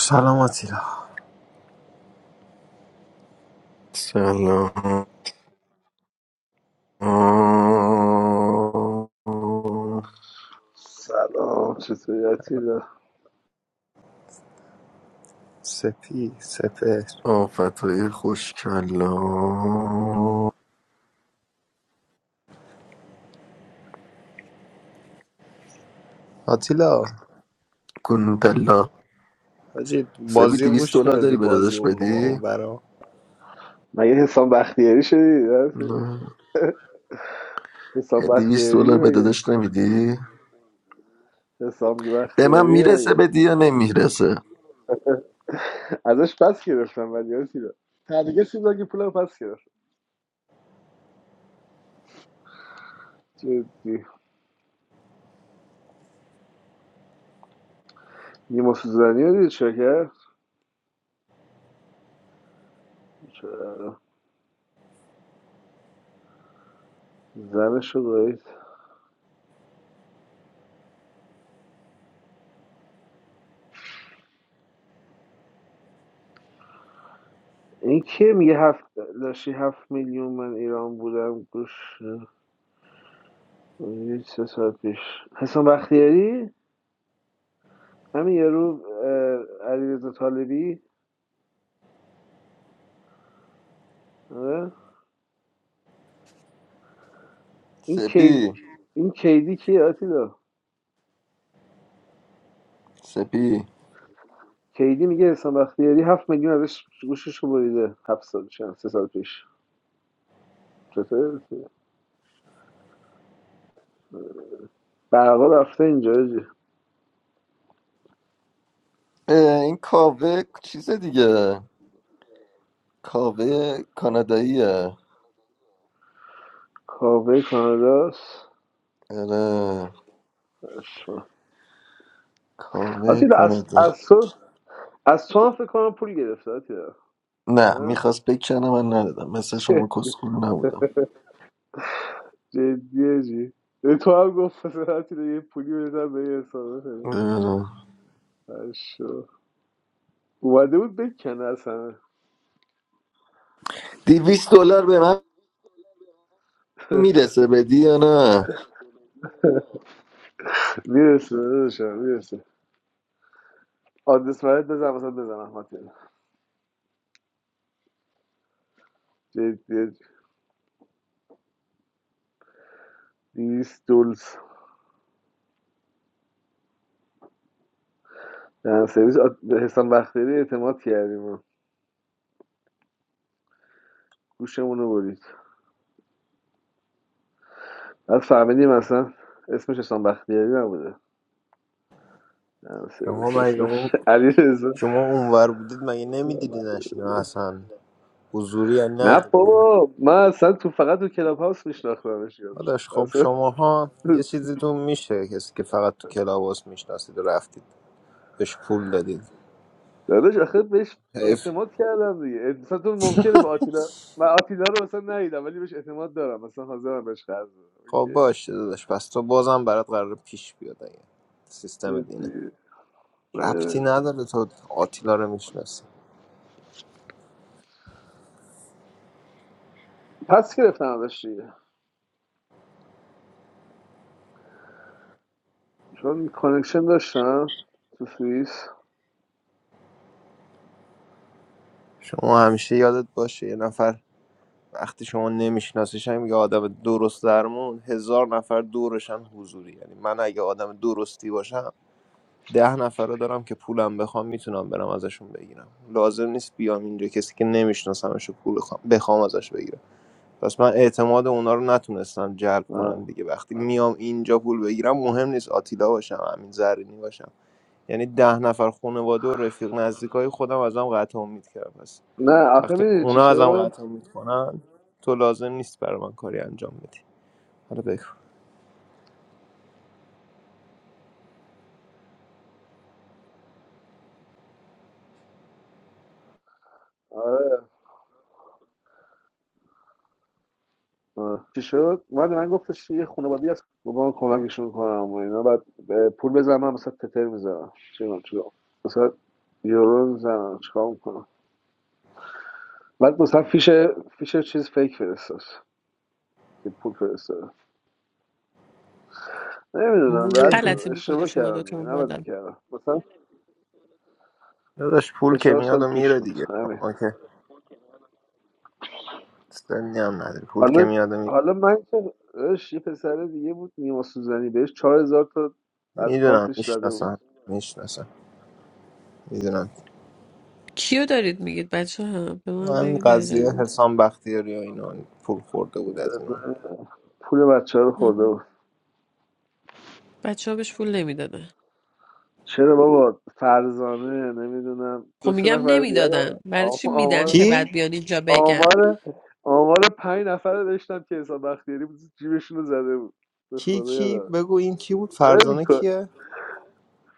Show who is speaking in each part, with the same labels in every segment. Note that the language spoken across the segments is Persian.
Speaker 1: سلام آتیلا
Speaker 2: سلام
Speaker 3: سلام چطوری آتیلا
Speaker 1: سپی سپر
Speaker 2: آفتهای خوشکلا
Speaker 1: آتیلا
Speaker 2: کنوتلا
Speaker 1: حاجی
Speaker 2: سبی
Speaker 1: بازی
Speaker 2: دیویست
Speaker 1: گوش
Speaker 2: دلار
Speaker 1: میدادی
Speaker 2: داری به
Speaker 1: بازی
Speaker 2: داداش
Speaker 1: اون رو ما
Speaker 2: بدی؟
Speaker 1: اون برا
Speaker 3: مگه حسام بختیاری شدی
Speaker 2: نه
Speaker 3: حسام
Speaker 2: یه دیویست
Speaker 3: بختیاری
Speaker 2: دلار به
Speaker 3: مگه
Speaker 2: داداش نمیدی؟
Speaker 3: حسام
Speaker 2: به من
Speaker 3: بختیاری
Speaker 2: میرسه
Speaker 3: مگه
Speaker 2: بدی یا نمیرسه؟
Speaker 3: ازش پس گرفتم ولی آتیلا تنگه چیز اگه پولم پس گرفت جدی نیما سوزنی رو دید چه کرد چرا؟ زنش رو دارید این که میگه هفت لاشی هفت میلیون من ایران بودم گوش یه سه ساعت پیش حسام بختیاری همین یارو علی طالبی آره این کیدی
Speaker 2: سپی
Speaker 3: این کیدی کیه آتیلا
Speaker 2: سپی
Speaker 3: کیدی میگه حسام بختیاری هفت میلیون ازش گوشش رو بریده هفت سال سه سال پیش چطوره برقا رفته اینجا جی،
Speaker 2: اه، این کاوه چیز دیگه کاوه کاناداییه
Speaker 3: کاوه کاناداست
Speaker 2: آره کاوه
Speaker 3: آتیلا از,
Speaker 2: کانادا
Speaker 3: از تو از تو هم فکر کنم پول گرفته آتیلا
Speaker 2: نه
Speaker 3: نه؟
Speaker 2: میخواست بکنه من ندادم مثل شما کسخول نبودم
Speaker 3: جدیه جی تو هم گفت آتیلا یه پولی بزن به یه حسابه کنه.
Speaker 2: نمی‌دونم.
Speaker 3: اشمع. اومده بود بکنه اصلا
Speaker 2: دیویس دلار به من میرسه بدی یا نه
Speaker 3: میرسه داداشم میرسه آدرس برات بزن مثلا بزنم آتیلا جدیت 200 دلز دهن سرویس آ- به حسام بختیاری اعتماد کردیم و گوشمون رو برید بعد فهمیدیم اصلا اسمش حسام بختیاری نبوده دهن
Speaker 1: شما
Speaker 3: سرویس
Speaker 1: مگه اون
Speaker 3: اسمش علی رزا
Speaker 1: شما اونور بودید مگه نمیدیدی نشینو اصلا حضوری یا
Speaker 3: نه
Speaker 1: نه
Speaker 3: بابا من اصلا تو فقط تو کلاب هاوس میشناختمش یارو.
Speaker 1: داداش خب
Speaker 3: اصلا
Speaker 1: شماها یه چیزیتون میشه کسی که فقط تو کلاباس میشناسید و رفتید بهش پول دادید
Speaker 3: داداش آخه بهش
Speaker 1: حیف
Speaker 3: اعتماد کردم دیگه مثلا تو ممکنه به آتیلا من آتیلا رو مثلا ندیدم ولی بهش اعتماد دارم مثلا حاضرم بهش قرض بدم
Speaker 1: خب
Speaker 3: اوکی.
Speaker 1: باشه داداش پس تو بازم برات قرار پیش بیاد اگه سیستم دینه
Speaker 3: جدی.
Speaker 1: ربطی
Speaker 3: اه،
Speaker 1: نداره تو آتیلا رو میشناسی
Speaker 3: پس گرفتم ازش دیگه چون کانکشن داشتم تو سوئیس
Speaker 1: شما همیشه یادت باشه یه نفر وقتی شما نمیشناسیش هم یه آدم درست درمون هزار نفر دورشن حضوری یعنی من اگه آدم درستی باشم ده نفر رو دارم که پولم بخوام میتونم برم ازشون بگیرم لازم نیست بیام اینجا کسی که نمیشناسمش رو پول بخوام, بخوام ازش بگیرم پس من اعتماد اونا رو نتونستم جلب کنم
Speaker 3: آه.
Speaker 1: دیگه وقتی میام اینجا پول بگیرم مهم نیست آتیلا باشم امین زرینی باشم یعنی ده نفر خانواده و رفیق نزدیکای خودم ازم قطع امید کردم
Speaker 3: نه آخه
Speaker 1: وقتی
Speaker 3: میدونی چی
Speaker 1: اونا ازم
Speaker 3: شد
Speaker 1: قطع میکنن تو لازم نیست برای من کاری انجام بدی حالا بگو
Speaker 3: آره آه. چی شد من من گفتش یه خانوادی هست با من کمکشون کنم و اینا بعد اه، پول بزنم من مثلا تتر میزنم چی می‌دونم چی رو. مثلا یورو میزنم چیکار میکنم بعد مثلا فیش فیش چیز فیک فرستاد که پول فرستاد نمیدونم بعد
Speaker 1: دیگه
Speaker 4: غلطی میکنید
Speaker 3: اشتباه
Speaker 4: شما
Speaker 3: کردم
Speaker 4: دوتا
Speaker 3: دیگه نباید
Speaker 4: اومدم
Speaker 3: میکردم مثلا
Speaker 1: داداش پول
Speaker 3: سه
Speaker 1: که
Speaker 3: چهار
Speaker 1: میاد
Speaker 3: سال
Speaker 1: و
Speaker 3: پیش
Speaker 1: میره
Speaker 3: بود
Speaker 1: دیگه
Speaker 3: همین
Speaker 1: ما که سنی هم نداری پول که
Speaker 3: حالا
Speaker 1: میاد و میره
Speaker 3: حالا من که داداش یه پسر دیگه بود نیما سوزنی بهش چهار هزار تا از
Speaker 1: میدونم
Speaker 3: کارتش زده بود
Speaker 1: میشناسم میشناسم میدونم
Speaker 4: کیو دارید میگید بچه ها به من
Speaker 1: من
Speaker 4: بگید
Speaker 1: قضیه
Speaker 4: درجه
Speaker 1: حسام بختیاری و اینا پول خورده بود از اینو
Speaker 3: پول بچه ها رو خورده بود
Speaker 4: بچه ها بهش پول نمیدادن
Speaker 3: چرا بابا فرزانه نمیدونم
Speaker 4: خب
Speaker 3: دو سه
Speaker 4: میگم
Speaker 3: نفر دیگه رو
Speaker 4: نمیدادن برای
Speaker 3: آم-
Speaker 4: چی میدن
Speaker 3: آمار
Speaker 4: که بعد
Speaker 1: کی
Speaker 4: بیان اینجا بگن
Speaker 3: آمار آمار پنج نفر رو داشتم که حساب بختیاری جیبشون رو زده بود به
Speaker 1: کی
Speaker 3: خدا
Speaker 1: کی
Speaker 3: یادم
Speaker 1: بگو این کی بود
Speaker 3: ول
Speaker 1: فرزانه
Speaker 3: کن.
Speaker 1: کیه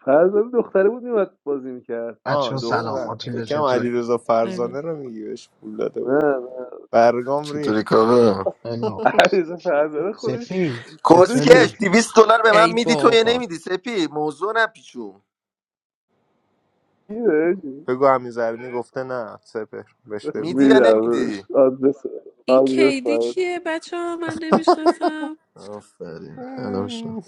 Speaker 3: فرزانه دختره بود میمد بازی میکرد
Speaker 1: آه
Speaker 5: بچه سلام
Speaker 1: دختر
Speaker 3: نه
Speaker 5: آتیلا
Speaker 1: فکرم
Speaker 5: چطوری؟
Speaker 1: علیرضا
Speaker 4: بله.
Speaker 1: فرزانه رو میگی بهش پول داده بود
Speaker 3: نه
Speaker 1: برگام
Speaker 2: چطوری
Speaker 1: ریخ
Speaker 2: کاغا
Speaker 5: خیلی مخلص
Speaker 3: عریض فرزانه خودش
Speaker 5: سپی
Speaker 3: خودش
Speaker 2: کسکش
Speaker 5: چطوری؟
Speaker 2: دیویس دلار به من
Speaker 4: ای
Speaker 2: میدی تو یا
Speaker 4: بابا
Speaker 2: نمیدی سپی موضوع نپیچون
Speaker 3: می‌رسی؟
Speaker 1: بگو همین زرینی گفته نه سپر بهش بگو
Speaker 2: میدی یا
Speaker 3: می‌دم
Speaker 2: نمیدی
Speaker 3: بهش. آدرس
Speaker 4: این
Speaker 3: آدرس
Speaker 4: کیدی
Speaker 3: برات.
Speaker 4: کیه بچه ها من نمیشناسم
Speaker 2: آفرین الان شد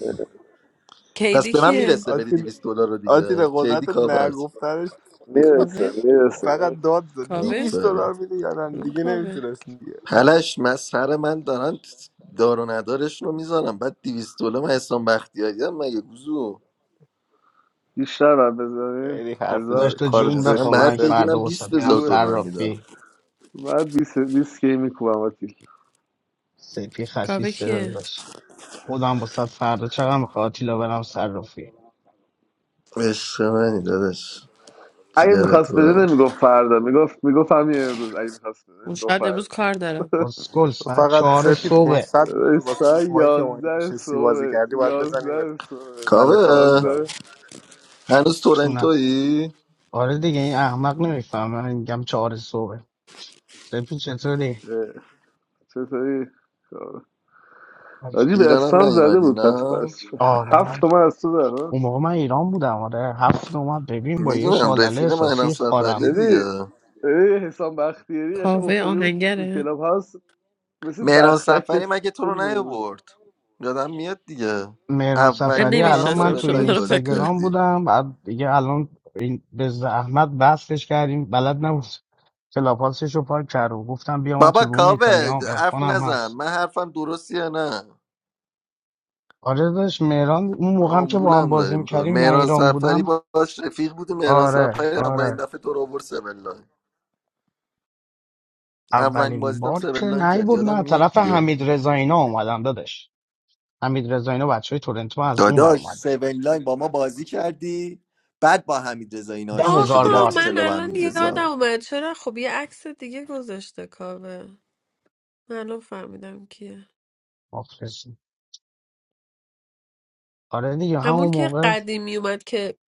Speaker 2: پس
Speaker 4: کیدی
Speaker 2: به من
Speaker 4: کیه
Speaker 2: میرسه بدی
Speaker 1: آتیل
Speaker 2: 200 دلار رو
Speaker 1: آتیل
Speaker 2: دیگه کیدی
Speaker 1: قدرت
Speaker 2: کابرت
Speaker 1: نگفتنش
Speaker 3: میرسه
Speaker 4: کاوه
Speaker 3: میرسه
Speaker 1: فقط
Speaker 3: میرسه
Speaker 1: داد داد
Speaker 4: کاوه
Speaker 1: 200
Speaker 2: آفرین
Speaker 1: دلار میده یا نه
Speaker 4: اون
Speaker 1: دیگه
Speaker 4: کاوه
Speaker 1: نمیتونست دیگه
Speaker 2: پلش من سر من دارن دار و ندارش رو میذارم بعد 200 دلار من اسلام بختیاری هم مگه گوزو
Speaker 3: بیشتر بر بذارین
Speaker 1: خیلی حرف ز...
Speaker 3: هزار
Speaker 5: داشت تو
Speaker 1: کار
Speaker 5: جون
Speaker 2: اصلا
Speaker 1: زشت
Speaker 5: بخوا
Speaker 1: بود
Speaker 5: من
Speaker 2: باید بگی
Speaker 1: سپه
Speaker 2: من
Speaker 5: فردا وسط
Speaker 2: 20
Speaker 5: میرم
Speaker 2: هزار
Speaker 3: جو
Speaker 5: سر
Speaker 2: دلار میدم
Speaker 5: رافی
Speaker 3: بعد بیست 20 کی میکوبم آتی
Speaker 5: سپی خسیس
Speaker 4: کاوه
Speaker 5: صدا
Speaker 4: کیه
Speaker 5: داشت خودم وسط فردا چقدر میخواد آتیلا برم سر رافی
Speaker 2: عشق منی دادش
Speaker 3: اگه
Speaker 2: جگر تو
Speaker 3: میخواست بده
Speaker 2: برم.
Speaker 3: نمیگفت فردا میگفت میگفت همین امروز اگه میخواست بده
Speaker 4: اون
Speaker 3: میگفت
Speaker 4: شاید امروز
Speaker 3: فردا
Speaker 4: کار دارم
Speaker 5: اسکل
Speaker 1: تو
Speaker 5: ساعت
Speaker 1: فقط
Speaker 5: چهار
Speaker 1: سپی
Speaker 5: صبح
Speaker 1: 500 دلار واسه
Speaker 3: ساعت
Speaker 1: رومایی که اون
Speaker 3: یازده
Speaker 1: نشستی بازی
Speaker 3: صبح
Speaker 1: کردی باید بزنیم به
Speaker 3: یازده صبح
Speaker 1: ولت
Speaker 2: کاوه
Speaker 1: آتیلا
Speaker 3: یازده
Speaker 2: هنوز
Speaker 5: چونم
Speaker 2: تورنتویی
Speaker 5: آره دیگه این احمق نمیفهم من میگم چهار صبح سپی چطوری؟
Speaker 3: اه، چطوری حاجی به
Speaker 2: ایران هم
Speaker 3: اسفم زده
Speaker 2: نیومدی
Speaker 3: بود پس
Speaker 2: نه
Speaker 3: برش
Speaker 5: آره
Speaker 3: هفت
Speaker 5: اون
Speaker 3: تومن از تو زده ها؟
Speaker 5: موقع من ایران بودم آره هفت اومد ببین با یه
Speaker 2: میدونم
Speaker 5: شالله
Speaker 2: رفیق مهران
Speaker 5: احساسی خارم
Speaker 2: سفری
Speaker 3: ببین
Speaker 2: دیگه
Speaker 3: ببین حسام بختیاری قش
Speaker 4: کاوه
Speaker 3: افتاده بود تو
Speaker 4: آهنگره
Speaker 3: کلاب هاوس مثل
Speaker 2: مهران
Speaker 3: بختک
Speaker 2: سفری
Speaker 3: داشت
Speaker 2: مگه تو
Speaker 3: پول
Speaker 2: رو
Speaker 3: میداد
Speaker 2: نیاورد یادم میاد دیگه
Speaker 5: مهران
Speaker 4: من
Speaker 2: اولین
Speaker 5: سفری
Speaker 2: بار هم
Speaker 5: الان من
Speaker 4: نمیشناسم
Speaker 2: سبل
Speaker 5: تو
Speaker 4: شما
Speaker 5: این
Speaker 2: لاین
Speaker 4: دارم
Speaker 2: بازی
Speaker 4: فکر
Speaker 5: اینستاگرام
Speaker 2: کردی
Speaker 5: بودم بعد دیگه الان این به زحمت بستش کردیم بلد نبود کلاپاسش رو پاک کرد و گفتم بیا من تو
Speaker 2: بابا
Speaker 5: روم
Speaker 2: کاوه
Speaker 5: ایتالیا هم
Speaker 2: حرف
Speaker 5: عرفان هم
Speaker 2: نزن
Speaker 5: هست
Speaker 2: من حرفم درستی یا نه
Speaker 5: آره داشت مهران اون موقع هم که با هم
Speaker 2: آمبولم
Speaker 5: بازی
Speaker 2: داری میکنه
Speaker 5: میکردیم من
Speaker 2: مهران
Speaker 5: ایران
Speaker 2: سفری
Speaker 5: بودم
Speaker 2: باش رفیق بودی مهران
Speaker 5: آره
Speaker 2: سفری اولین
Speaker 5: آره
Speaker 2: دفعه تو رو آورد 7 اولین
Speaker 5: اولین
Speaker 2: بازیتم
Speaker 5: بار
Speaker 2: سیون
Speaker 5: که
Speaker 2: لاین
Speaker 5: نهی
Speaker 2: کرد
Speaker 5: بود من
Speaker 2: یادم
Speaker 5: از
Speaker 2: میاد
Speaker 5: طرف
Speaker 2: دیگه
Speaker 5: حمید رضاینا اومدم دادش حمید رضاینا بچه های تورنتو از اون بر
Speaker 2: داداش
Speaker 5: اومدم
Speaker 2: سیون لاین با ما بازی کردی بعد با حمید رضا این
Speaker 5: ده
Speaker 2: آشنا
Speaker 5: هزار
Speaker 2: شدی
Speaker 4: آها
Speaker 5: بار
Speaker 2: رفتی
Speaker 4: من
Speaker 2: کلا با
Speaker 4: الان
Speaker 2: حمید
Speaker 4: یادم
Speaker 2: رضا
Speaker 4: اومد چرا خب یه عکس دیگه گذاشته کاوه من الان فهمیدم کیه
Speaker 5: مخلصی آره دیگه
Speaker 4: همون
Speaker 5: همون
Speaker 4: که
Speaker 5: موقع
Speaker 4: قدیم میومد که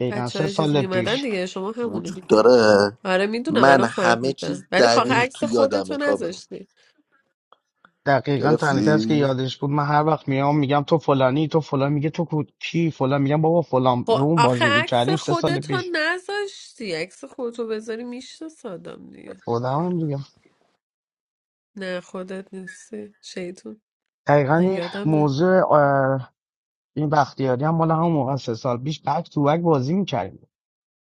Speaker 5: دقیقا
Speaker 4: بچه
Speaker 5: سه
Speaker 4: های چیز
Speaker 5: سال
Speaker 4: میومدن
Speaker 5: پیش
Speaker 4: دیگه شما همونه
Speaker 2: وجود
Speaker 4: دیگه
Speaker 2: داره
Speaker 4: آره میدونم
Speaker 2: من
Speaker 4: الان
Speaker 2: همه چیز
Speaker 4: فهمیدم ولی خب آخه
Speaker 2: دقیق
Speaker 4: عکس
Speaker 2: تو یادمه
Speaker 4: خودتو
Speaker 2: کابه
Speaker 4: نذاشتی
Speaker 5: دقیقا تنها کسی که
Speaker 2: گرفتی
Speaker 5: یادش بود من هر وقت میام میگم تو فلانی تو فلان میگه تو کو- کی فلان میگم بابا فلان رو
Speaker 4: خب
Speaker 5: اون
Speaker 4: آخه
Speaker 5: بازی
Speaker 4: عکس
Speaker 5: میکردیم سه سال
Speaker 4: خودتو
Speaker 5: پیش
Speaker 4: نذاشتی عکس خودتو بذاری میشناسادم دیگه
Speaker 5: خودم هم میگم
Speaker 4: نه خودت نیستی شیطون
Speaker 5: دقیقا
Speaker 4: من
Speaker 5: این
Speaker 4: یادمه
Speaker 5: موضوع اه، این بختیاری هم مال همون موقع سه سال پیش بک تو بک بازی میکردیم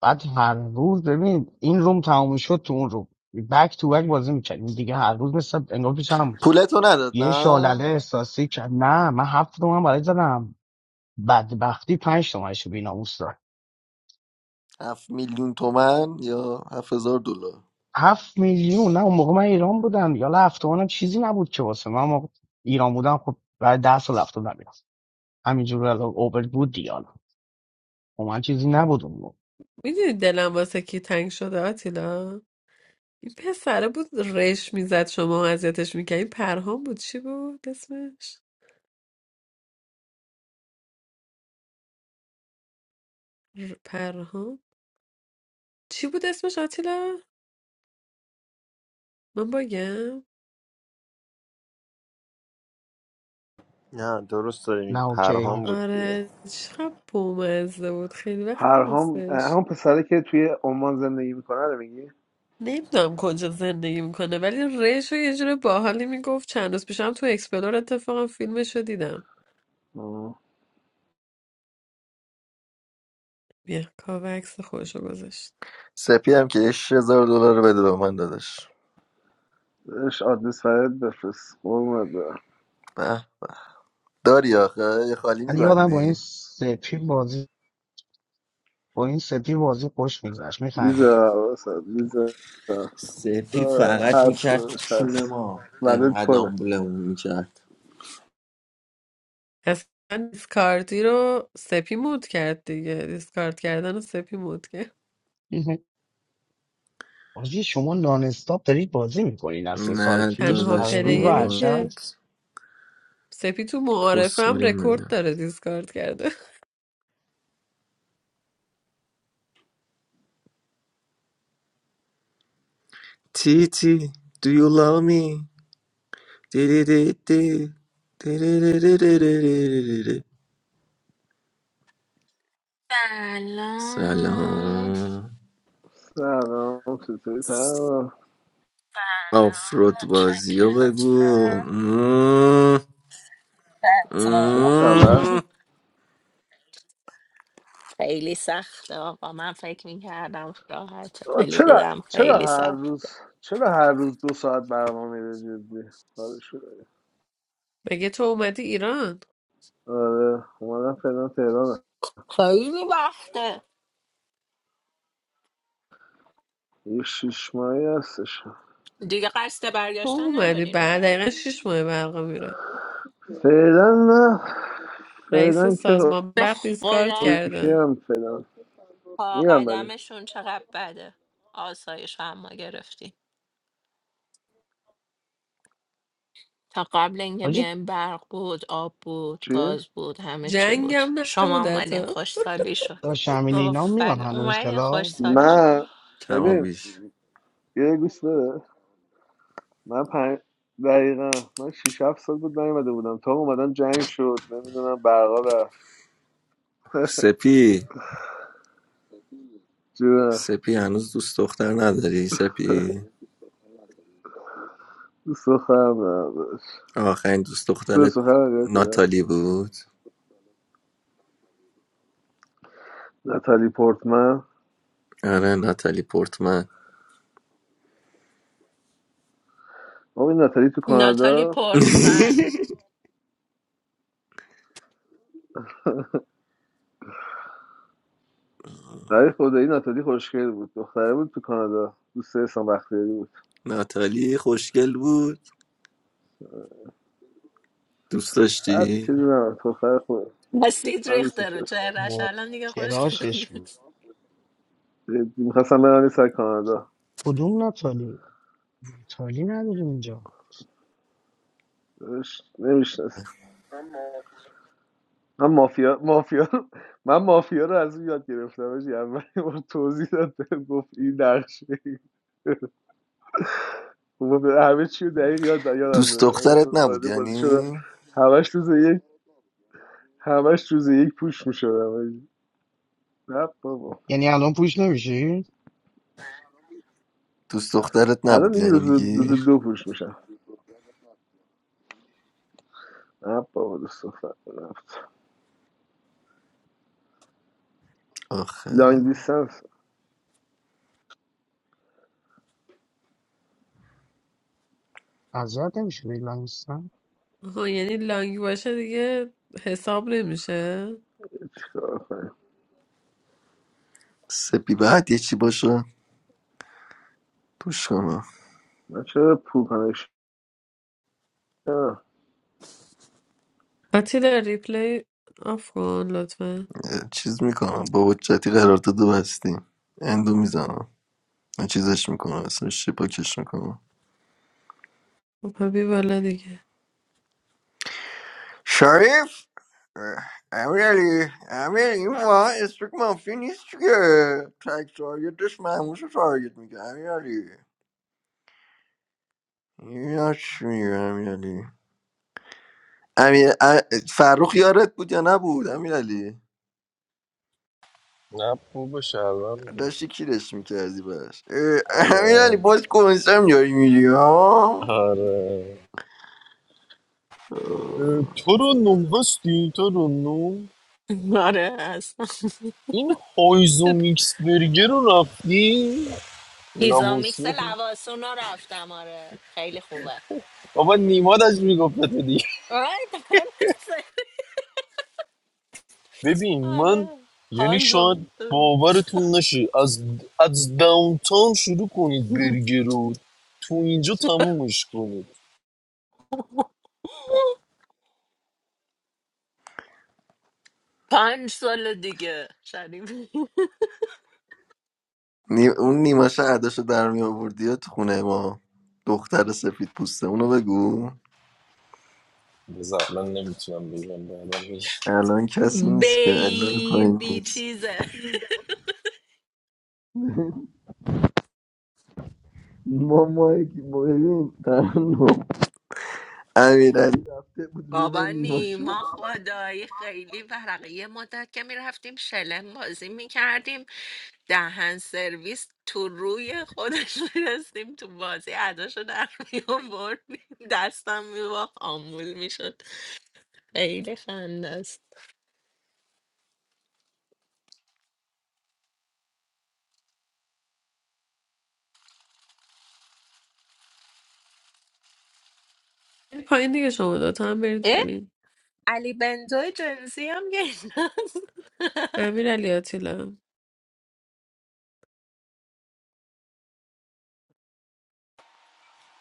Speaker 5: بعد هر روز ببین این روم تموم شد تو اون روم بک تو بک بازی میکردیم دیگه هر روز مثل انگار پیش هم بود
Speaker 2: پولتو نداد
Speaker 5: یه شالله
Speaker 2: نه
Speaker 5: احساسی کرد نه من هفت تومن برای زدم بدبختی پنج تومنش رو بیناموس
Speaker 2: هفت میلیون تومن یا هفت هزار دلار
Speaker 5: هفت میلیون نه اون موقع من ایران بودم یالا هفت تومنم چیزی نبود که واسه من موقع ایران بودم خب بعد ده سال هفت تومن میرفت همینجور الان اوبر بود دیگه حالا خب من چیزی نبود اون موقع
Speaker 4: میدونی دلم واسه کی تنگ شده آتیلا این پسره بود رش میزد شما اذیتش میکرد این پرهام بود چی بود اسمش ر- پرهام چی بود اسمش آتیلا من بگم
Speaker 1: نه درست داری میگی.
Speaker 5: نه اوکی
Speaker 1: پرهام بود دیگه
Speaker 4: آره چقدر بامزه بود خیلی وقت
Speaker 3: پرهام اه،
Speaker 4: نیستش
Speaker 3: همون پسره که توی عمان زندگی میکنه رو میگی
Speaker 4: نمیدونم کجا زندگی میکنه ولی رش رو یه جور باحالی میگفت چند روز پیشم تو اکسپلور اتفاقا فیلمش رو دیدم
Speaker 3: آه.
Speaker 4: بیا کاو عکس خودش رو گذاشت
Speaker 2: سپی هم که هزار دلار رو بده به من داداش
Speaker 3: اش آدرس فرد بفرست قربونت برم
Speaker 2: به. داری آخه یه خالی
Speaker 5: ولی یادم با این
Speaker 2: میبندی
Speaker 5: سپی بازی با این سپی بازی خوش میگذشت میخندی
Speaker 3: ویزا واسه ویزا
Speaker 2: سپی
Speaker 3: دا
Speaker 2: فقط میکرد تو
Speaker 3: هستش
Speaker 2: چون
Speaker 3: هست
Speaker 2: ما
Speaker 3: ولد
Speaker 2: انقدر
Speaker 3: پره
Speaker 2: آمبولمون میکرد
Speaker 4: اصلا دیسکاردی رو سپی مود کرد دیگه دیسکارد کردن رو سپی مود کرد
Speaker 5: حاجی شما نان استاپ دارید بازی میکنین از سه سال
Speaker 2: نه
Speaker 5: پیش
Speaker 4: تنها
Speaker 2: داداش
Speaker 5: قرار
Speaker 2: بابا
Speaker 5: رو
Speaker 4: پلیری
Speaker 2: ما
Speaker 4: که
Speaker 5: عشق
Speaker 4: سپی تو معارفه هم
Speaker 2: کسخوریم
Speaker 4: رکورد
Speaker 2: میگم
Speaker 4: داره دیسکارد کرده
Speaker 2: تی تی do you love me دی دی دی دی دی دی دی دی دی دی دی دی. دی.
Speaker 6: سلام
Speaker 2: سلام
Speaker 3: سلام چطوری تمام
Speaker 6: سلام
Speaker 2: آفرود بازی رو
Speaker 6: متشکرم
Speaker 2: بگو مم.
Speaker 6: حتی
Speaker 3: چه خبر
Speaker 2: مم.
Speaker 6: خیلی سخته آقا من فکر میکردم راحت
Speaker 3: آه،
Speaker 6: ولی
Speaker 3: چرا
Speaker 6: دیدم
Speaker 3: چرا
Speaker 6: خیلی
Speaker 3: هر
Speaker 6: سخت
Speaker 3: روز چرا هر روز دو ساعت برنامه میره جدی کارش
Speaker 4: مگه تو اومدی ایران
Speaker 3: آره اومدم فعلا تهرانم
Speaker 6: خیلی وقته
Speaker 3: یه شیش ماهی هستش
Speaker 6: دیگه قصد
Speaker 4: تو
Speaker 6: برگشتن
Speaker 4: اومدی
Speaker 6: نداری
Speaker 4: بعد
Speaker 6: نه
Speaker 4: دقیقا شیش ماه برقا میره
Speaker 3: فعلا نه
Speaker 4: رئیس
Speaker 3: فعلا که
Speaker 4: سازمان
Speaker 6: به
Speaker 4: برق دیسکارد
Speaker 6: خدا
Speaker 3: اوکی
Speaker 4: کرده
Speaker 3: هم فعلا
Speaker 6: پا
Speaker 3: میرم ولی
Speaker 6: قدمشون چقدر بده آسایش هم ما گرفتیم تا قبل اینکه
Speaker 5: حاجی
Speaker 6: بیایم برق بود آب بود
Speaker 3: چی؟
Speaker 6: گاز بود همه چی بود
Speaker 4: جنگم
Speaker 6: شما
Speaker 4: نبوده
Speaker 6: اومدین
Speaker 4: تا
Speaker 6: خوشسالی شد
Speaker 5: داشت همین اینا میان
Speaker 6: آفرین
Speaker 5: هنوز
Speaker 6: اومدین
Speaker 5: کلا
Speaker 6: خوشسالی شد
Speaker 3: من
Speaker 2: کم و
Speaker 3: ببین
Speaker 2: بیش
Speaker 3: یه گوش بده من پنج دقیقا من شیش هفت سال بود نیومده بودم تا اومدم جنگ شد نمیدونم برقا رفت
Speaker 2: سپی
Speaker 3: جونه
Speaker 2: سپی هنوز دوست دختر نداری سپی
Speaker 3: دوست دخترم دارم داداش.
Speaker 2: آخرین دوست
Speaker 3: تو
Speaker 2: دخترت
Speaker 3: سخرم دیدم
Speaker 2: ناتالی بود
Speaker 3: نتالی پورتمن
Speaker 2: آره ناتالی پورتمن
Speaker 3: آقا این نتالی تو
Speaker 6: ناتالی
Speaker 3: کانادا
Speaker 6: پورتزن
Speaker 3: ولی خدایی ناتالی خوشگل بود دختره بود تو کانادا دوست احسان بختیاری بود
Speaker 2: ناتالی خوشگل بود دوست
Speaker 3: بعد
Speaker 2: داشتی
Speaker 3: چیزی نه دختر خود
Speaker 6: بستید
Speaker 3: من
Speaker 6: ریخته
Speaker 3: دوستش
Speaker 6: رو
Speaker 3: داشتم.
Speaker 6: چهرش
Speaker 5: و
Speaker 6: الان دیگه خوش
Speaker 5: چراشش بود.
Speaker 6: نیست
Speaker 3: جدی میخواستم برم یه سر کانادا
Speaker 5: کدوم ناتالی ناتالی نداریم اینجا
Speaker 3: نمیشنست من مافیا مافیا من مافیا رو از اون یاد گرفتم حاجی. اول یه بار توضیح داد بهم گفت این نقشه خب، همه چی رو دقیق یاد یادم
Speaker 2: دوست
Speaker 3: داره من رفتم
Speaker 2: دخترت
Speaker 3: وارد
Speaker 2: نبود
Speaker 3: بازی شدم
Speaker 2: یعنی
Speaker 3: همش روز یک همش روز یک پوش میشدم نه بابا
Speaker 5: یعنی الان پوش نمیشی؟
Speaker 2: دوست دخترت
Speaker 3: الان
Speaker 2: نبود
Speaker 3: دیگه
Speaker 2: یعنی
Speaker 3: روز
Speaker 2: میگی
Speaker 3: روز دو پوش میشم نه بابا دوست دختر نفت
Speaker 2: آخه
Speaker 3: لانگ دیستنس
Speaker 5: اذیت نمیشه بیلا
Speaker 4: آها یعنی لانگ باشه دیگه حساب نمیشه
Speaker 3: چیکار کنیم
Speaker 2: سپی بعد یه چی باشه توش کنم
Speaker 3: من چرا پول کنش
Speaker 4: آتیلا ریپلی آف کن لطفا
Speaker 2: یه چیز میکنم با حجتی قرار داده بستیم اندو میزنم یه چیزش میکنم اسمش چی پاکش میکنم
Speaker 4: خب بی بالا دیگه
Speaker 2: شریف Uh, I really, I really ما اسمك منفی نیست که تک تارگتش محموش رو تارگت میکنه امیرعلی یا چی میگه امیرعلی امیر ا- فرخ یارت بود یا نبود امیرعلی
Speaker 7: نه خوب شهروند بود.
Speaker 2: داشتی کیرش میکردی بس امیرعلی
Speaker 7: آره
Speaker 2: باز کنسم داری میری ها
Speaker 7: آره اه،
Speaker 2: آه.
Speaker 7: تو رو نوم هستی تو رو نوم
Speaker 6: آره هست
Speaker 7: این هایزو میکس برگر رو رفتی
Speaker 6: پیزا میکس
Speaker 7: لابوسو
Speaker 6: لواسون رو رفتم آره خیلی خوبه
Speaker 7: بابا نیماد از میگفت تو دیگه
Speaker 6: آره دمت
Speaker 7: ببین من
Speaker 6: آره
Speaker 7: یعنی
Speaker 6: های
Speaker 7: شاید
Speaker 6: زمین
Speaker 7: باورتون نشه از از داونتاون شروع کنید برگر رو تو اینجا تمومش کنید
Speaker 6: پنج سال دیگه شریف
Speaker 2: نی- اون نیما شهرداشو در میآوردی یا تو خونه ما دختر سفید پوسته اونو بگو
Speaker 7: بذار من نمیتونم بگم بعدم میگم.
Speaker 2: الان کسی نیست که الان پایین
Speaker 6: بیبی
Speaker 2: نیست
Speaker 6: چیزه
Speaker 2: ما مایک ببین ترنم امیرعلی رفته بود روم
Speaker 6: بابا
Speaker 2: نیما شو
Speaker 6: نیما خدایی خیلی ورقه یه مدت که میرفتیم شلم بازی میکردیم دهن سرویس تو روی خودش میرسیم تو بازی عداشو در میابردیم دستم میباخت آمبول میشد خیلی خنده است
Speaker 4: برید پایین دیگه شما دوتا هم برید
Speaker 6: اه؟
Speaker 4: پایین
Speaker 6: علی بنتوی جنسی هم گیناست
Speaker 4: امیر علی آتیلا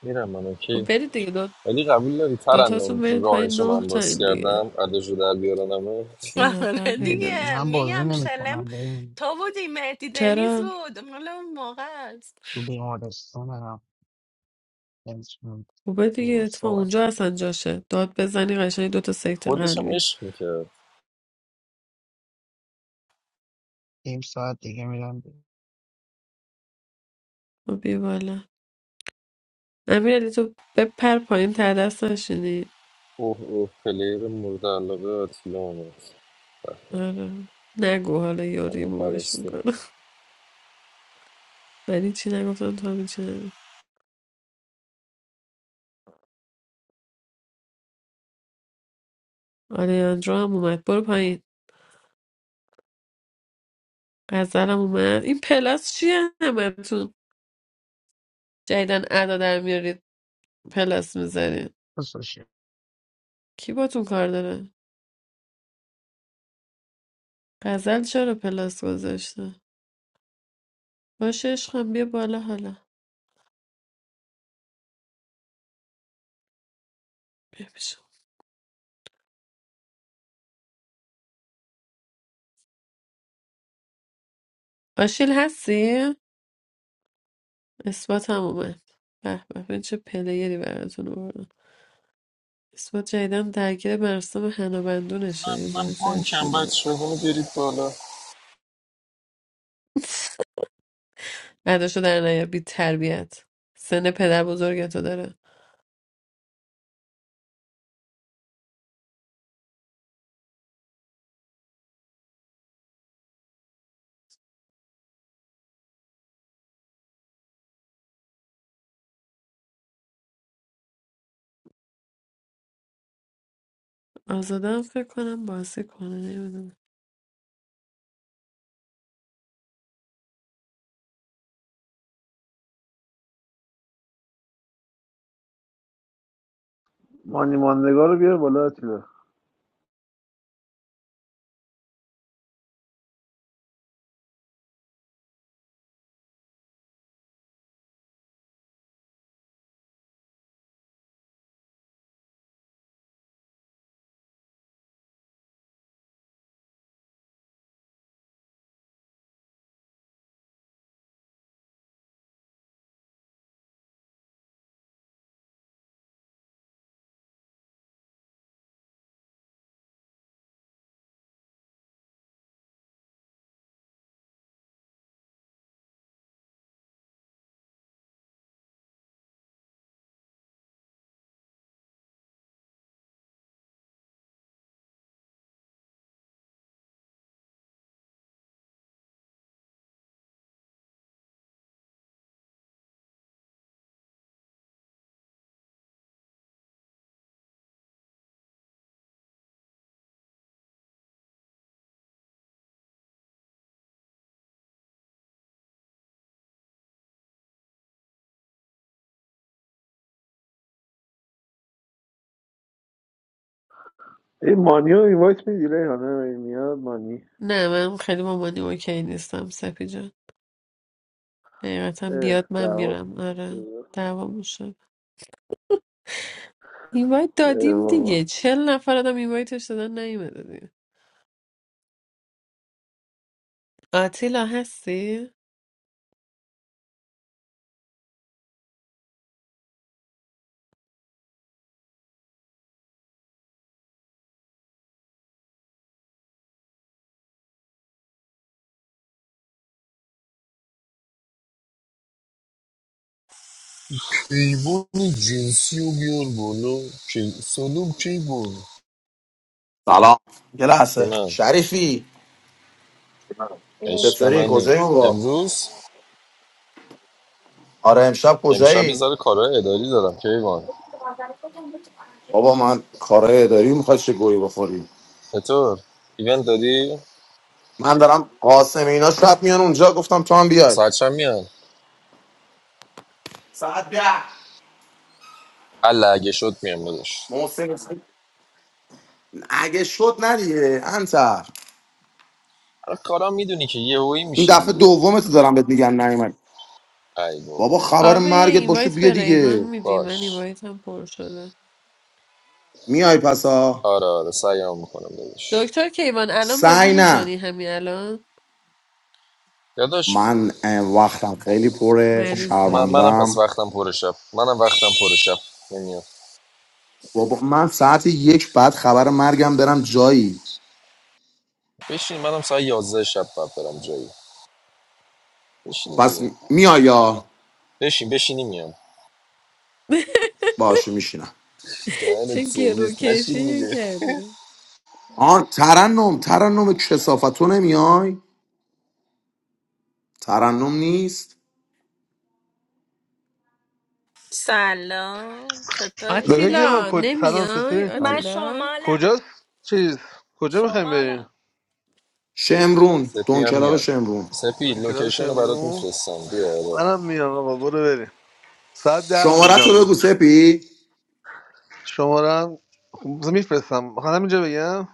Speaker 7: میرم من
Speaker 4: و
Speaker 7: اوکی
Speaker 4: برید دیگه دو
Speaker 7: ولی قبول داری
Speaker 4: دوتاتون
Speaker 7: ترنم
Speaker 4: برید پایین
Speaker 7: راهشو
Speaker 4: نه
Speaker 7: من
Speaker 4: تا
Speaker 7: باز
Speaker 4: این دیگه
Speaker 7: کردم اداشو در بیارنمه
Speaker 4: یه نفر
Speaker 6: آره
Speaker 4: پیدا میشه.
Speaker 6: دیگه
Speaker 5: من بازی
Speaker 6: میگم شلم
Speaker 5: نمیکنم بریم
Speaker 6: تو بودی مهدی دنیز
Speaker 4: چرا؟
Speaker 6: بود مال اون موقع است
Speaker 5: تو بیمارستان هم نمیتونم
Speaker 4: خوبه دیگه
Speaker 5: دو
Speaker 4: اتفاق
Speaker 5: ساعت
Speaker 4: اونجا اصلا جاشه داد بزنی قشنگ دوتا سکته
Speaker 7: خودش هم
Speaker 4: قلبی
Speaker 7: عشق میکرد
Speaker 5: نیم ساعت دیگه میرم
Speaker 4: خب بیا بالا امیرعلی تو بپر پایین ته دست نشینی
Speaker 7: اوه اوه پلیر مورد علاقه آتیلا آمد
Speaker 4: آره نگو حالا یا
Speaker 7: همه
Speaker 4: ریمووش
Speaker 7: پرسته
Speaker 4: میکنم من هیچی نگفتم تو هم هیچی نگو آلیاندرو هم اومد برو پایین غزلم اومد این پلاس چیه همتون جدیدن ادا در میارید پلاس میزنید
Speaker 5: بسوشی
Speaker 4: کی باتون کار داره غزل چرا پلاس گذاشته باشه عشقم بیا بالا حالا بیا بشم آشیل هستی؟ اثبات هم اومد به به ببین چه پلیری براتون آوردم اثبات جدیدم درگیر مراسم
Speaker 7: من
Speaker 4: هنابندونشه یه
Speaker 7: من
Speaker 4: ذره سرش
Speaker 7: پانکم
Speaker 4: شلوغه
Speaker 7: بچه ها برید بالا
Speaker 4: بعدشو در نیا بی تربیت سن پدر بزرگتو داره آزادم فکر کنم بازی کنه نمیدونم
Speaker 3: مانی ماندگار رو بیار بالا اتیلا این مانی رو اینوایت میدی ریحانه میاد مانی
Speaker 4: نه من خیلی مامانی اوکی نیستم سپی جان حقیقتا
Speaker 3: اه،
Speaker 4: بیاد من
Speaker 3: دعوا
Speaker 4: میرم آره
Speaker 3: شده.
Speaker 4: دعوا میشه اینوایت
Speaker 3: اه،
Speaker 4: دادیم
Speaker 3: بابا
Speaker 4: دیگه چل نفر آدم اینوایتش دادن نیومده دیگه آتیلا هستی؟
Speaker 7: ایوان جنسی و بیار بالا کی سالوم کی بود
Speaker 8: سلام یه لحظه
Speaker 7: جونم
Speaker 8: شریفی اه،
Speaker 7: عشق
Speaker 8: چطوری
Speaker 7: منی
Speaker 8: کجایی بابا
Speaker 7: امروز
Speaker 8: آره امشب
Speaker 7: امشب یه
Speaker 8: کجایی
Speaker 7: ذره کارهای اداری دارم کیوان
Speaker 8: بابا من کارهای اداری میخواد چه گویی بخوری
Speaker 7: چطور ایونت داری
Speaker 8: من دارم قاسم اینا شب میان اونجا گفتم تو هم بیای
Speaker 7: ساعت چند میان
Speaker 8: ساعت ده
Speaker 7: الا اگه شد میام داداش
Speaker 8: محسن اگه شد ندیگه انتر
Speaker 7: آره کارا میدونی که یه هویی
Speaker 8: این
Speaker 7: میشه
Speaker 8: دفعه
Speaker 7: دیگه
Speaker 8: دومه تو دارم بهت میگن نیومد
Speaker 7: ای
Speaker 8: بابا
Speaker 7: بابا
Speaker 8: خبر
Speaker 4: کاوه یه
Speaker 8: مرگت باشو
Speaker 4: اینوایت
Speaker 8: بیا
Speaker 4: به ریحان
Speaker 8: دیگه
Speaker 4: میدی من
Speaker 7: باش
Speaker 4: اینوایت هم پر شده
Speaker 8: میای پسا
Speaker 7: آره آره سعیام میکنم داداش
Speaker 4: دکتر کیوان الان بازی
Speaker 8: سعی نه
Speaker 4: میکنی همین الان
Speaker 7: داداش
Speaker 8: من اه، وقتم خیلی پره
Speaker 7: خب
Speaker 4: مریض
Speaker 7: من
Speaker 4: داریم
Speaker 7: منم پس
Speaker 8: شرمندم
Speaker 7: وقتم پر شب منم وقتم پر شب نمیاد
Speaker 8: بابا من ساعت یک بعد خبر مرگم برم جایی
Speaker 7: بشین منم ساعت 11 شب باید برم جایی بشین
Speaker 8: پس
Speaker 7: دیگه
Speaker 8: میای یا
Speaker 7: بشین بشینی میام
Speaker 8: باشو میشینم
Speaker 7: دهنت
Speaker 4: چه
Speaker 7: سرویس نشین
Speaker 4: گروکشی
Speaker 7: دیگه
Speaker 4: کردی
Speaker 8: آن ترنم ترنم کسافت تو نمیای ترنم نیست
Speaker 6: سلام چطوری
Speaker 3: لکه که من
Speaker 4: آتیلا
Speaker 3: کج...
Speaker 6: کیوان
Speaker 3: سلام
Speaker 4: نمیای
Speaker 3: چطوری
Speaker 6: من
Speaker 8: بله.
Speaker 4: آتیلا
Speaker 6: شمالم
Speaker 3: کجاست چیز کجا میخوایم بریم
Speaker 6: شمالم
Speaker 8: شمرون
Speaker 7: سپی هم
Speaker 8: دونکلاب
Speaker 7: میاد
Speaker 8: شمرون
Speaker 7: سپی
Speaker 3: بریم کلاش
Speaker 7: لوکیشن رو برات
Speaker 3: امرو
Speaker 7: میفرستم بیا آره
Speaker 3: منم میام آقا برو بریم ساعت ده
Speaker 8: شماره تو
Speaker 3: اونجام
Speaker 8: بگو
Speaker 3: دکتر
Speaker 8: سپی
Speaker 3: شمارم میفرستم میخوام همینجا بگم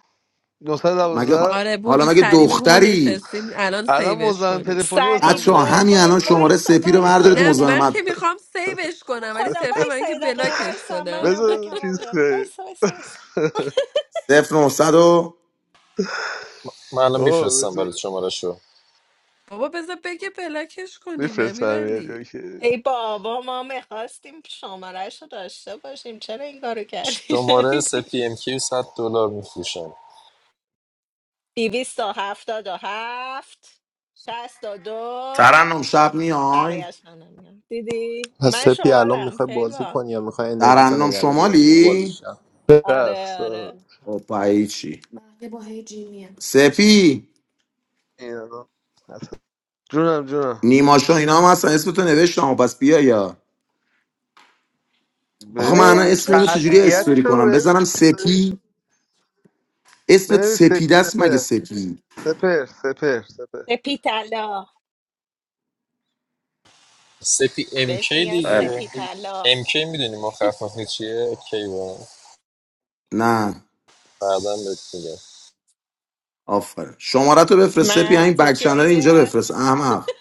Speaker 8: مگه
Speaker 3: 912
Speaker 4: آره بود
Speaker 8: حالا
Speaker 4: و
Speaker 8: مگه
Speaker 4: سریع بگو ما
Speaker 8: دختری
Speaker 4: نشستیم الان
Speaker 3: الان
Speaker 4: سیوش
Speaker 3: مزاحم
Speaker 4: کنیم
Speaker 3: تلفنی
Speaker 6: سری
Speaker 3: واسم
Speaker 8: بچه ها
Speaker 3: پیدا
Speaker 6: وای
Speaker 8: همین
Speaker 3: میشه
Speaker 6: وای
Speaker 8: الان شماره
Speaker 3: داداش
Speaker 6: وایسا
Speaker 8: سپی رو
Speaker 6: وایسا
Speaker 8: بردارید
Speaker 6: یه
Speaker 4: نه من
Speaker 6: دقیقه
Speaker 8: مزاحمت
Speaker 4: که میخوام سیوش
Speaker 6: تو رو
Speaker 4: کنم ولی
Speaker 6: خدا
Speaker 4: صرفا برای
Speaker 6: وایسا
Speaker 4: اینکه
Speaker 6: یه دقیقه
Speaker 4: بلاکش
Speaker 6: وایسا من
Speaker 4: کنم
Speaker 3: بذار
Speaker 6: املاکم رو
Speaker 3: چیز
Speaker 6: بیارم
Speaker 3: کنی.
Speaker 6: وایسا وایسا وایسا
Speaker 8: 0900 و
Speaker 7: من الان
Speaker 3: بابا
Speaker 7: میفرستم برات
Speaker 3: بذار
Speaker 7: شماره شو
Speaker 4: بابا بذار بگه بلاکش کنیم
Speaker 3: میفرستم یه
Speaker 4: امیرعلی
Speaker 3: که
Speaker 6: ای بابا ما میخواستیم شمارش رو داشته باشیم چرا این کارو کردی
Speaker 7: شماره
Speaker 6: شریفی
Speaker 7: سپی ام کیو 100 دلار میفروشم
Speaker 6: دیویست و هفتاد و هفت شست و دو
Speaker 8: ترنم شب میای
Speaker 6: بقیهش من نمی‌دونم. دیدی
Speaker 1: پس
Speaker 6: من
Speaker 1: سپی الان
Speaker 6: شمالم
Speaker 1: میخوای بازی
Speaker 6: کیوان
Speaker 1: کنی یا میخوای انرژی تو
Speaker 8: ترنم
Speaker 1: نگهداری واسه بازی
Speaker 8: شمالی
Speaker 1: شب
Speaker 6: آره
Speaker 3: هست
Speaker 6: آره
Speaker 3: آه.
Speaker 8: اوپایی چی سپی
Speaker 3: این الان هست. جونم جونم
Speaker 8: نیماشا اینا هم اصلا اسمتو نوشتم پس بیا یا آخه من
Speaker 3: ببین
Speaker 8: الان
Speaker 6: آرون
Speaker 8: اسم اینو چجوری اسپری
Speaker 6: کشان
Speaker 3: قطعیتشو
Speaker 8: کنم
Speaker 3: رو
Speaker 8: بزنم سپی اسمت
Speaker 3: ببین سپ
Speaker 8: سپیده است مگه
Speaker 3: سپر
Speaker 8: سپی
Speaker 3: سپر سپر سپر
Speaker 6: سپیتلا
Speaker 7: سپی ام
Speaker 6: بهش
Speaker 7: کی
Speaker 6: میگن
Speaker 8: بله
Speaker 7: دیگه
Speaker 6: سپیتلا
Speaker 7: MK میدونی مخففه چیه کی با
Speaker 8: نه
Speaker 7: بعدا بهت میگم
Speaker 8: آفر شماره تو بفرست سپی همین بک
Speaker 6: مرتیکه
Speaker 8: چنل اینجا بفرست احمق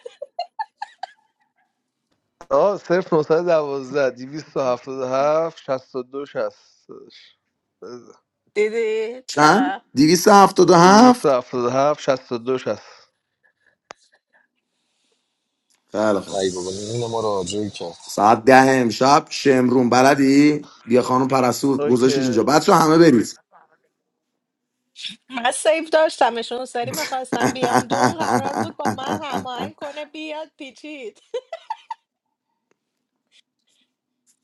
Speaker 3: آه صرف 912 277 62 60 داداش. بذار.
Speaker 6: دیدی
Speaker 8: چند؟
Speaker 6: چقدر
Speaker 8: دویست هفتاد و هفت؟
Speaker 3: 277 62 60
Speaker 8: خیلی خوب
Speaker 7: ای بابا نون ما رو آجور کرد
Speaker 8: ساعت ده امشب شمرون بلدی؟ بیا خانم پرستو گذاشتش
Speaker 3: اوکی
Speaker 8: اینجا بچه همه برید
Speaker 6: من سیف داشتمشون سری میخواستم بیام دون قرار بود با من هماهنگ کنه بیاد پیچید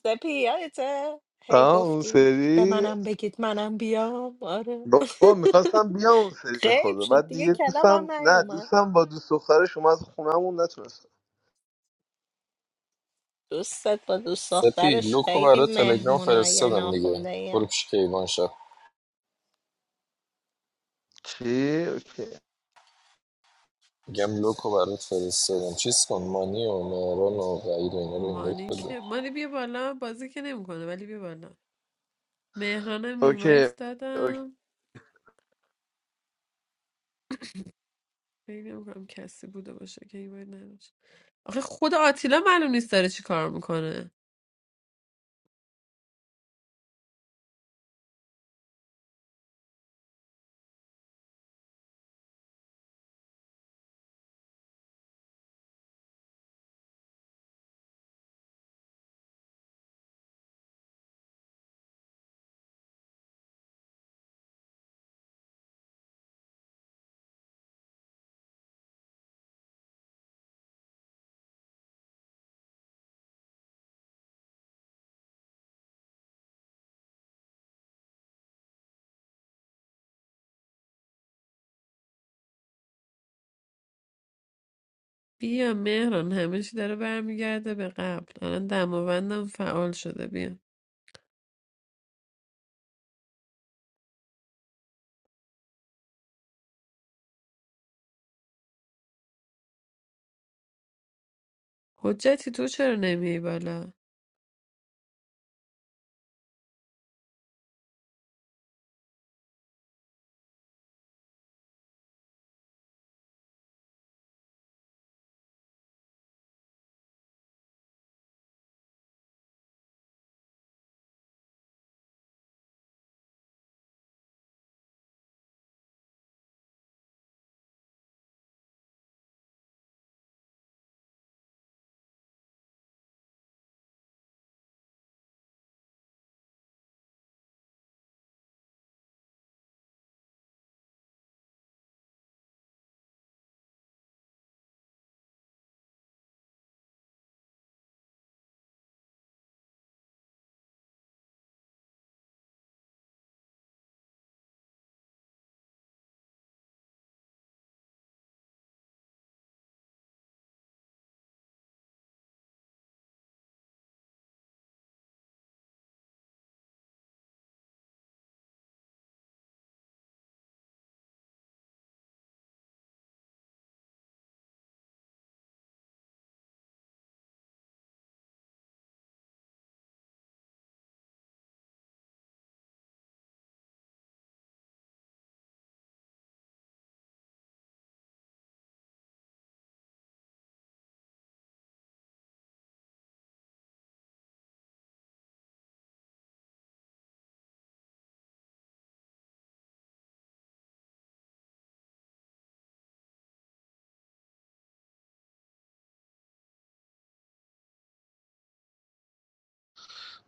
Speaker 6: سپی یادته هی
Speaker 3: آه اون
Speaker 6: گفتیم به
Speaker 3: سری
Speaker 6: منم بگید منم بیام آره
Speaker 3: بابا میخواستم بیام اون سری به
Speaker 6: غیب
Speaker 3: خدا
Speaker 6: شد
Speaker 3: بعد
Speaker 6: دیگه
Speaker 3: دیگه دوستم
Speaker 6: کلابم
Speaker 3: نه
Speaker 6: نیومد
Speaker 3: دوستم با دوست دخترش از خونهمون نتونستم
Speaker 6: دوستت با دوست
Speaker 7: سپی
Speaker 6: دخترش
Speaker 7: لوکو برای
Speaker 6: خیلی
Speaker 7: تلگرام
Speaker 6: مهمونای
Speaker 7: فرستادم دیگه
Speaker 6: ناخونده‌این
Speaker 7: برو پیش کیوان شد
Speaker 3: چی؟ اوکی
Speaker 7: میگم لوکو برات فرستادم چیز کن مانی و مهران و وعید و اینا رو این بهت
Speaker 4: مانی
Speaker 7: بده
Speaker 4: که مانی بیا بالا بازی که نمیکنه ولی بیا بالا مهرانم
Speaker 3: اوکی
Speaker 4: اینوایت
Speaker 3: اوکی
Speaker 4: دادم فکر هم کسی بوده باشه که اینوایت نداشت آخه خود آتیلا معلوم نیست داره چی کار میکنه بیا مهران همه چی داره برمیگرده به قبل الان دماوندم فعال شده بیا حجتی تو چرا نمیای بالا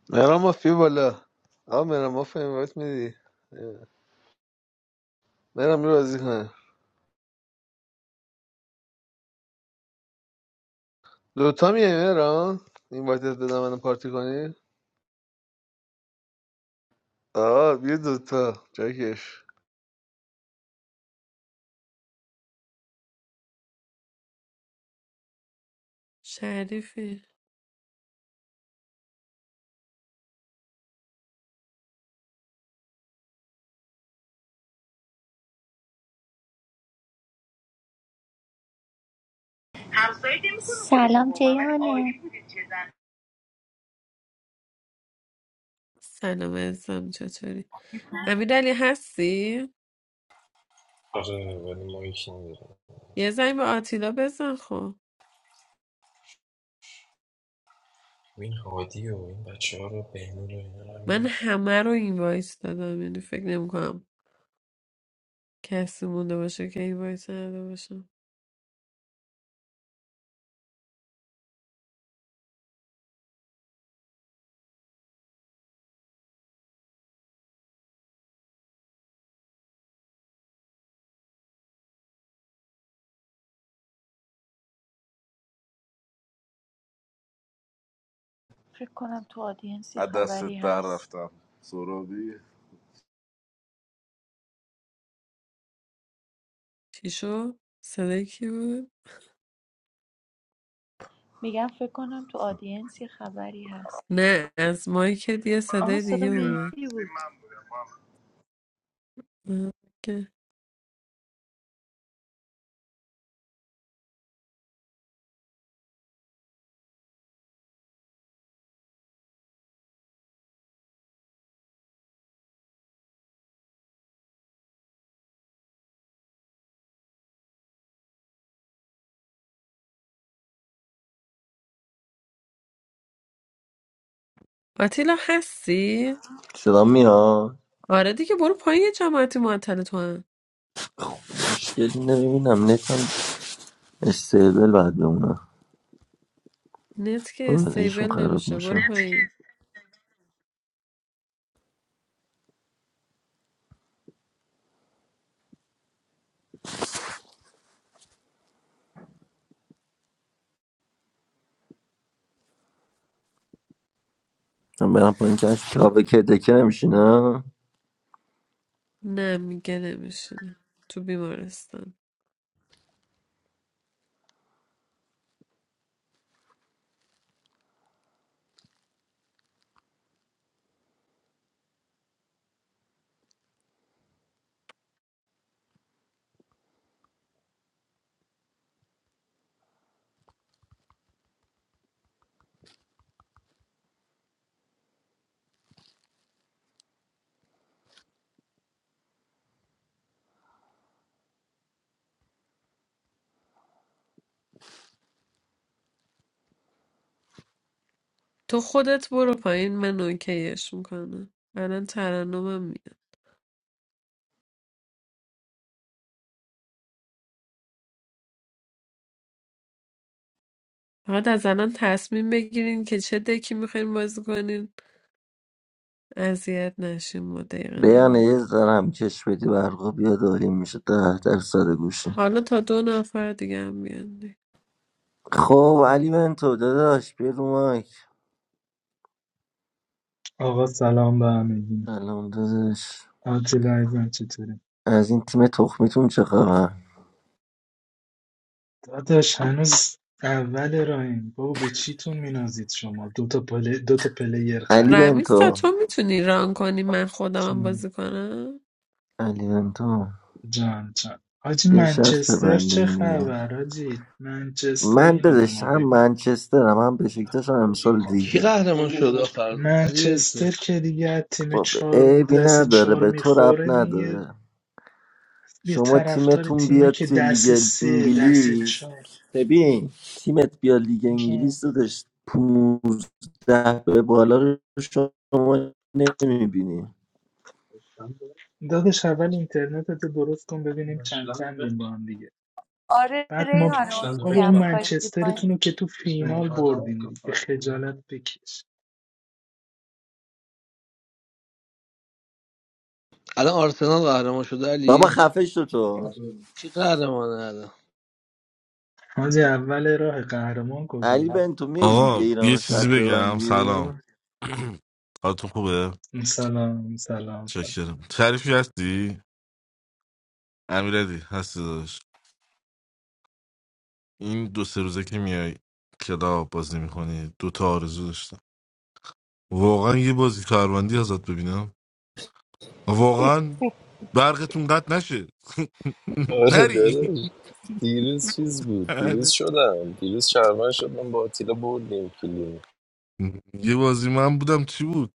Speaker 3: مهران مافیا بالا آه مهران مافیا اینوایت میدی مهران بیا بازی کنه دوتا میای مهران اینوایتت بدم منو پارتی کنی آه بیا دوتا جاکش
Speaker 4: شریفی
Speaker 9: سلام جیانه
Speaker 4: سلام عزیزم چطوری امیرعلی هستی
Speaker 7: آره ولی ما یکی نداریم
Speaker 4: یه زنگ به آتیلا بزن خب
Speaker 7: این هادی و این بچه ها رو بهنون و اینا رو هم
Speaker 4: من
Speaker 7: بیار.
Speaker 4: همه رو اینوایت دادم یعنی فکر نمیکنم کسی مونده باشه که این وایس نداده باشم
Speaker 9: فکر کنم تو آدینس یه از دستت خبری در هست رفتم سرابی
Speaker 4: چی شد؟ صدای کی بود؟
Speaker 9: میگم فکر کنم تو آدینس یه خبری هست
Speaker 4: نه از مایکت یه
Speaker 9: آها
Speaker 4: صدای دیگه
Speaker 9: صدا
Speaker 4: اومد
Speaker 9: مهدی بود
Speaker 4: آه، اوکی. آتیلا هستی؟
Speaker 2: صدا میاد
Speaker 4: آره دیگه برو پایین یه جماعتی معطل تو هم
Speaker 2: مشکلی نمیبینم نتم استیبل باید بمونه
Speaker 4: نت که استیبل
Speaker 2: بازیشون خراب
Speaker 4: نمیشه
Speaker 2: میشه
Speaker 4: برو پایین
Speaker 2: من برم پایین کش کابه که دکه نمیشینم
Speaker 4: نه میگه نمیشینه تو بیمارستان تو خودت برو پایین من اوکیش میکنم الان ترنمم میاد فقط از الان تصمیم بگیرین که چه دکی میخواین بازی کنین اذیت نشین ما دقیقه
Speaker 2: بیانه
Speaker 4: نبود
Speaker 2: یه ذره هم کش بدی برقا بیاد عالی میشه ده درصد گوشه
Speaker 4: حالا تا دو نفر دیگه هم بیان
Speaker 2: خب علی بنتو داداش بیا رو مایک
Speaker 10: آقا سلام به همگی
Speaker 2: سلام داداش
Speaker 10: آتیلا عزیزم چطوری
Speaker 2: از این تیم تخمیتون چه خبر
Speaker 10: داداش هنوز اول راهیم بابا به چیتون مینازید شما دو تا پل... دو تا پلیر
Speaker 2: علی
Speaker 10: خریدیم
Speaker 4: رمیسا
Speaker 2: بنتو
Speaker 4: تو میتونی ران کنی من خودم
Speaker 10: چی
Speaker 4: هم
Speaker 10: می‌گی؟
Speaker 4: بازی کنم
Speaker 2: علی بنتو
Speaker 10: جان جان حاجی
Speaker 2: بیا شرط
Speaker 10: منچستر چه
Speaker 2: ببندیم دیگه
Speaker 10: خبر حاجی منچستر
Speaker 2: من
Speaker 10: اینو به
Speaker 2: دادش
Speaker 10: ما
Speaker 2: هم
Speaker 10: بگو
Speaker 2: منچسترم هم بشکتاش هم امسال
Speaker 3: کی
Speaker 2: لیده
Speaker 3: قهرمان شد آخر علی
Speaker 10: منچستر
Speaker 3: بنتو
Speaker 10: که دیگه از تیم
Speaker 2: خب
Speaker 10: چهار
Speaker 2: عیبی
Speaker 10: دست
Speaker 2: نداره
Speaker 10: چهار
Speaker 2: به تو رب
Speaker 10: میخوره دیگه
Speaker 2: نداره
Speaker 10: یه
Speaker 2: شما
Speaker 10: طرفدار
Speaker 2: تیمتون
Speaker 10: تیمایی
Speaker 2: بیاد
Speaker 10: که
Speaker 2: توی
Speaker 10: دست
Speaker 2: لیگ
Speaker 10: سه دست
Speaker 2: انگلیس
Speaker 10: چهار
Speaker 2: ببین تیمت بیاد لیگ
Speaker 10: جان
Speaker 2: انگلیس دادش پونزده به بالا رو شما نمیبینی
Speaker 10: داداش اول اینترنت تو درست کن ببینیم با هم دیگه
Speaker 9: آره
Speaker 10: بعد ما
Speaker 9: ریحانه اوکیم خواهی بری پایین
Speaker 10: منچسترتونو که تو فلالت بکش
Speaker 3: الان آرسنال قهرمان شده
Speaker 2: بابا
Speaker 3: علی
Speaker 2: خفه شو تو
Speaker 3: کی قهرمانه الان
Speaker 10: حاجی اول راه قهرمان کجا
Speaker 2: علی
Speaker 10: بود
Speaker 2: بن تو میای لیگ
Speaker 11: آقا
Speaker 2: ایران
Speaker 11: یه
Speaker 2: رو
Speaker 11: چیزی
Speaker 2: شرط
Speaker 11: بگم
Speaker 2: ببندی
Speaker 11: سلام حالتون خوبه
Speaker 10: سلام سلام سلام
Speaker 11: شکرم شریفی هستی امیرعلی هستی داداش این دو سه روزه که میای کلاب بازی میکنی دو تا آرزو داشتم واقعا یه بازی کاروندی ازت ببینم واقعا برقتون قطع نشه
Speaker 7: آره
Speaker 11: نری
Speaker 7: داداش دیروز چیز بود دیروز شدم دیروز شرمن شدم با آتیلا بردیم کلیم
Speaker 11: یه بازی من بودم چی بود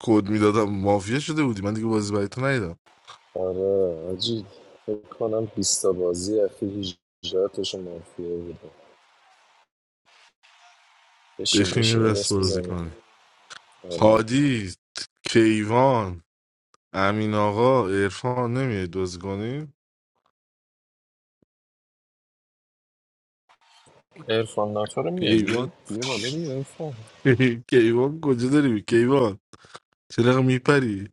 Speaker 11: کد میدادم مافیا شده بودی من دیگه بازی برای تو ندیدم
Speaker 7: آره حاجی فکر کنم بیست تا بازی اخیر 18 تاشون مافیا بوده بشین
Speaker 11: بشین یه
Speaker 7: بشین یه
Speaker 11: دست
Speaker 7: دست
Speaker 11: بازی
Speaker 7: بزنیم
Speaker 11: کنی
Speaker 7: آره
Speaker 11: هادی کیوان امین آقا عرفان نمیای دوز کنیم
Speaker 7: ارفان ناتو رو میاری؟
Speaker 11: کیوان
Speaker 7: بیا بالا بیا ارفان
Speaker 11: کیوان کجا داری کیوان چرا میپری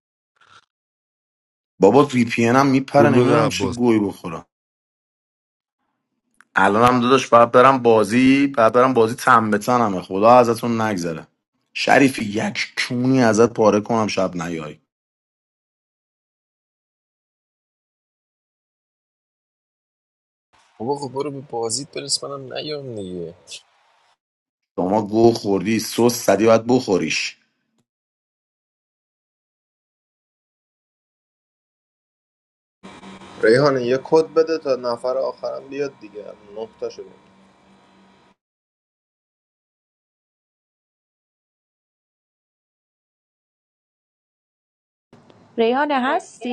Speaker 8: بابا وی پی هم میپره
Speaker 11: گلبد
Speaker 8: نمیدونم چه
Speaker 11: عباس
Speaker 8: گوی بخورم الان هم داداش باید برم بازی باید برم بازی تن به تنمه خدا ازتون نگذره شریفی یک کونی ازت پاره کنم شب نیای
Speaker 7: بابا خب برو به بازیت برس منم نیام دیگه
Speaker 8: شما گو خوردی سس زدی باید بخوریش
Speaker 1: ریحانه یه کد بده تا نفر آخرم بیاد دیگه نه تا شدیم
Speaker 9: ریحانه هستی؟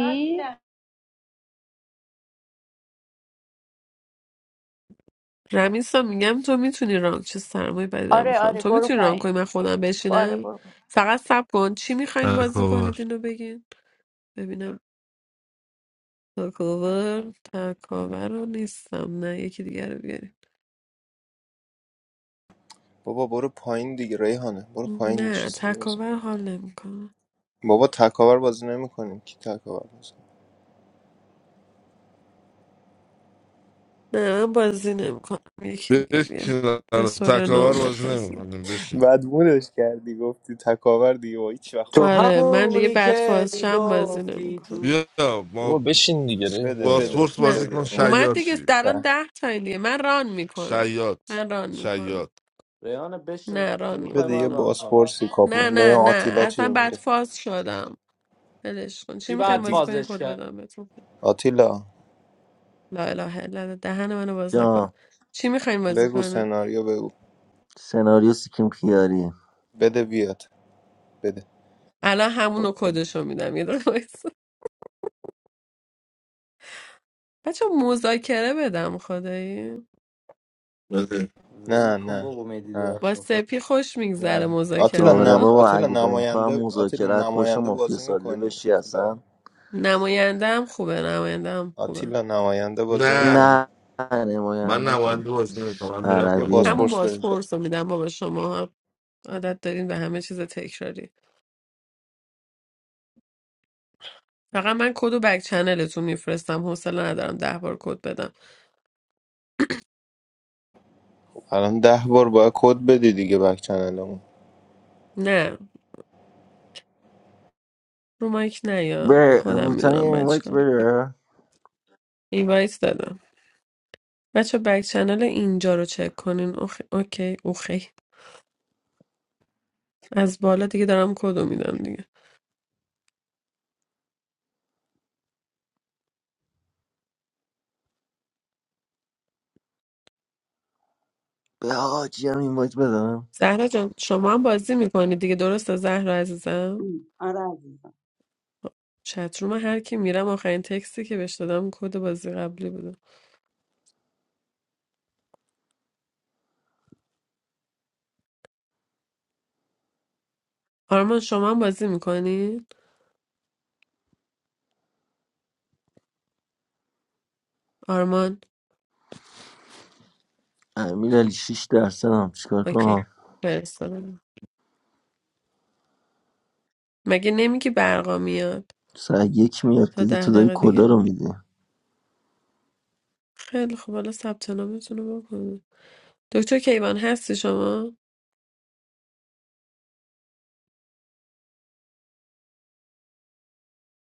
Speaker 4: رمیسا میگم تو میتونی ران چه سرمایه بدم
Speaker 9: آره
Speaker 4: میخوام
Speaker 9: آره
Speaker 4: تو
Speaker 9: برو
Speaker 4: میتونی ران
Speaker 9: پایین
Speaker 4: کنی من خودم
Speaker 9: آره
Speaker 4: بشینم
Speaker 9: برو پایین
Speaker 4: فقط سب کن چی میخواین بازی
Speaker 11: تکاور
Speaker 4: کنید اینو بگین ببینم تکاور تکاور رو نیستم نه یکی دیگر رو بیاریم
Speaker 1: بابا برو پایین دیگه ریحانه برو پایین
Speaker 4: نه
Speaker 1: چیز دیگه بزن
Speaker 4: تکاور حال نمیکنم
Speaker 1: بابا تکاور بازی نمیکنیم کی تکاور بازی
Speaker 4: نه من بازی نمیکنم یکی دیگه بیار
Speaker 11: بشین
Speaker 4: به
Speaker 11: آره،
Speaker 4: سورنا
Speaker 11: تکاور
Speaker 4: اومد
Speaker 11: بازی
Speaker 4: بازی
Speaker 11: نمیکنیم بشین
Speaker 1: بعد مودش کردی گفتی تکاور دیگه با هیچ وقت
Speaker 12: تو
Speaker 1: بازی نمی
Speaker 4: آره من دیگه
Speaker 12: همونی
Speaker 4: بعد
Speaker 12: که
Speaker 4: فازشم بازی
Speaker 12: میگفتی
Speaker 4: نمیکنم
Speaker 12: تو
Speaker 11: بیا
Speaker 7: بابا
Speaker 11: ما
Speaker 7: بشین دیگه
Speaker 1: بده
Speaker 7: ریحانه
Speaker 1: بده
Speaker 11: باسپورس
Speaker 4: نه
Speaker 11: بازی
Speaker 1: بده
Speaker 11: کن
Speaker 4: اومد
Speaker 11: شیاد
Speaker 1: اومد
Speaker 4: دیگه
Speaker 11: شی
Speaker 4: الان
Speaker 1: ته.
Speaker 4: ده تا دیگه من ران میکنم
Speaker 11: شیاد
Speaker 4: من ران میکنم
Speaker 11: شیاد
Speaker 12: ریانه بشین
Speaker 4: نه ران
Speaker 12: میخوای
Speaker 1: بده یه
Speaker 12: من
Speaker 4: میکنم
Speaker 12: ران کنم
Speaker 1: بازپرسی کاپ
Speaker 4: نه
Speaker 1: نه
Speaker 4: نه نه
Speaker 1: آتیلا چی
Speaker 4: اصلا بعد
Speaker 1: میگه
Speaker 4: فاز شدم ولش کن چی
Speaker 12: کی بعد
Speaker 4: میخوایم
Speaker 1: خب
Speaker 4: بازی
Speaker 1: دی...
Speaker 4: کنین
Speaker 12: فازش
Speaker 4: کد
Speaker 12: کرد
Speaker 4: بدم بهتون
Speaker 1: آتیلا
Speaker 4: لا اله الا الله دهن منو باز نکن
Speaker 2: جا
Speaker 4: چی میخوایم بازی
Speaker 1: بگو
Speaker 4: کنین
Speaker 1: سناریو بگو
Speaker 2: سناریو سیکیم خیاری
Speaker 1: بده بیاد بده
Speaker 4: الان همونو
Speaker 1: خود بده.
Speaker 4: کدشو میدم یه دقیقه وایسا. بچه مذاکره بدم خدایی
Speaker 11: بله.
Speaker 12: ول
Speaker 1: نه
Speaker 12: کن
Speaker 1: نه
Speaker 12: بابا مهدی
Speaker 1: نه
Speaker 4: با
Speaker 12: درخشان فر
Speaker 4: سپی خوش میگذره
Speaker 1: نه آتیلا
Speaker 2: آره
Speaker 1: نم...
Speaker 4: مذاکره
Speaker 2: بابا
Speaker 1: آتیلا
Speaker 2: علی بنتو هم
Speaker 1: نماینده آتیلا
Speaker 2: مذاکرت باشه
Speaker 1: نماینده
Speaker 2: مافیا
Speaker 1: بازی
Speaker 2: ساده
Speaker 1: میکنی
Speaker 2: بشی اصلا
Speaker 1: آتیلا
Speaker 4: نماینده هم خوبه نماینده هم خوبه
Speaker 1: آتیلا نماینده بازی میکنی
Speaker 11: نه
Speaker 2: نه
Speaker 11: من
Speaker 2: نماینده که
Speaker 11: نماینده بازی نمیکنم من میرم
Speaker 1: یه
Speaker 11: پایین
Speaker 2: عربیه
Speaker 4: همون
Speaker 1: بازپرس بدید
Speaker 4: بازپرس رو میدم بابا شما عادت دارین به همه چیز تکراری فقط من کد و بک چنلتون میفرستم حوصله ندارم ده بار کد بدم
Speaker 1: الان ده بار باید کد بدی دیگه بک چنلمون
Speaker 4: نه رو مایک نه یا
Speaker 2: به
Speaker 4: خودم
Speaker 2: هوتن یه
Speaker 4: میدونم من
Speaker 2: اینوایت
Speaker 4: چیکار
Speaker 2: بده
Speaker 4: ایوایس دادم بچه بک چنل اینجا رو چک کنین اوخ... اوکی اوخی از بالا دیگه دارم کد رو میدم دیگه
Speaker 2: به حاجی هم اینوایت بدم
Speaker 4: زهرا جان شما هم بازی میکنید دیگه درسته زهرا عزیزم
Speaker 13: آره عزیزم
Speaker 4: چتروم هر کی میرم آخرین تکستی که بهش دادم کد بازی قبلی بوده آرمان شما هم بازی میکنید آرمان
Speaker 2: امیر علی 6 درصد هم چیکار
Speaker 4: اوکی
Speaker 2: کنم
Speaker 4: فرستادم مگه نمیگی برقا میاد
Speaker 2: سر یک میاد
Speaker 4: تا
Speaker 2: دیگه
Speaker 4: ده
Speaker 2: تو داری
Speaker 4: دقیقه
Speaker 2: کدا
Speaker 4: دیگه
Speaker 2: رو میدی
Speaker 4: خیلی خب حالا ثبت نامتون رو بکنید دکتر کیوان هستی شما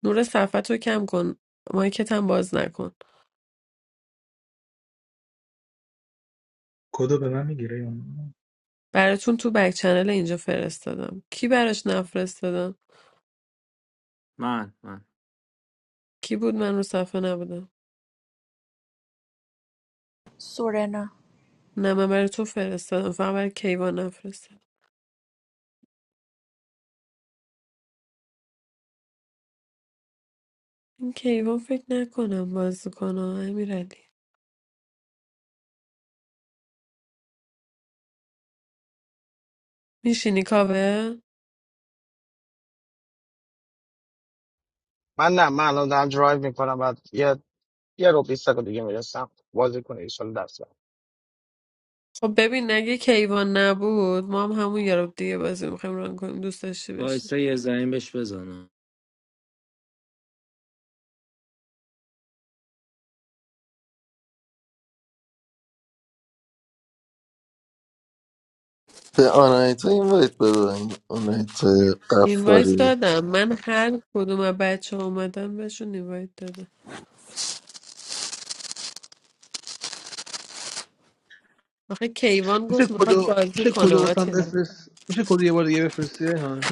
Speaker 4: نور صفحت رو کم کن مایکت هم باز نکن
Speaker 10: کدو به من میگیره یا نه؟
Speaker 4: براتون تو بک چنل اینجا فرستادم کی براش نفرستادم
Speaker 12: من من
Speaker 4: کی بود من رو صفحه نبودم
Speaker 9: سورنا
Speaker 4: نه من برای تو فرستادم فقط برای کیوان نفرستادم این کیوان فکر نکنم بازی کنه امیرعلی میشینی کاوه
Speaker 5: من نه من الان دارم درایو میکنم بعد یه یه رو بیست دقیقه دیگه میرسم بازی کنه ایشال دست
Speaker 4: خب ببین نگه کیوان نبود ما هم همون یارو دیگه بازی میخوایم ران کنیم دوست داشتی بشه
Speaker 12: وایسا یه زمین بهش بزنم
Speaker 2: به آنایتا این وایت بده این آنایتا
Speaker 4: اینوایت
Speaker 2: قفاری
Speaker 4: دادم من هر کدوم از بچه ها اومدم بهشون اینوایت دادم آخه کیوان
Speaker 3: میشه
Speaker 4: گفت میخواد
Speaker 3: کدو
Speaker 4: بازی
Speaker 3: میشه
Speaker 4: کنه
Speaker 3: کدو واسم
Speaker 4: آتیلا
Speaker 3: بفرست میشه کدو یه بار دیگه بفرستی ها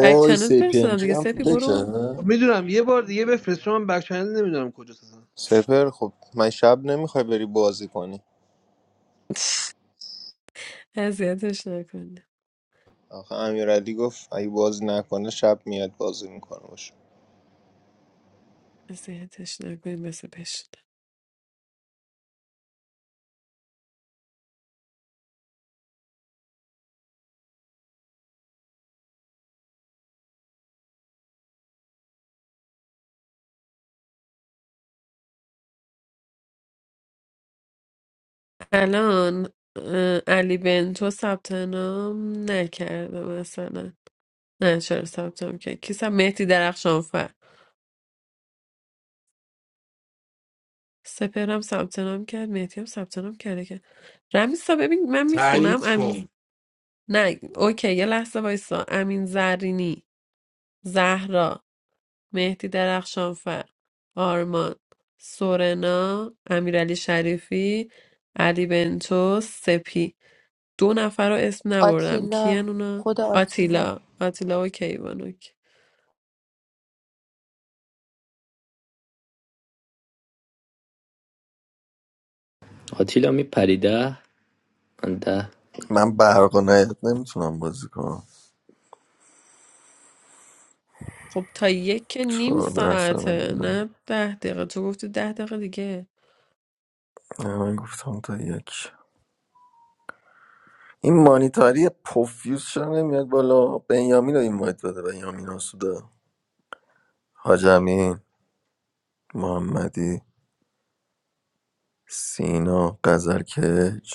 Speaker 4: بک چنل
Speaker 2: سی پی ام
Speaker 4: فرستادم
Speaker 2: کی
Speaker 4: دیگه
Speaker 2: هم تو
Speaker 4: سپی برو
Speaker 2: دکه
Speaker 4: اون
Speaker 3: میدونم یه بار دیگه بفرست چون من بک چنل نمیدونم کجاست اصلا
Speaker 1: سپر خب من شب نمیخوای بری بازی کنی
Speaker 4: اذیتش نکن
Speaker 1: آخه امیرعلی گفت اگه بازی نکنه شب میاد بازی میکنه باشه
Speaker 4: اذیتش نکن بسه بشین الان اه، علی بنتو ثبت نام نکرده مثلا نه چرا ثبت نام کرد کی ثبت مهدی درخشانفر سپرم ثبت نام کرد مهدی هم ثبت نام کرده که رمیسا ببین من
Speaker 11: تایید
Speaker 4: میخونم
Speaker 11: کن
Speaker 4: نه اوکی یه لحظه وایسا امین زرینی زهرا مهدی درخشانفر آرمان سورنا امیرعلی شریفی علی بنتو سپی دو نفر رو اسم نبردم
Speaker 9: آتیلا
Speaker 4: کیان اونا
Speaker 9: خدا آتیلا
Speaker 4: آتیلا آتیلا اوکی کیوانوک
Speaker 12: آتیلا میپریده من ده
Speaker 2: من برق و نایت نمیتونم بازی کنم
Speaker 4: خب تا یک که نیم
Speaker 2: چهار درصد هم
Speaker 4: ساعته
Speaker 2: مونده.
Speaker 4: نه ده دقیقه تو گفتی ده دقیقه دیگه
Speaker 2: نه من گفتم تا یک این مانیتاری پوفیوز چرا نمیاد بالا بنیامین رو این باید بده بنیامین آسوده حاج محمدی سینا قزرکج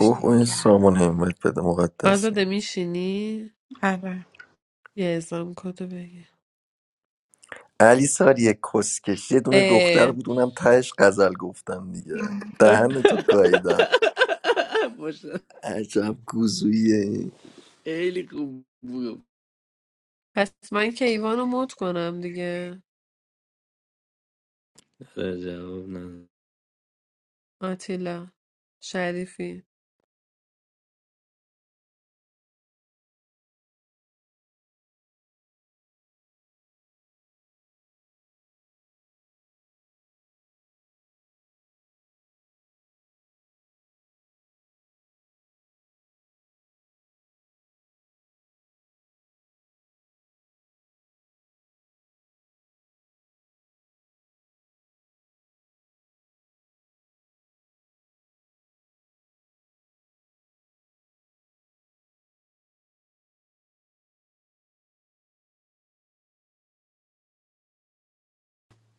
Speaker 2: اوه اوه، این
Speaker 14: کردم
Speaker 2: سامان هم باید بده مقدسی
Speaker 4: آزاده میشینی
Speaker 14: آره
Speaker 4: یه ازام کدو بگی
Speaker 2: علی ساری کسکش یه دونه دختر
Speaker 4: اه،
Speaker 2: بود اونم تهش غزل گفتم دیگه دهن تو گاییدم
Speaker 12: باشه
Speaker 2: عجب گوزویی
Speaker 12: خیلی خوب بود
Speaker 4: پس من که ایوانو مود کنم دیگه
Speaker 12: آره، جواب نه
Speaker 4: آتیلا شریفی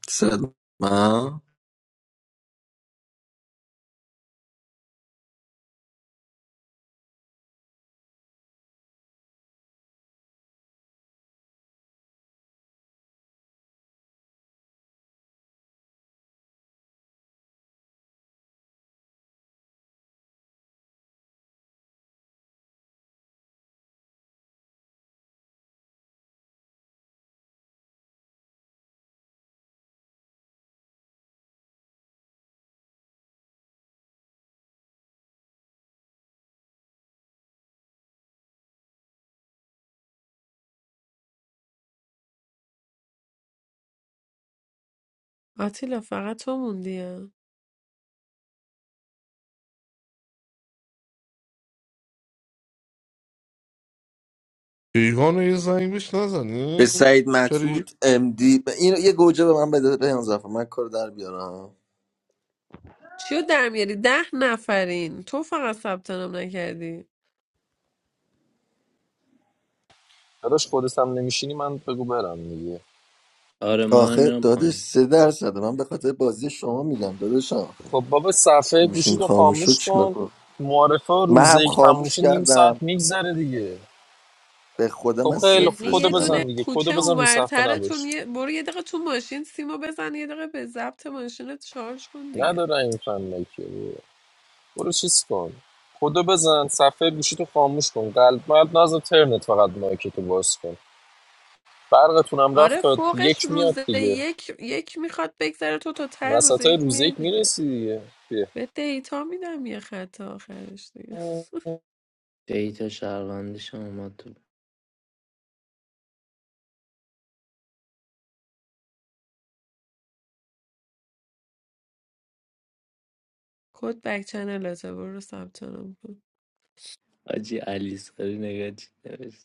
Speaker 2: صد من
Speaker 4: آتیلا فقط تو موندی ها؟
Speaker 11: کیوان رو یه زنگ بهش
Speaker 2: به
Speaker 11: نزنیم
Speaker 2: سعید مطرود
Speaker 11: شریف
Speaker 2: امدی این یه گوجه به من بده به من من کار در بیارم
Speaker 4: چیو در میاری ده نفرین تو فقط ثبت نام نکردی
Speaker 7: داداش خودت هم نمیشینی من بگو برم دیگه
Speaker 12: آره منم
Speaker 2: آخه
Speaker 12: میرم
Speaker 2: دادش
Speaker 12: پایین
Speaker 2: سه درصده من به خاطر بازی شما میگم داداشم
Speaker 7: خب بابا صفحه
Speaker 2: گوشیم
Speaker 7: گوشیتو
Speaker 2: خاموش شد
Speaker 7: خاموش
Speaker 2: چیکار
Speaker 7: کن
Speaker 2: کنم
Speaker 7: معارفه
Speaker 2: من هم
Speaker 7: روزه یک تموم
Speaker 2: خاموش
Speaker 7: میشه نیم
Speaker 2: کردم
Speaker 7: ساعت میگذره دیگه
Speaker 2: به خدا
Speaker 7: خب
Speaker 2: من
Speaker 7: خیلی خوب.
Speaker 4: یعنی
Speaker 2: صفرش
Speaker 7: کدو
Speaker 4: یه دونه
Speaker 7: بزن
Speaker 2: کردم
Speaker 7: دیگه کدو
Speaker 4: کوچه
Speaker 7: بزن رو صفحه
Speaker 4: اونورترتون
Speaker 7: نباش
Speaker 4: یه برو یه دقیقه تو ماشین سیمو بزن یه دقیقه به ضبط ماشینت شارژ کن دیگه
Speaker 7: نداره این فن مکیه. برو چیز کن کدو بزن صفحه گوشیتو خاموش کن قلب ملب نزد ترنت فقط مایکتو باز کن برقتونم
Speaker 4: آره
Speaker 7: رفت تا
Speaker 4: فوقش
Speaker 7: یک میاد
Speaker 4: روز
Speaker 7: دیگه
Speaker 4: یک یک میخواد بگذره تو تا ته روز
Speaker 7: وسط های
Speaker 4: یک
Speaker 7: روز
Speaker 4: میای
Speaker 7: یک
Speaker 4: دیگه
Speaker 7: میرسی دیگه بیا
Speaker 4: به دیتا میدم یه خط آخرش دیگه
Speaker 12: دیتا شهروندیش هم اومد تو
Speaker 4: کد بک چنلته برو ثبت نام کن
Speaker 12: حاجی علی ساری نگاه چی نوشت.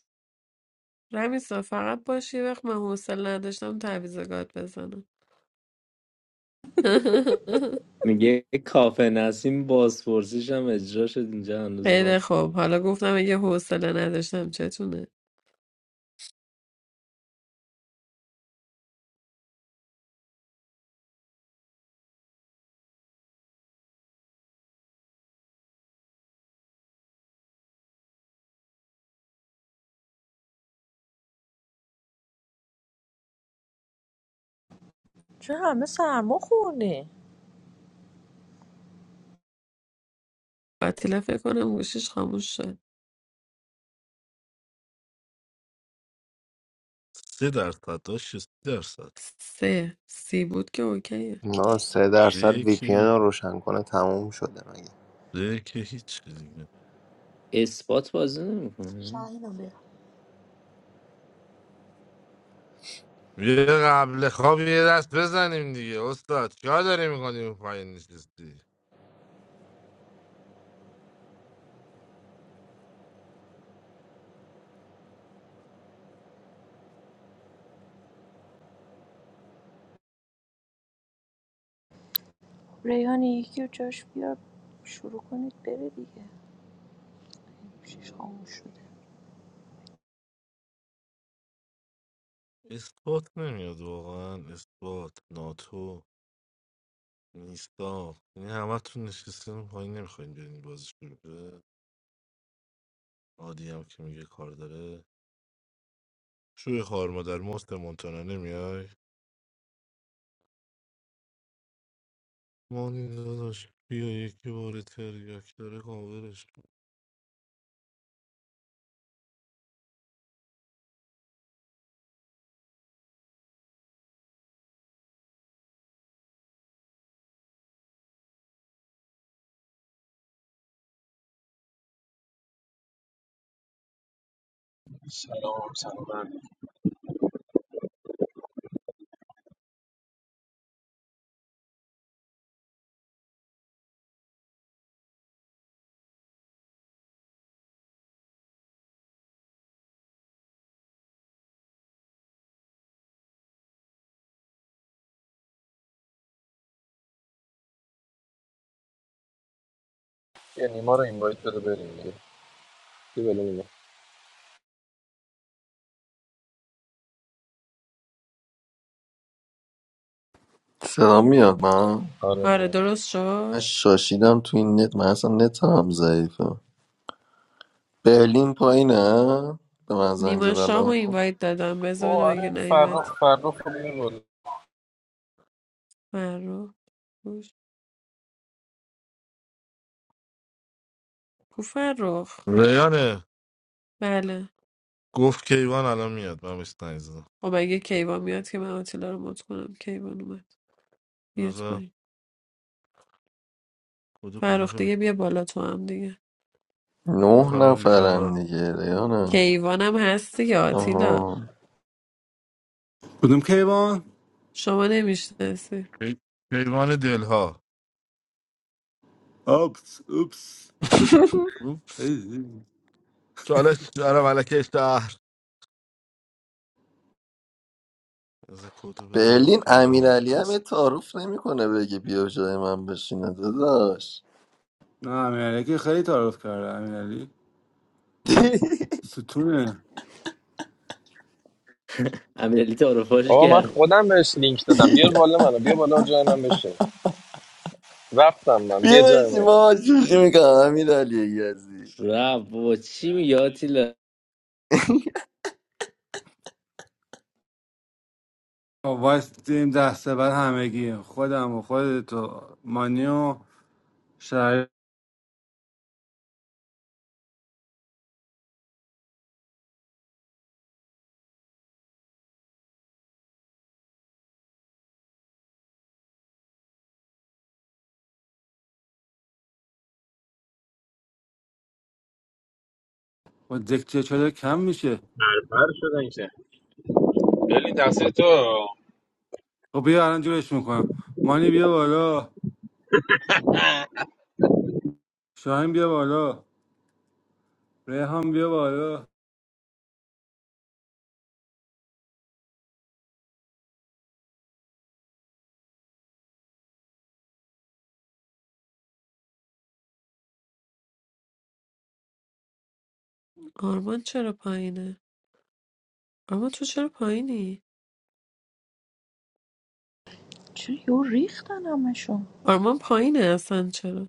Speaker 4: رمیسا فقط باشی یه وقت من حوصله نداشتم تعویض گاد بزنم
Speaker 12: میگه کافه نسیم بازپرسیش هم اجرا شد اینجا هنوز
Speaker 4: خیلی
Speaker 12: رون
Speaker 4: خوب حالا گفتم اگه حوصله نداشتم چتونه
Speaker 9: چه همه سرما خونه
Speaker 4: وطیله فکر کنم گوشیش خاموش شد
Speaker 11: سه درصد داشت سه درصد
Speaker 4: سه سی بود که اوکیه
Speaker 1: نه سه درصد وی پی
Speaker 11: یکی
Speaker 1: رو روشن کنه تموم شده مگه
Speaker 11: دیگه که هیچ دیگه
Speaker 12: اثبات بازی نمیکنه
Speaker 14: شاهین رو بیا
Speaker 11: یه قبل خواب یه دست بزنیم دیگه استاد چیکار داری میکنی اون پایین نشستی
Speaker 9: ریحانه یکی رو جاش بیار شروع کنید بره دیگه شیش خاموش شده
Speaker 11: اثبات نمیاد واقعا اثبات ناتو نیستا یعنی همه تون نشستین اون پایین نمیخواین برین بازی شروع بشه عادی هم که میگه کار داره شوی خار مادر مفت مونتانا نمیای مانی داداش بیا یکی بار تریاک داره کاورش کن.
Speaker 15: سلام سلام
Speaker 7: یه نیما رو اینوایت بده بریم دیگه بیا بالا نیما.
Speaker 2: صدا میاد من
Speaker 7: آره
Speaker 4: آره
Speaker 7: میام
Speaker 4: درست
Speaker 2: من
Speaker 4: شد
Speaker 2: شاشیدم تو این نت من اصلا نت هم ضعیفه برلین پایینه به من زنگ زد
Speaker 4: نیما شاه و
Speaker 2: الان
Speaker 4: اینوایت دادم بذار ببینم اگه
Speaker 7: آره
Speaker 4: نیومد
Speaker 7: فرخ فرخ رو بیار بالا
Speaker 4: فرخ گوش کو فرخ
Speaker 11: ریانه
Speaker 4: بله
Speaker 11: گفت کیوان الان میاد من بهش زنگ
Speaker 4: خب اگه کیوان میاد که من آتیلا رو مات کنم کیوان اومد بیاد
Speaker 11: زدم.
Speaker 4: پایین
Speaker 11: بودو کجا
Speaker 4: فرخ
Speaker 11: شد
Speaker 4: دیگه بیا بالا تو هم دیگه
Speaker 11: گفت
Speaker 2: نه
Speaker 11: حالا ویپیانو
Speaker 2: نفرن
Speaker 11: رفت
Speaker 2: دیگه ریانه
Speaker 4: کیوانم هستی یا آتیلا
Speaker 2: آها
Speaker 16: بودم خیابان.
Speaker 4: شما نمیشناسی
Speaker 11: کی- کیوان دلها
Speaker 16: Oops, oops.
Speaker 11: اوپس
Speaker 16: Hey,
Speaker 11: چالش دارم علکه شهر از کدو بدم
Speaker 2: برلین
Speaker 11: کیوان
Speaker 2: امیرعلی هم یه
Speaker 11: گفت
Speaker 2: تعارف نمیکنه بگه بیا جای من بشینه داداش
Speaker 16: nah, man. Like, I'm getting a little scared, man. Listen,
Speaker 12: امیرعلی تعارفاش
Speaker 7: آقا من
Speaker 12: کرد
Speaker 7: خودم بهش لینک دادم بیار بالا منو بیا بالا جای من بشه رفتم من
Speaker 2: بیا
Speaker 7: بیا جای
Speaker 2: بشی
Speaker 7: من
Speaker 2: بابا شوخی میکنم امیر علی یزی
Speaker 12: رب بابا چی میگه آتیلا
Speaker 16: I'm wasting time. So, by the time I get home, my mom and my dad, Manya, Shahin, and Diktya, are going to
Speaker 15: بربر شدن که برلین تقصیر تو
Speaker 16: be home. So, we're going to have to get them out of the house. Mani, come on.
Speaker 15: نه
Speaker 16: Shahin, come on. Reham, come on.
Speaker 4: آرمان چرا پایینه آرمان تو چرا پایینی
Speaker 9: چه یو ریختن همشون
Speaker 4: آرمان پایینه اصلا چرا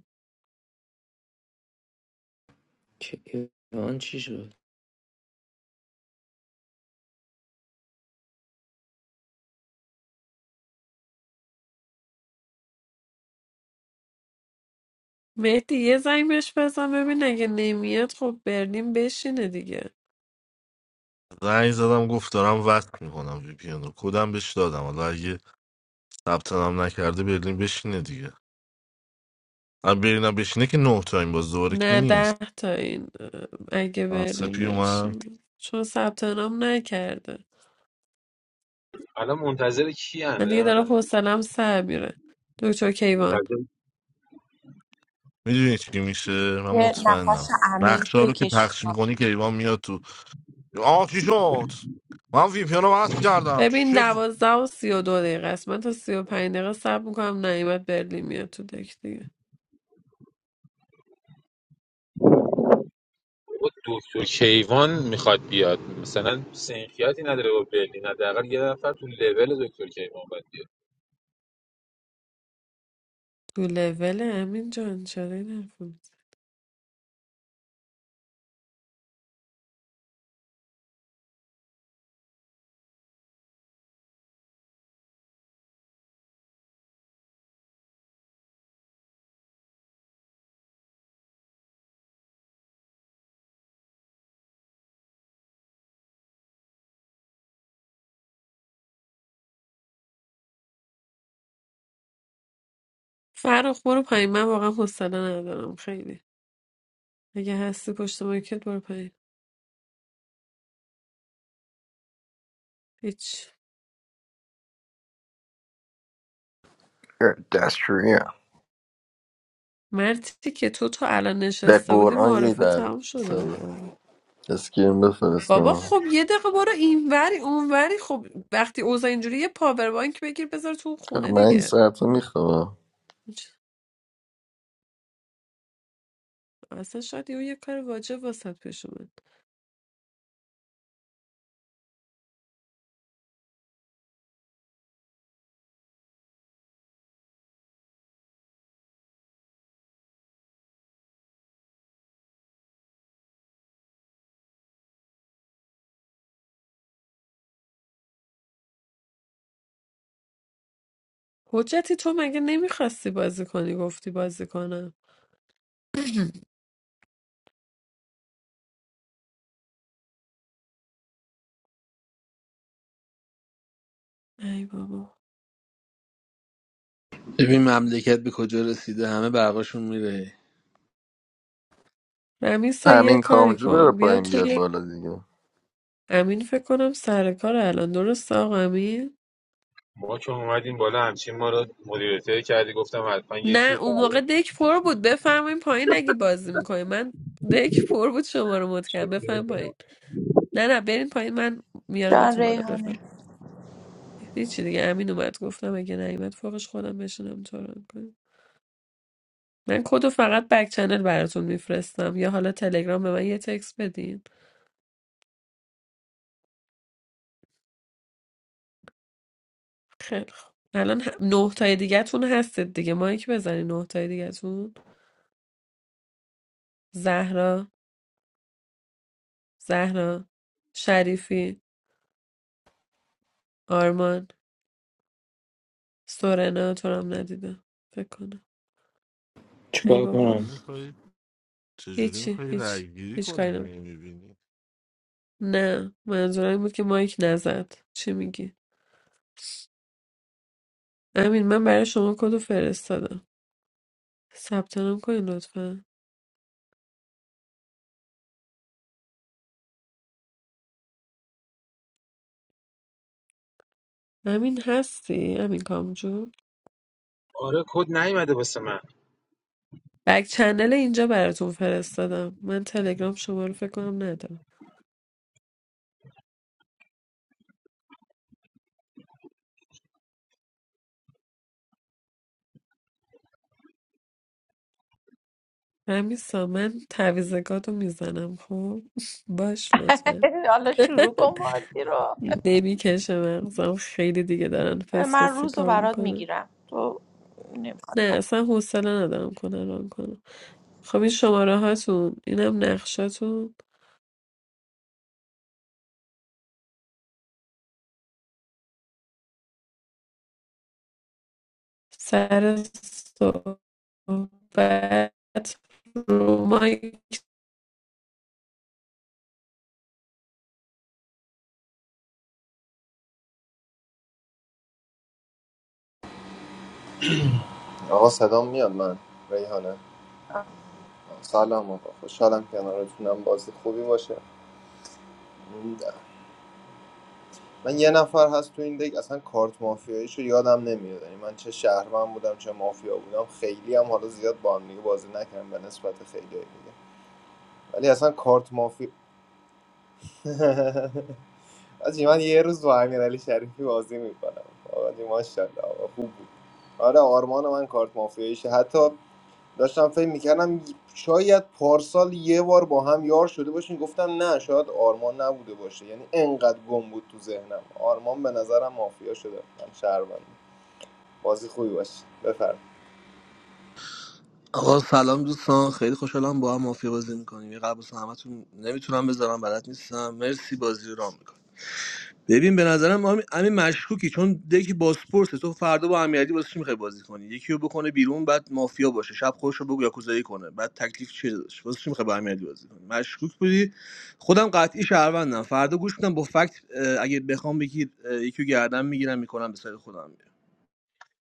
Speaker 12: که ایران چی شد
Speaker 4: مهدی یه زنگ بهش بزن ببین اگه نمیاد خب برلین بشینه دیگه
Speaker 11: زنگ زدم گفت دارم وصل میکنم وی پی رو کدم بهش دادم حالا اگه ثبت نام نکرده برلین بشینه دیگه هم برلینم بشینه که نه تایم باز دوباره کی
Speaker 4: نه ده
Speaker 11: نیست
Speaker 4: تا این اه، اگه
Speaker 11: آه،
Speaker 4: برلین
Speaker 11: سپی اومد
Speaker 4: بشینه چون ثبت نام نکرده
Speaker 15: الان منتظر کی نه
Speaker 4: من دیگه
Speaker 15: منتظر
Speaker 4: دارم حوصلم سر میره دکتر کیوان
Speaker 11: میدونی چی میشه من
Speaker 9: یه نفس
Speaker 11: مطمئنم
Speaker 9: عمیق
Speaker 11: نقشه رو که
Speaker 9: بکش
Speaker 11: پخش میکنی کیوان میاد تو آه چی شد من وی پی رو وصل کردم
Speaker 4: ببین
Speaker 11: چه اتفاق-
Speaker 4: دوازده و سی و دو دقیقه است من تا سی و پنج دقیقه صبر میکنم نایمت برلین میاد تو دک دیگه
Speaker 15: بابا دکتر کیوان میخواد بیاد مثلا سنخیاتی نداره با برلین حداقل یه نفر تو لول دکتر کیوان باید بیاد
Speaker 4: تو لول امین جان چرا این حرف رو می‌زنی؟ فرخ برو پایین من واقعا حوصله ندارم خیلی اگه هستی پشت مایکت برو پایین هیچ
Speaker 2: دستشویی
Speaker 4: مرتی که تو تا الان
Speaker 2: به
Speaker 4: نشسته بودی
Speaker 2: قرآن یه
Speaker 4: معرفه تمام شده
Speaker 2: درصده
Speaker 4: بودم
Speaker 2: اسکرین
Speaker 4: بابا
Speaker 2: بفرستم
Speaker 4: خب یه دقیقه برو اینوری اونوری خب وقتی اوضاع اینجوری یه پاور بانک بگیر بذار تو اون
Speaker 2: آخه
Speaker 4: خونه
Speaker 2: من این
Speaker 4: دیگه
Speaker 2: ساعت رو میخوام
Speaker 4: هیچ. اصلا شاید یهو یه کار واجب واسط پیش اومد حجتی تو مگه نمیخواستی بازی کنی گفتی بازی کنم ای بابا
Speaker 3: ببین مملکت به کجا رسیده همه برقاشون میره
Speaker 4: رمیسا یه
Speaker 2: همین
Speaker 4: کاری
Speaker 2: کامجو بره
Speaker 4: کن بیا
Speaker 2: پایین
Speaker 4: تو
Speaker 2: بیاد
Speaker 4: یه
Speaker 2: بالا دیگه
Speaker 4: امین فکر کنم سر کار الان درست آقا امین
Speaker 15: ما که اومدیم بالا همچین ما رو مدیریته کردی گفتم حتما یکی
Speaker 4: نه اون
Speaker 15: برای
Speaker 4: موقع دک پر بود بفرمایین پایین اگه بازی میکنین من دک پر بود شما رو مد کردم
Speaker 15: شروع
Speaker 4: بفرمایین پایین
Speaker 15: می‌کنم.
Speaker 4: نه نه برین پایین من
Speaker 9: جان
Speaker 4: میارمتون بالا بفهم
Speaker 9: ریحانه
Speaker 4: هیچی دیگه امین اومد گفتم اگه نیومد فوقش خودم بشینم تو ران کنم من کدو فقط بک چنل براتون میفرستم یا حالا تلگرام به من یه تکس بدین خیلی خوب الان ه- نه تای دیگه‌تون هستید دیگه مایک بزنین نه تای دیگه‌تون زهرا زهرا شریفی آرمان سورنا تو رو هم ندیدم فکر کنم ای
Speaker 12: چیکار
Speaker 4: بابا
Speaker 11: جوری
Speaker 12: کنم
Speaker 11: می‌کنی؟ چجوری
Speaker 4: هیچی
Speaker 11: میخوایی
Speaker 4: هیچ
Speaker 11: رای گیری
Speaker 4: هیچ
Speaker 11: کنی
Speaker 4: کاری نمی
Speaker 11: نمیبینی
Speaker 4: نه منظورم این بود که مایک نزد چی میگی امین من برای شما کدو فرستادم ثبت نام کنین لطفا امین هستی امین کامجون
Speaker 15: آره کد نیومده واسه من
Speaker 4: بک چنل اینجا براتون فرستادم من تلگرام شما رو فکر کنم ندارم همیسا من تعویزگات رو میزنم خب باش لطفا
Speaker 9: حالا شروع کن بازی رو
Speaker 4: نمیکشه مغزم خیلی دیگه دارن
Speaker 9: من
Speaker 4: فسفسی
Speaker 9: روز رو
Speaker 4: کار
Speaker 9: برات
Speaker 4: میکنن
Speaker 9: میگیرم تو نمیخواد.
Speaker 4: نه اصلا حوصله ندارم کنه ران کنم خب این شماره هاتون اینم نقشاتون سر صحبت رو مای
Speaker 1: آقا صدام میاد من ریحانه سلام آقا خوشحالم کنارتونم بازی خوبی باشه من یه نفر هست تو این دک اصلا کارت مافیاییشو یادم نمیاد یعنی من چه شهروند بودم چه مافیا بودم خیلی هم حالا زیاد با هم دیگه بازی نکردم به نسبت خیلی دیگه ولی اصلا کارت مافیا آجی من یه روز با امیرعلی شریفی بازی میکنم آقا ماشاءالله آقا خوب بود آره آرمان من کارت مافیاییشه حتی داشتم فکر میکردم شاید پارسال یه بار با هم یار شده باشین گفتم نه شاید آرمان نبوده باشه یعنی انقدر گم بود تو ذهنم آرمان به نظرم مافیا شده من شهروند بازی خوبی باشه بفرم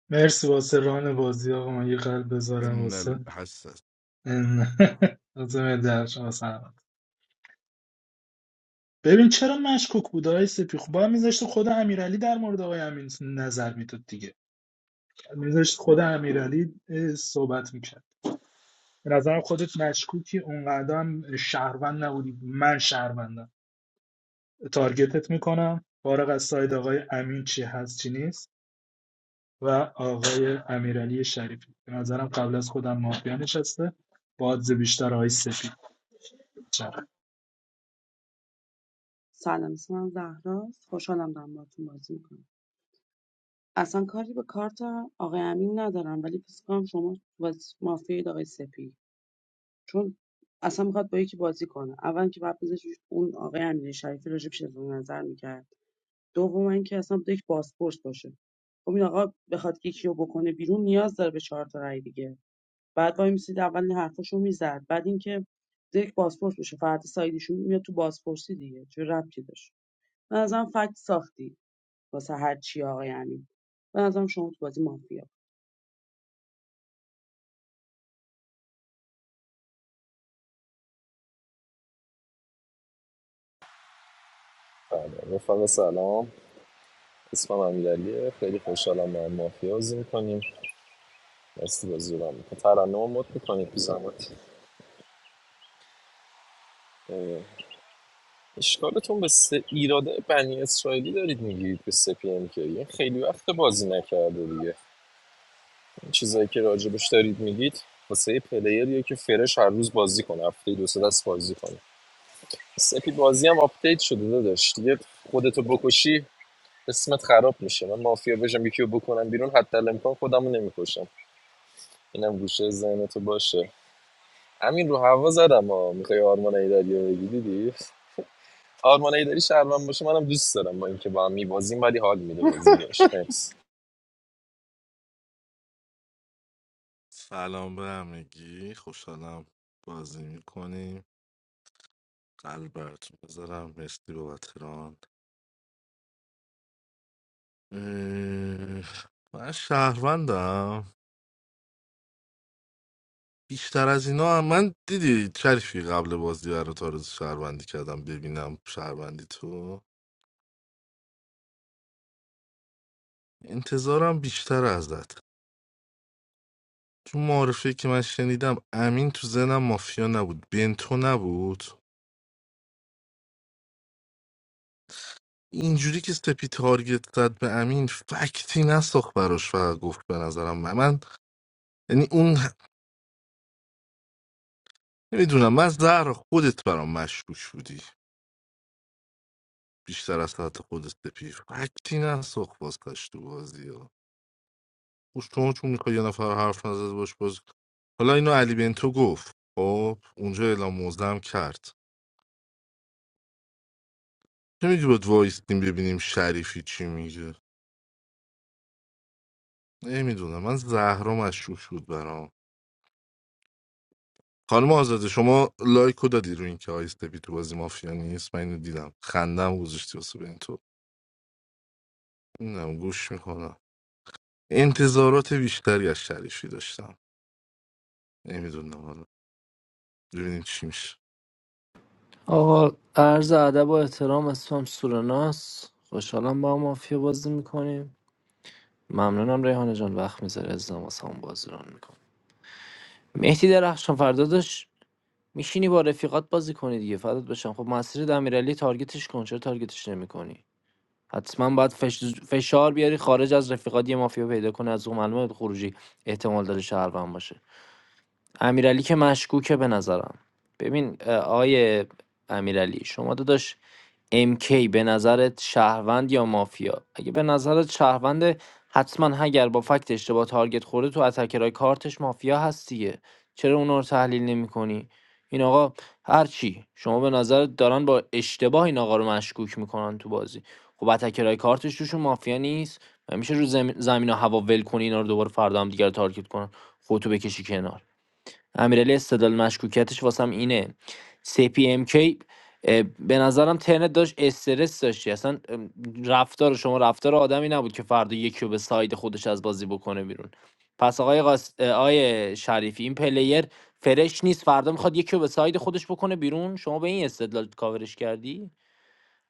Speaker 10: مرسی واسه ران بازی آقا من یه قلب بذارم
Speaker 11: ان
Speaker 10: واسه
Speaker 11: الحسد
Speaker 10: ان- واسه درش واسه همه. ببین چرا مشکوک بود آقای سپی خب باید میذاشته خود امیرعلی در مورد آقای امین نظر میداد دیگه میذاشت خود امیرعلی اه، صحبت میکرد به نظرم خودت مشکوکی اونقدر هم شهروند نبودی من شهروندم تارگتت میکنم فارغ از ساید آقای امین چی هست چی نیست و آقای امیرعلی شریفی به نظرم قبل از خودم مافیا نشسته بادز بیشتر آقای سپید چرا
Speaker 13: سلام اسمم زهراست خوشحالم دارم باهاتون بازی میکنم اصلا کاری به کارت آقای امین ندارم ولی فکر کنم شما باز مافیای آقای سپی چون اصلا میخواد با یکی بازی کنه اول که بعد بذارش اون آقای امین شریفی راجب شده نظر میکرد دوم اینکه اصلا بده یک پاسپورت باشه خب این آقا بخواد یکی رو بکنه بیرون نیاز داره به چهار تا رای دیگه بعد وای میسید اول این حرفاشو میزد بعد اینکه یک پاسپورت بشه فرد سایدیشون میاد تو بازپرسی دیگه چه ربطی داشت به نظرم فکت ساختی واسه هر چی آقای امین به نظرم شما تو بازی مافیا
Speaker 7: بله رفقا سلام اسمم امیرعلیه خیلی خوشحالم با مافیا بازی می‌کنیم. مرسی بازی رو میکنه ترنم مد میکنید تو زمت اه، اشکالتون به سه ایراده بنی اسرائیلی دارید میگیرید به سپی ام کی. این خیلی وقت بازی نکرده دیگه این چیزایی که راجبش دارید میگید واسه یه پلیریه که فرش هر روز بازی کنه هفته دو سه دست بازی کنه سپی بازی هم آپدیت شده داداش دیگه خودتو بکشی اسمت خراب میشه من مافیا بشم یکی رو بکنم بیرون حتی الامکان خودمو نمیکشم اینم گوشه ذهنتو باشه همین رو هوا زدم ها میخوای آرمان ایدری رو بگی دیدی آرمان ایداری شهروند باشه منم دوست دارم با اینکه با هم میبازیم ولی حال میده بازی باش نکس
Speaker 11: سلام به همگی خوشحالم بازی میکنیم قلب براتون بذارم مرسی بابت ران اه، من شهروندم بیشتر از اینا هم من دیدی شریفی قبل بازی برات آرزو شهروندی کردم ببینم شهروندی تو انتظارم بیشتر ازت چون معارفه که من شنیدم امین تو زنم مافیا نبود بنتو نبود اینجوری که سپی تارگت زد به امین فکتی نساخت براش فقط گفت به نظرم من, من یعنی اون نمیدونم من زهر خودت برام مشکوک بودی بیشتر از ساعت خودت سپی فکتی نساخت واسش تو بازی ها خوش تو چون میخوای یه نفر حرف نزد باش باز حالا اینو علی بنتو گفت خب اونجا اعلام موزدم کرد چه میگی باید وایستیم ببینیم شریفی چی میگه نمیدونم من زهرا مشکوک بود برام خانم آزاده شما لایکو دادی رو اینکه آیسته بی تو بازی مافیا نیست من اینو دیدم خندم گذاشتی واسه بین تو نم گوش میکنم انتظارات بیشتری از شریفی داشتم نمیدونم حالا ببینیم چی میشه
Speaker 12: آقا عرض ادب و احترام اسمم سورناس خوشحالم با هم مافیا بازی میکنیم ممنونم ریحانه جان وقت میذاری از واسه هم بازی ران میکنم مهدی درخشان فردا داشت میشینی با رفیقات بازی کنی دیگه فردات بشم خب مسیر امیرعلی تارگتش کن چرا تارگتش نمیکنی؟ حتما باید فش- فشار بیاری خارج از رفیقات یه مافیا پیدا کنه از اون معلومه خروجی احتمال داره شهروند باشه امیرعلی که مشکوکه به نظرم ببین اه، آقای امیرعلی شما داداش MK به نظرت شهروند یا مافیا اگه به نظرت شهروند حتما اگر با فکت اشتباه تارگت خورده تو اتکرای کارتش مافیا هست دیگه چرا اونا رو تحلیل نمی کنی؟ این آقا هرچی شما به نظرت دارن با اشتباه این آقا رو مشکوک میکنن تو بازی خب اتکرای کارتش توشون مافیا نیست و میشه رو زم- زمین و هوا ول کنی اینا رو دوباره فردا هم دیگر تارگت کنن خودتو بکشی کنار امیرعلی استدلال مشکوکیتش واسم اینه سی پی ام کی اه، به نظرم ترنت داشت استرس داشتی اصلا ام، رفتار شما رفتار آدمی نبود که فردا یکی رو به ساید خودش از بازی بکنه بیرون پس آقای, قاس... اه، آقای شریفی این پلیر فرش نیست فردا میخواد یکی رو به ساید خودش بکنه بیرون شما به این استدلال کاورش کردی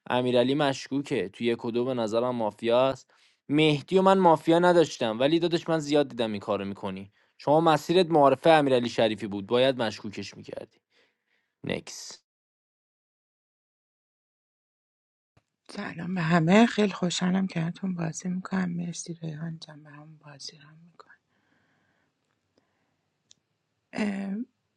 Speaker 12: امیرعلی مشکوکه توی یک و دو به نظرم مافیاست مهدی و من مافیا نداشتم ولی دادش من زیاد دیدم این کارو میکنی شما مسیرت معارفه امیرعلی شریفی بود باید مشکوکش میکردی نکس
Speaker 14: سلام به همه خیلی خوشحالم که هاتون بازی میکنم مرسی ریحان جان برام بازی رو میکنم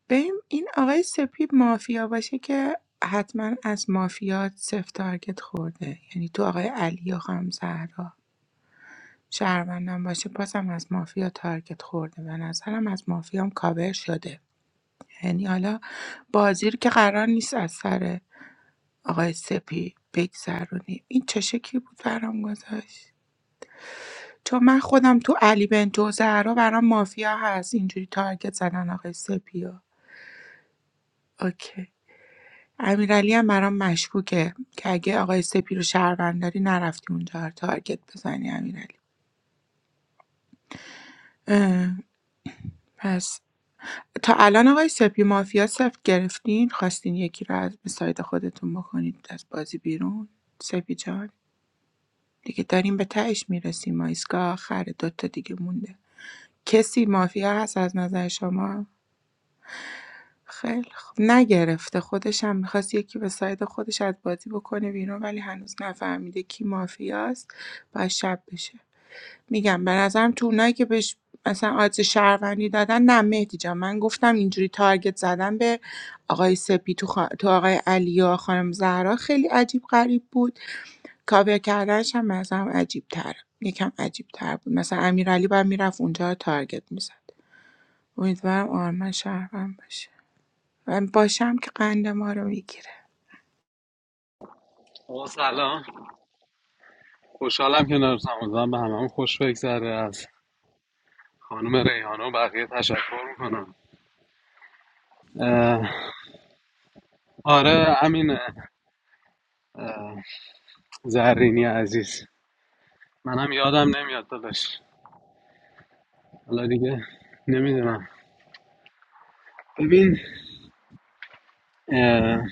Speaker 14: بریم این آقای سپی مافیا باشه که حتما از مافیا سفت تارگت خورده یعنی تو آقای علی و خانم زهرا شهروندم باشه بازم از مافیا تارگت خورده و نظرم از مافیام کاور شده یعنی حالا بازی رو که قرار نیست از سر آقای سپی بگذرونیم این چه شکلی بود برام گذاشت چون من خودم تو علی بنتو زهرا برام مافیا هست اینجوری تارگت زدن آقای سپی و اوکی امیرعلی هم برام مشکوکه که اگه آقای سپی رو شهروند داری نرفتی اونجا رو تارگت بزنی امیرعلی اه، پس تا الان آقای سپی مافیا سفت گرفتین خواستین یکی رو از به سایت خودتون بکنید از بازی بیرون سپی جان دیگه داریم به تهش میرسیم ما ایستگاه آخر دوتا دیگه مونده کسی مافیا هست از نظر شما؟ خیلی خوب نگرفته خودش هم میخواست یکی به ساید خودش از بازی بکنه بیرون ولی هنوز نفهمیده کی مافیاست باید شب بشه میگم به نظرم تو اونایی که بهش مثلا آدرس شهروندی دادن نه مهدی جان من گفتم اینجوری تارگت زدن به آقای سپی تو, خا- تو آقای علی و خانم زهرا خیلی عجیب غریب بود کاور کردنش هم مثلا عجیب تر یکم عجیب تر بود مثلا امیرعلی باید میرفت اونجا رو تارگت میزد امیدوارم آرمان شهروند باشه من باشم که قند ما رو میگیره
Speaker 17: آقا سلام خوشحالم که نرسم امیدوارم به همه خوش بگذره از خانم ریحانه و بقیه تشکر میکنم آره امین اه، زرینی عزیز منم یادم نمیاد داداش حالا دیگه نمیدونم ببین اه،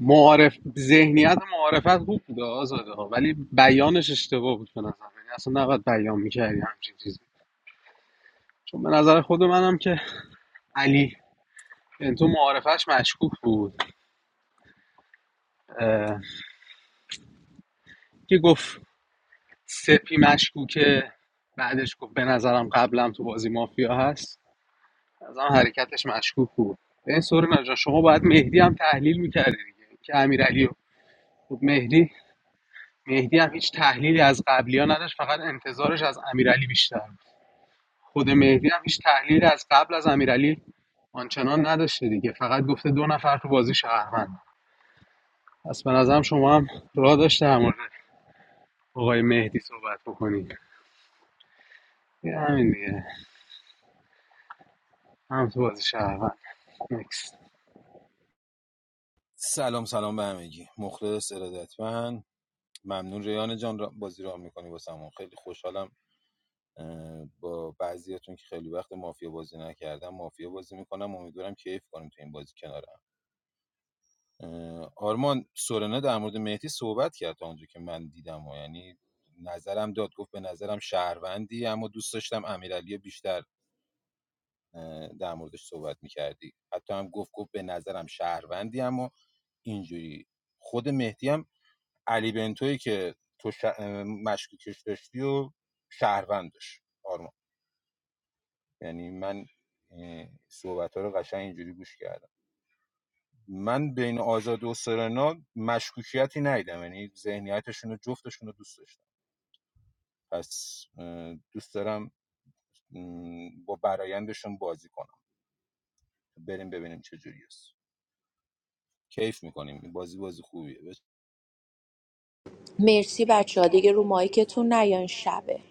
Speaker 17: معارف ذهنیت معارفت خوب بود آزاده ها، ولی بیانش اشتباه بود به نظر من. یعنی اصلا نباید بیان میکردی همچین چیزی چون به نظر خود منم که علی یعنی تو معارفش مشکوک بود اه، که گفت سپی مشکوکه بعدش گفت به نظرم قبلم تو بازی مافیا هست از آن حرکتش مشکوک بود به این سوری جان شما باید مهدی هم تحلیل میکردی دیگه که امیرعلی رو- خب مهدی مهدی هم هیچ تحلیلی از قبلی ها نداشت فقط انتظارش از امیرعلی بیشتر خود مهدی هم هیچ تحلیلی از قبل از امیرعلی آنچنان نداشته دیگه فقط گفته دو نفر تو بازی شهروند پس به نظرم شما هم راه داشته در مورد آقای مهدی صحبت بکنید یه همین دیگه هم تو بازی شهروند نکس
Speaker 15: سلام سلام به همگی مخلص ارادتمند ممنون ریان جان را بازی را میکنی واسمون خیلی خوشحالم با بعضیاتون که خیلی وقت مافیا بازی نکردم مافیا بازی میکنم امیدوارم کیف کنیم تو این بازی کنارم آرمان سورنا در مورد مهدی صحبت کرد تا اونجا که من دیدم و یعنی نظرم داد گفت به نظرم شهروندی اما دوست داشتم امیرعلی بیشتر اه، در موردش صحبت میکردی حتی هم گفت گفت به نظرم شهروندی اما اینجوری خود مهدی هم علی بنتوی که تو ش... اه، مشکوکش داشتی و شهروند داشت آرمان یعنی من صحبت ها رو قشنگ اینجوری گوش کردم من بین آزاد و سرنا مشکوکیتی ندیدم یعنی ذهنیتشون رو جفتشون رو دوست داشتم پس دوست دارم م، با برایندشون بازی کنم بریم ببینیم چه جوری است کیف میکنیم بازی بازی خوبیه
Speaker 9: مرسی بچه ها دیگه رو مایکتون نیان شبه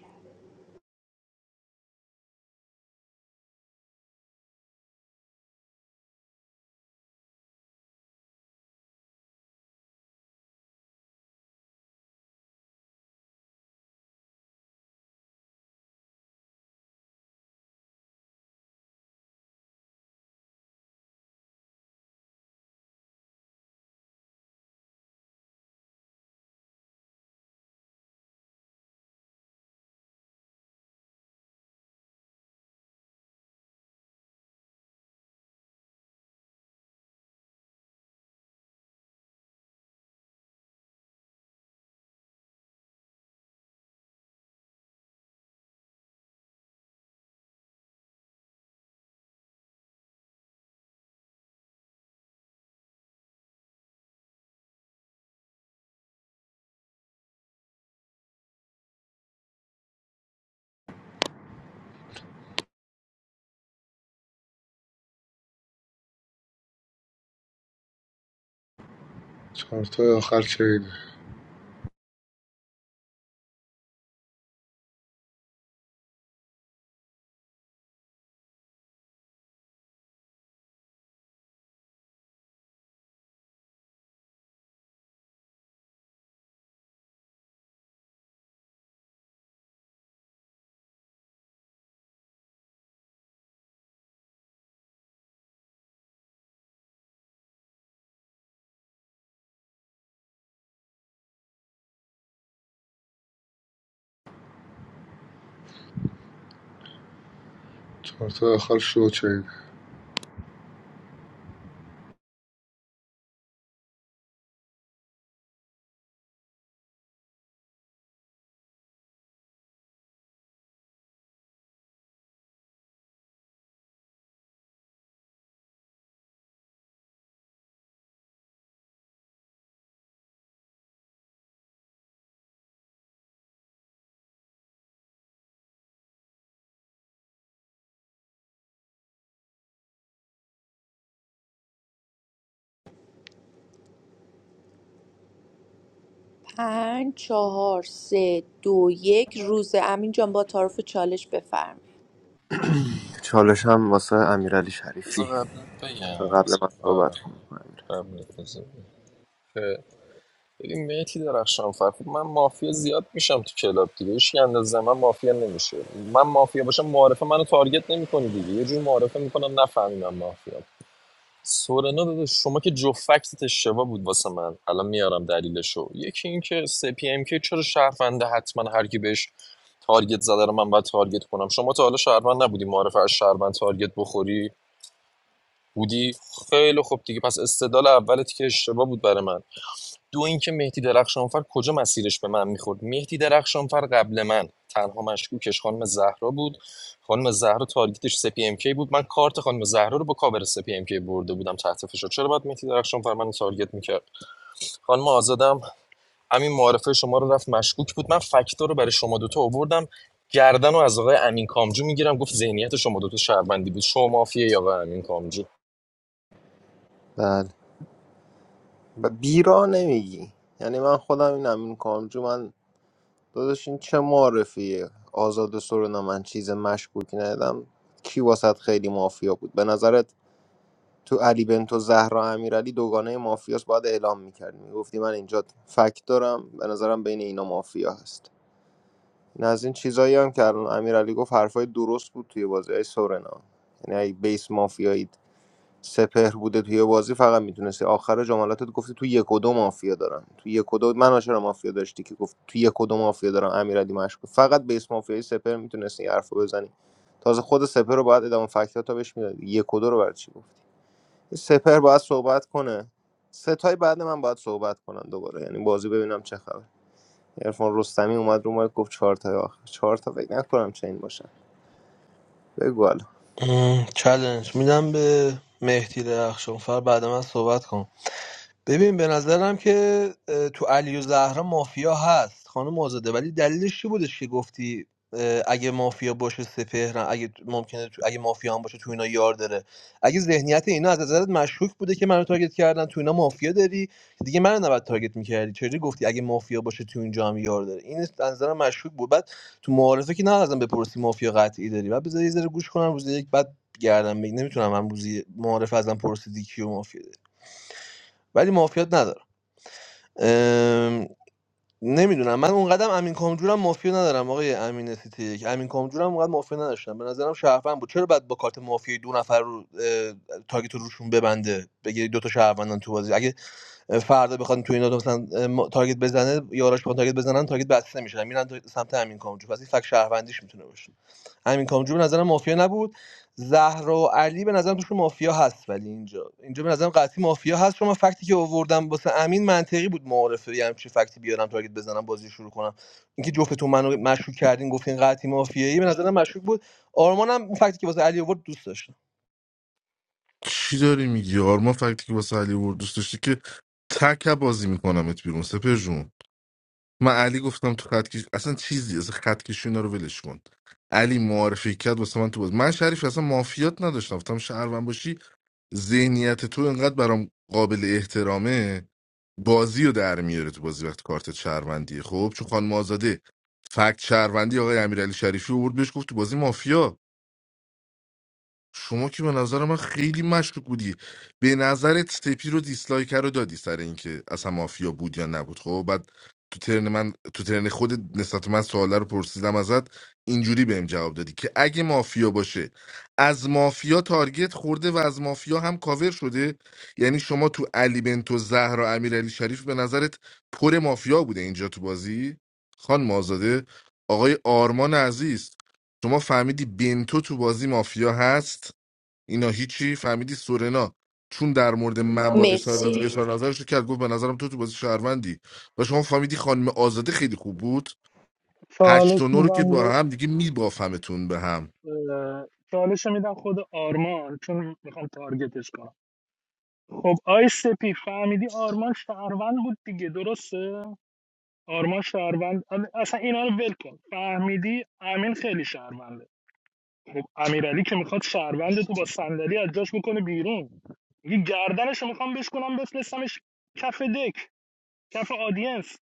Speaker 18: Fourth and last scene. Fourth and last show scene.
Speaker 9: پنج چهار سه دو یک روزه امین جان با تعارف چالش بفرمایید
Speaker 1: چالش هم واسه امیرعلی شریفی
Speaker 7: بذار قبلت بگم
Speaker 1: قبل من صحبت
Speaker 7: آره
Speaker 1: کنم امیر؟
Speaker 7: قبلت بذار بگم. اه، ببین مهدی درخشان فر خب من مافیا زیاد میشم تو کلاب دیگه هیچ اندازه من مافیا نمیشه من مافیا باشم معارفه منو تارگت نمیکنی دیگه یه جور معارفه میکنم نفهمی من مافیا سورنا داداش شما که جفت فکتت اشتباه بود واسه من الان میارم دلیلشو یکی اینکه سی پی ام که چرا شهرونده حتما هر کی بهش تارگت زده رو من باید تارگت کنم شما تا حالا شهروند نبودی معرف از شهروند تارگت بخوری بودی خیلی خوب دیگه پس استدلال اولت که اشتباه بود برای من دو اینکه مهدی درخشانفر کجا مسیرش به من میخورد مهدی درخشانفر قبل من تنها مشکوکش خانم زهرا بود خانم زهرا تارگتش سپی ام کی بود من کارت خانم زهرا رو با کاور سپی ام کی برده بودم تحت فشار چرا باید مهدی درخشانفر منو تارگت میکرد خانم آزادم همین معارفه شما رو رفت مشکوک بود من فکتا رو برای شما دوتا آوردم گردن رو از آقای امین کامجو میگیرم گفت ذهنیت شما دوتا شهروندی بود شما مافیه یا آقای امین کامجو
Speaker 1: بله ب- بیرا نمیگی یعنی من خودم این امین کامجو من داداش این چه معرفیه آزاد سرونا من چیز مشکوکی ندیدم کی واسط خیلی مافیا بود به نظرت تو علی بنتو زهرا امیرعلی دوگانه مافیاس باید اعلام میکردی میگفتی من اینجا فکت دارم به نظرم بین اینا مافیا هست این از این چیزایی هم که الان امیرعلی گفت حرفای درست بود توی بازی های سورنا یعنی اگه بیس مافیایی سپهر بوده توی بازی فقط میتونستی آخر جملاتت گفتی تو یک و دو مافیا دارن تو یک و دو من چرا مافیا داشتی که گفت تو یک و دو مافیا دارن امیرعلی مشکوک فقط بیس مافیایی سپهر میتونستی حرفو بزنی تازه خود سپهر رو باید ادامه فکتات تا بهش میدادی یک و دو رو برای چی گفت؟ سپر باید صحبت کنه ستای بعد من باید صحبت کنن دوباره یعنی بازی ببینم چه خبر عرفان رستمی اومد رو ما گفت چهار تا آخر چهار تا فکر نکنم چه این باشن بگو حالا
Speaker 3: مشکوک بود بعد تو معارفه که نه ازم بپرسی مافیا قطعی داری بعد بذاری یه ذره گوش کنم روز یک بعد گردم بگی نمیتونم من روزی معارفه ازم پرسیدی کیو مافیا داری ولی مافیات ندارم ام... نمیدونم من اون اونقدرم امین کامجورم مافیا ندارم آقای امین سیتی یک امین کامجورم اونقدر مافیا نداشتم به نظرم شهروند بود چرا بعد با کارت مافیا دو نفر رو اه، تارگت رو روشون ببنده بگیری دو تا شهروندن تو بازی اگه فردا بخواد تو اینا مثلا اه، ما- تارگت بسته بزنه یاراش با تارگت بزنن تارگت بسته میشه میرن سمت همین کامجو پس این فک شهروندیش میتونه باشه امین کامجو به نظرم مافیا نبود زهرا و علی به نظرم توشون مافیا هست ولی اینجا اینجا به نظرم قطعی مافیا هست چون من فکتی که آوردم واسه امین منطقی بود معارفه یه همچین فکتی بیارم تارگت بزنم بازی شروع کنم اینکه جفتتون منو مشکوک کردین گفتین قطعی مافیایی به نظرم مشکوک بود آرمانم اون فکتی که واسه علی آورد دوست داشتم
Speaker 11: چی داری میگی آرما فکتی که واسه علی ورد دوست داشتی که تک بازی میکنم ات بیرون سپر جون من علی گفتم تو خط کش اصلا چیزی از خط کشی اینا رو ولش کن علی معرفی کرد واسه من تو باز من شریف اصلا مافیات نداشتم گفتم شهروند باشی ذهنیت تو اینقدر برام قابل احترامه بازی رو در میاره تو بازی وقت کارت شهروندیه خب چون خانم آزاده فکت شهروندی آقای امیرعلی شریفی رو برد بهش گفت تو بازی مافیا شما که به نظر من خیلی مشکوک بودی به نظرت سپی رو دیسلایک رو دادی سر اینکه اصلا مافیا بود یا نبود خب بعد تو ترن من تو ترن خودت نسبت به من سواله رو پرسیدم ازت اینجوری بهم جواب دادی که اگه مافیا باشه از مافیا تارگت خورده و از مافیا هم کاور شده یعنی شما تو علی بنتو زهرا امیرعلی شریف به نظرت پر مافیا بوده اینجا تو بازی خان آزاده آقای آرمان عزیز شما فهمیدی بنتو تو بازی مافیا هست اینا هیچی فهمیدی سورنا چون در مورد من باد اظهار نظر
Speaker 9: مرسی
Speaker 11: اظهار نظرش رو کرد گفت به نظرم تو تو بازی شهروندی و شما فهمیدی خانم آزاده خیلی خوب بود هشت
Speaker 10: چالش
Speaker 11: و نو رو که
Speaker 10: میدم
Speaker 11: با
Speaker 10: به
Speaker 11: هم دیگه میبافمتون به هم
Speaker 10: چالش میدم خود آرمان چون میخوام تارگتش کنم خب آی سپی فهمیدی آرمان شهروند بود دیگه درسته آرمان شهروند اصلا اینا رو ول کن فهمیدی امین خیلی شهروند خب امیرعلی که میخواد شهروند تو با صندلی از جاش بکنه بیرون میگه گردنشو میخوام بشکنم بفرستمش کف دک کف آدینس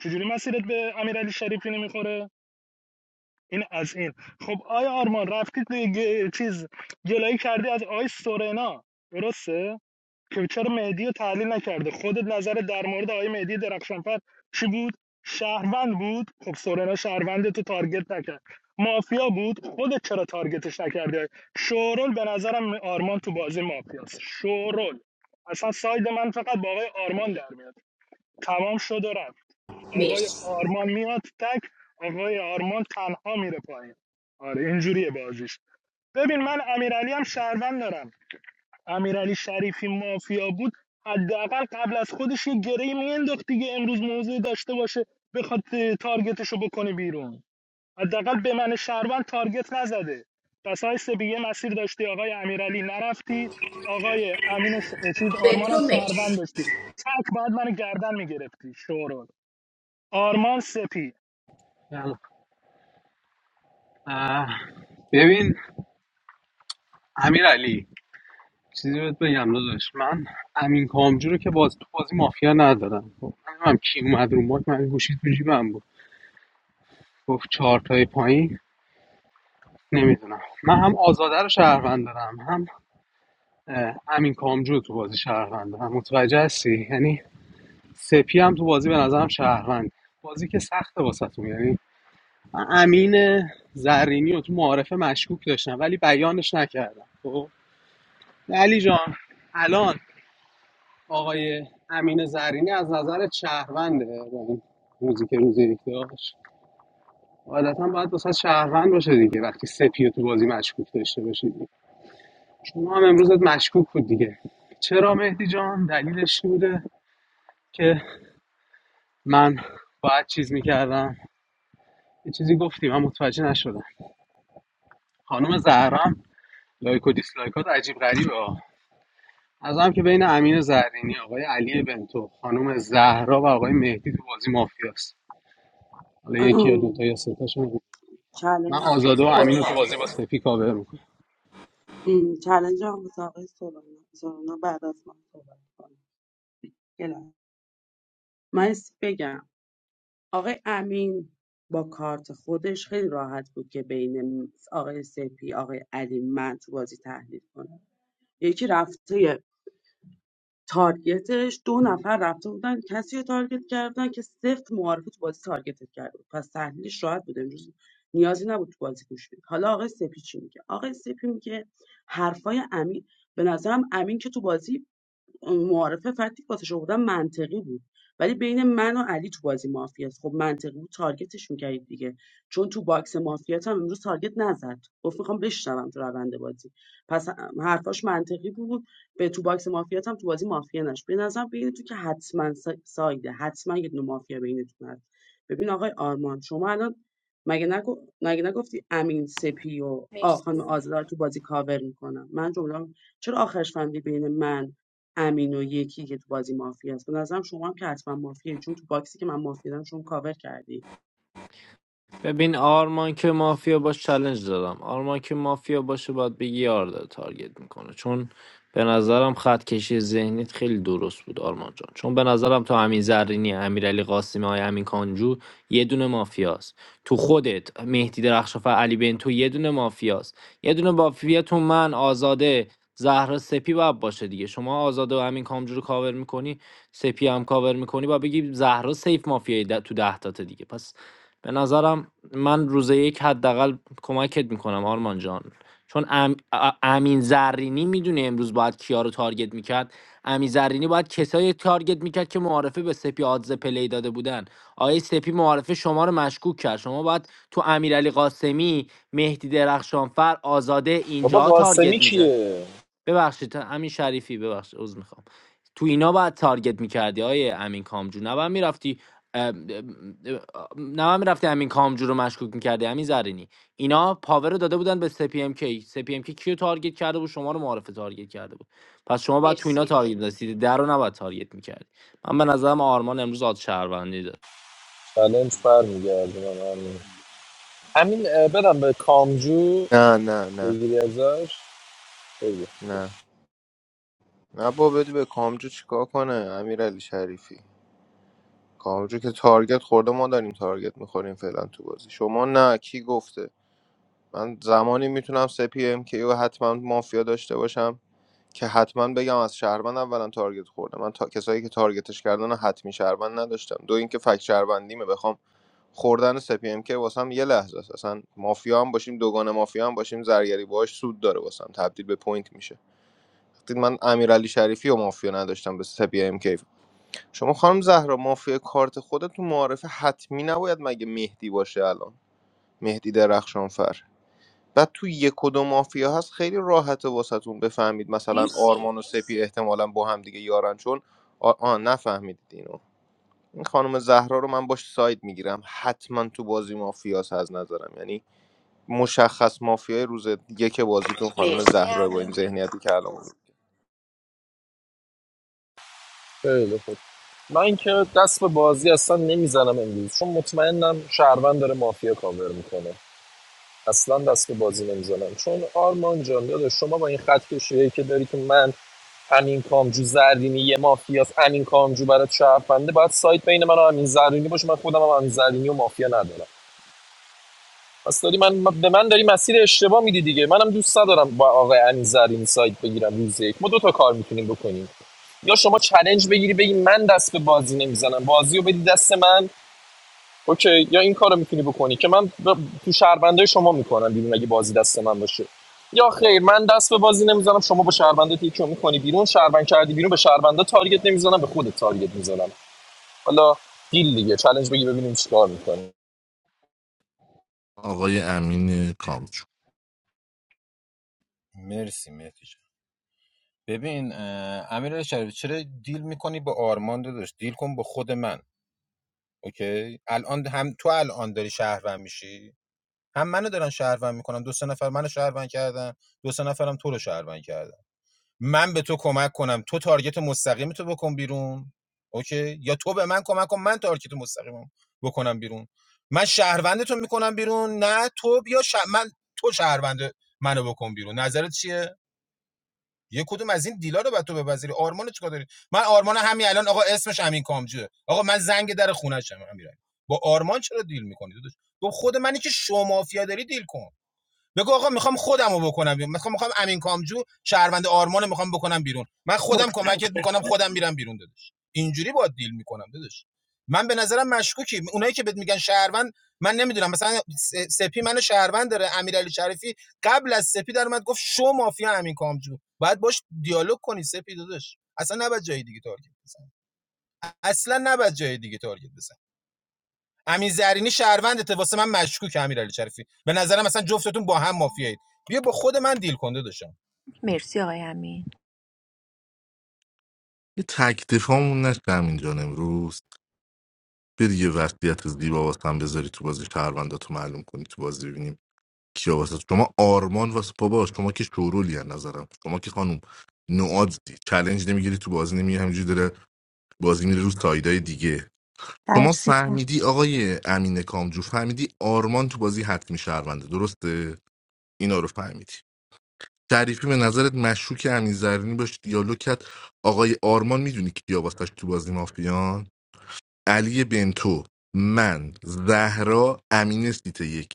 Speaker 10: چجوری مسیرت به امیرعلی شریفی نمیخوره این از این خب آیا آرمان رفتی توی گ- چیز گلایی کردی از آی سورنا درسته که چرا مهدی رو تحلیل نکرده خودت نظر در مورد آقای مهدی درخشانفر چی بود شهروند بود خب سورنا شهروند تو تارگت نکرد مافیا بود خودت چرا تارگتش نکردی شورول به نظرم آرمان تو بازی مافیاست شورول اصلا ساید من فقط با آقای آرمان در میاد تمام شد و رفت آقای
Speaker 9: مرسی
Speaker 10: آرمان میاد تک آقای آرمان تنها میره پایین آره اینجوریه بازیش ببین من امیرعلی هم شهروند دارم امیرعلی شریفی مافیا بود حداقل قبل از خودش یه گره مینداخت دیگه امروز موضع داشته باشه بخواد اه، تارگتشو بکنه بیرون حداقل به من شهروند تارگت نزده پس های یه مسیر داشتی آقای امیرعلی نرفتی آقای امین ش... چیز آرمان هم شهروند داشتی تک بعد من گردن میگرفتی شورول آرمان سپی
Speaker 17: یلا. اه، ببین امیر علی چیزی بهت بگم داداش من امین کامجو رو که باز تو بازی مافیا ندارم خب، من هم کی اومد رو ماک من گوشی تو جیبم بود گفت چهار تای پایین نمیدونم من هم آزاده رو شهروند دارم هم اه، امین کامجو رو تو بازی شهروند دارم متوجه هستی یعنی سپی هم تو بازی به نظرم شهروند بازی که سخته واسه یعنی امین زرینی رو تو معارفه مشکوک داشتم ولی بیانش نکردم خب علی جان الان آقای امین زرینی از نظر شهرونده با این روزی که روزی یک داشت عادتا باید واسه شهروند باشه دیگه وقتی سپی رو تو بازی مشکوک داشته باشید شما هم امروزت مشکوک بود دیگه چرا مهدی جان دلیلش چی بوده که من باید چیز میکردم یه چیزی گفتی من متوجه نشدم خانم زهرام لایک و دیسلایکات عجیب غریبه ها. هم که بین امین زرینی آقای علی بنتو خانم زهرا و آقای مهدی تو بازی مافیاست حالا یکی یا دوتا یا سه تاشون بود. من
Speaker 13: چلنج
Speaker 17: آزاده و امین رو تو بازی با سپی کاور میکنم
Speaker 13: چلنج هم واسه آقای سولانا سولانا بعد از من صحبت کنه یه لحظه. من یه چیزی بگم آقای امین با کارت خودش خیلی راحت بود که بین آقای سپی آقای علی من تو بازی تحلیل کنه یکی رفته تارگتش دو نفر رفته بودن کسی رو تارگت کردن که سفت معارفه تو بازی تارگتت کرده بود پس تحلیلش راحت بود امروز نیازی نبود تو بازی گوش بدی حالا آقای سپی چی میگه آقای سپی میگه حرفای امین به نظرم امین که تو بازی معارفه فکتی که واسه شما منطقی بود ولی بین من و علی تو بازی مافیاست خب منطقی بود تارگتش میکردید دیگه چون تو باکس مافیات هم امروز تارگت نزد گفت میخوام بشنوم تو روند بازی پس حرفاش منطقی بود به تو باکس مافیات هم تو بازی مافیا نش به نظرم بین تو که حتما سایده حتما یه دونه مافیا بینتون هست ببین آقای آرمان شما الان مگه نگو... مگه نگفتی امین سپی و آ خانم آزادار تو بازی کاور میکنم من جمله چرا آخرش فهمیدی بین من امین و یکی که تو بازی مافیا است به نظرم شما هم که حتما مافیه چون تو باکسی که من مافیا دارم شما کاور کردی
Speaker 12: ببین آرمان که مافیا باش چلنج دادم آرمان که مافیا باشه باید بگی یار داره تارگت میکنه چون به نظرم خط کشی ذهنیت خیلی درست بود آرمان جان چون به نظرم تو امین زرینی امیرعلی قاسمی های امین کانجو یه دونه مافیاست تو خودت مهدی درخشافه علی بنتو یه دونه مافیاست یه دونه مافیا تو من آزاده زهرا سپی باید باشه دیگه شما آزاده و همین کامجو رو کاور میکنی سپی هم کاور میکنی و بگی زهرا سیف مافیای ده- تو ده تاته دیگه پس به نظرم من روز یک حداقل کمکت میکنم آرمان جان چون ام... ا- امین زرینی میدونه امروز باید کیا رو تارگت میکرد امین زرینی باید کسایی تارگت میکرد که معارفه به سپی آدز پلی داده بودن آقای سپی معارفه شما رو مشکوک کرد شما باید تو امیرعلی قاسمی مهدی درخشانفر آزاده
Speaker 7: بابا
Speaker 12: اینجا
Speaker 7: قاسمی
Speaker 12: تارگت میزد
Speaker 7: کیه؟
Speaker 12: ببخشید امین شریفی ببخشید عذر میخوام تو اینا باید تارگت میکردی آیه امین کامجو نباید میرفتی نباید میرفتی امین کامجو رو مشکوک میکردی امین زرینی اینا پاور رو داده بودن به سپی ام کی سپی ام کی کیو تارگت کرده بود شما رو معرفه تارگت کرده بود پس شما باید تو اینا
Speaker 9: مرسی
Speaker 12: تارگت می‌داشتی در رو نباید تارگت میکردی من به نظرم آرمان امروز آد شهروندی داره
Speaker 7: چالش برمیگردونم همین همین اه، بدم به کامجو
Speaker 1: نه نه نه
Speaker 7: بگیری ازش بگیر
Speaker 1: نه نه با بدی به کامجو چیکار کنه امیر شریفی کامجو که تارگت خورده ما داریم تارگت میخوریم فعلا تو بازی شما نه کی گفته من زمانی میتونم سپی ام کیو حتما مافیا داشته باشم که حتما بگم از شهروند اولا تارگت خورده من تا... کسایی که تارگتش کردن رو حتمی شهروند نداشتم دو اینکه فک شهروندیمه بخوام خوردن سپی ام که واسم یه لحظه است اصلا مافیا هم باشیم دوگان مافیا هم باشیم زرگری باهاش سود داره واسم تبدیل به پوینت میشه وقتی من امیرعلی شریفی و مافیا نداشتم به سپی ام کی شما خانم زهرا مافیا کارت خودت تو معارفه حتمی نباید مگه مهدی باشه الان مهدی درخشانفر بعد تو یک و دو مافیا هست خیلی راحته واسهتون بفهمید مثلا
Speaker 9: مرسی
Speaker 1: آرمان و سپی احتمالا با هم دیگه یارن چون آ, آ نفهمیدید اینو این خانم زهرا رو من باش ساید میگیرم حتما تو بازی مافیاس از نظرم یعنی مشخص مافیای روز یک بازیتون خانم
Speaker 9: مرسی
Speaker 1: زهرا با این
Speaker 9: امین
Speaker 1: ذهنیتی که الان بود.
Speaker 7: خیلی خوب من که دست به بازی اصلا نمیزنم امروز چون مطمئنم شهروند داره مافیا کاور میکنه اصلا دست به بازی نمیزنم چون آرمان جان داده. شما با این خط کشیه که داری که من امین کامجو زرینی یه مافیاست امین کامجو برات شهرونده باید سایت بین من و امین زرینی باشه من خودم هم امین زرینی و مافیا ندارم پس داری من به من داری مسیر اشتباه میدی دیگه منم دوست ندارم با آقای انیزرین سایت بگیرم روز یک ما دو تا کار میتونیم بکنیم یا شما چلنج بگیری بگی من دست به بازی نمیزنم بازی رو بدی دست من اوکی یا این کارو میتونی بکنی که من ب... تو شهربنده شما میکنم بیرون اگه بازی دست من باشه یا خیر من دست به بازی نمیزنم شما با شهربنده یکی میکنی بیرون شهربند کردی بیرون به شهربنده تارگت نمیزنم به خودت تارگت میزنم حالا دیل دیگه چلنج بگی ببینیم چیکار میکنی
Speaker 11: آقای امین کامچو
Speaker 15: مرسی مهدی جان ببین اه، امیر شریف چرا دیل میکنی با آرمان داداش دیل کن با خود من اوکی الان هم تو الان داری شهروند میشی هم منو دارن شهروند میکنن دو سه نفر منو شهروند کردن دو سه نفرم تو رو شهروند کردن من به تو کمک کنم تو تارگت مستقیم تو بکن بیرون اوکی یا تو به من کمک کن من تارگت مستقیمم بکنم بیرون من شهروندتو میکنم بیرون نه تو بیا شه- من تو شهروند منو بکن بیرون نظرت چیه یه کدوم از این دیلا رو بعد تو بپذیری آرمان چیکار داری من آرمان همین الان آقا اسمش همین کامجوه آقا من زنگ در خونه‌شم همین با آرمان چرا دیل میکنی تو خود منی که شما مافیا داری دیل کن بگو آقا میخوام خودم رو بکنم بیرون مثلا میخوام امین کامجو شهروند آرمان رو میخوام بکنم بیرون من خودم کمکت میکنم خودم میرم بیرون دادش اینجوری با دیل میکنم دادش من به نظرم مشکوکی اونایی که بهت میگن شهروند من نمیدونم مثلا سپی منو شهروند داره امیرعلی شریفی قبل از سپی در اومد گفت شو مافیا امین کامجو باید باش دیالوگ کنی سپی دادش اصلا نباید جای دیگه تارگت بزنی اصلا نباید جای دیگه تارگت بزنی امین زرینی شهروندته واسه من مشکوک امیرعلی شریفی به نظرم اصلا جفتتون با هم مافیایید بیا با خود من دیل کنده داشتم
Speaker 9: مرسی آقای امین
Speaker 11: یه تک دفاعمون نشدم اینجا امروز بری یه وضعیت زیبا واسه هم بذاری تو بازی شهرونداتو معلوم کنی تو بازی ببینیم کیا واسه شما آرمان واسه بابا شما که شورولی از نظرم شما که خانم نوادزی چلنج نمیگیری تو بازی نمیگی همینجوری بازی میره رو سایدای دیگه شما
Speaker 14: ترسیدم
Speaker 11: فهمیدی آقای امین کامجو فهمیدی آرمان تو بازی حتمی شهرونده درسته اینا رو فهمیدی تعریفی به نظرت مشکوک امین زرینی باش دیالوگ کرد آقای آرمان میدونی کیا واسش تو بازی مافیان علی بنتو من زهرا امین سیت یک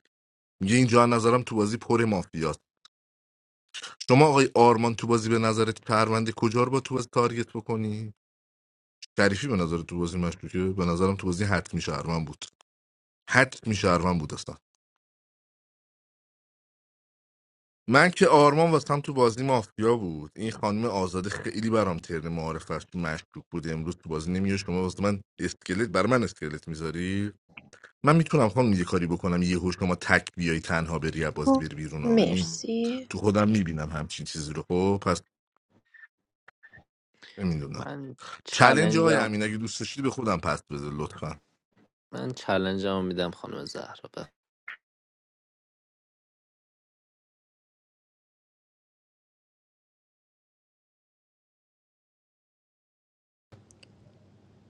Speaker 11: میگه اینجا از نظرم تو بازی پر مافیاست شما آقای آرمان تو بازی به نظرت پرونده کجا رو با تو بازی تارگت بکنی تعریفی به نظر تو بازی مشکوکه به نظرم تو بازی حتمی شهروند بود حتمی شهروند بود اصلا من که آرمان واسم تو بازی مافیا بود این خانم آزاده خیلی برام ترن معارفش مشکوک بود امروز تو بازی نمیاد شما واسه من اسکلت بر من اسکلت میذاری من میتونم خانم یه کاری بکنم یه هوش شما تک بیای تنها بری از بازی
Speaker 14: خب،
Speaker 11: بری بیرون ها. یعنی
Speaker 9: مرسی
Speaker 11: تو خودم میبینم همچین چیزی رو خب پس نمیدونم
Speaker 12: من
Speaker 11: چلنج های
Speaker 12: چلنجم
Speaker 11: امین اگه دوست داشتی به خودم پس بده لطفا
Speaker 12: من چلنجم میدم خانم زهرا به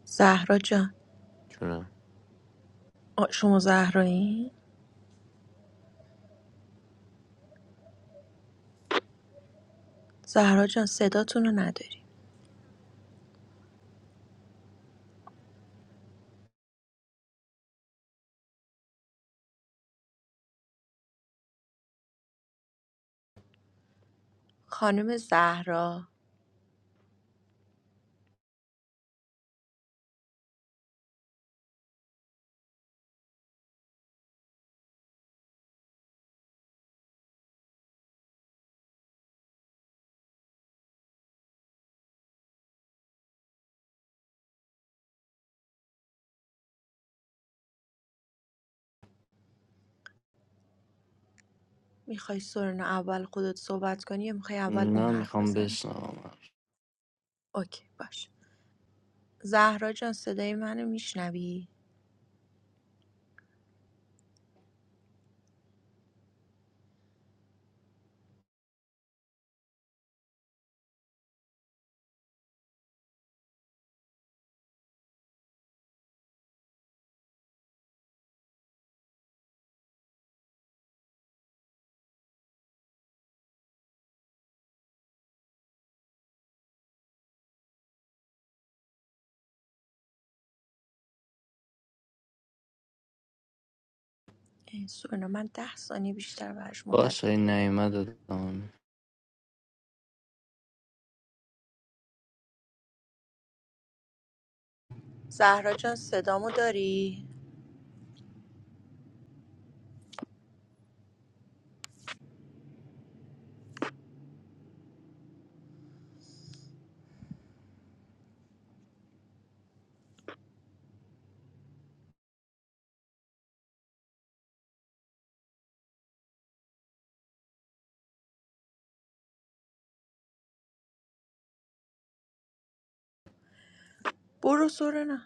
Speaker 9: زهرا جان
Speaker 12: جونم
Speaker 9: آ، شما زهرایین؟ زهرا جان صداتون رو نداری خانم زهرا میخوای سورنا اول خودت صحبت کنی یا میخوای اول اون
Speaker 12: نه
Speaker 9: حرف
Speaker 12: میخوام
Speaker 9: بزنه
Speaker 12: بشنوم
Speaker 9: اوکی باش زهرا جان صدای منو میشنوی ای، سورنا من ده ثانیه بیشتر براش
Speaker 12: باشه
Speaker 9: منتظر
Speaker 12: این
Speaker 9: دیگه
Speaker 12: نعیمه
Speaker 9: نمیم
Speaker 12: دادم
Speaker 9: زهرا جان صدامو داری برو سورنا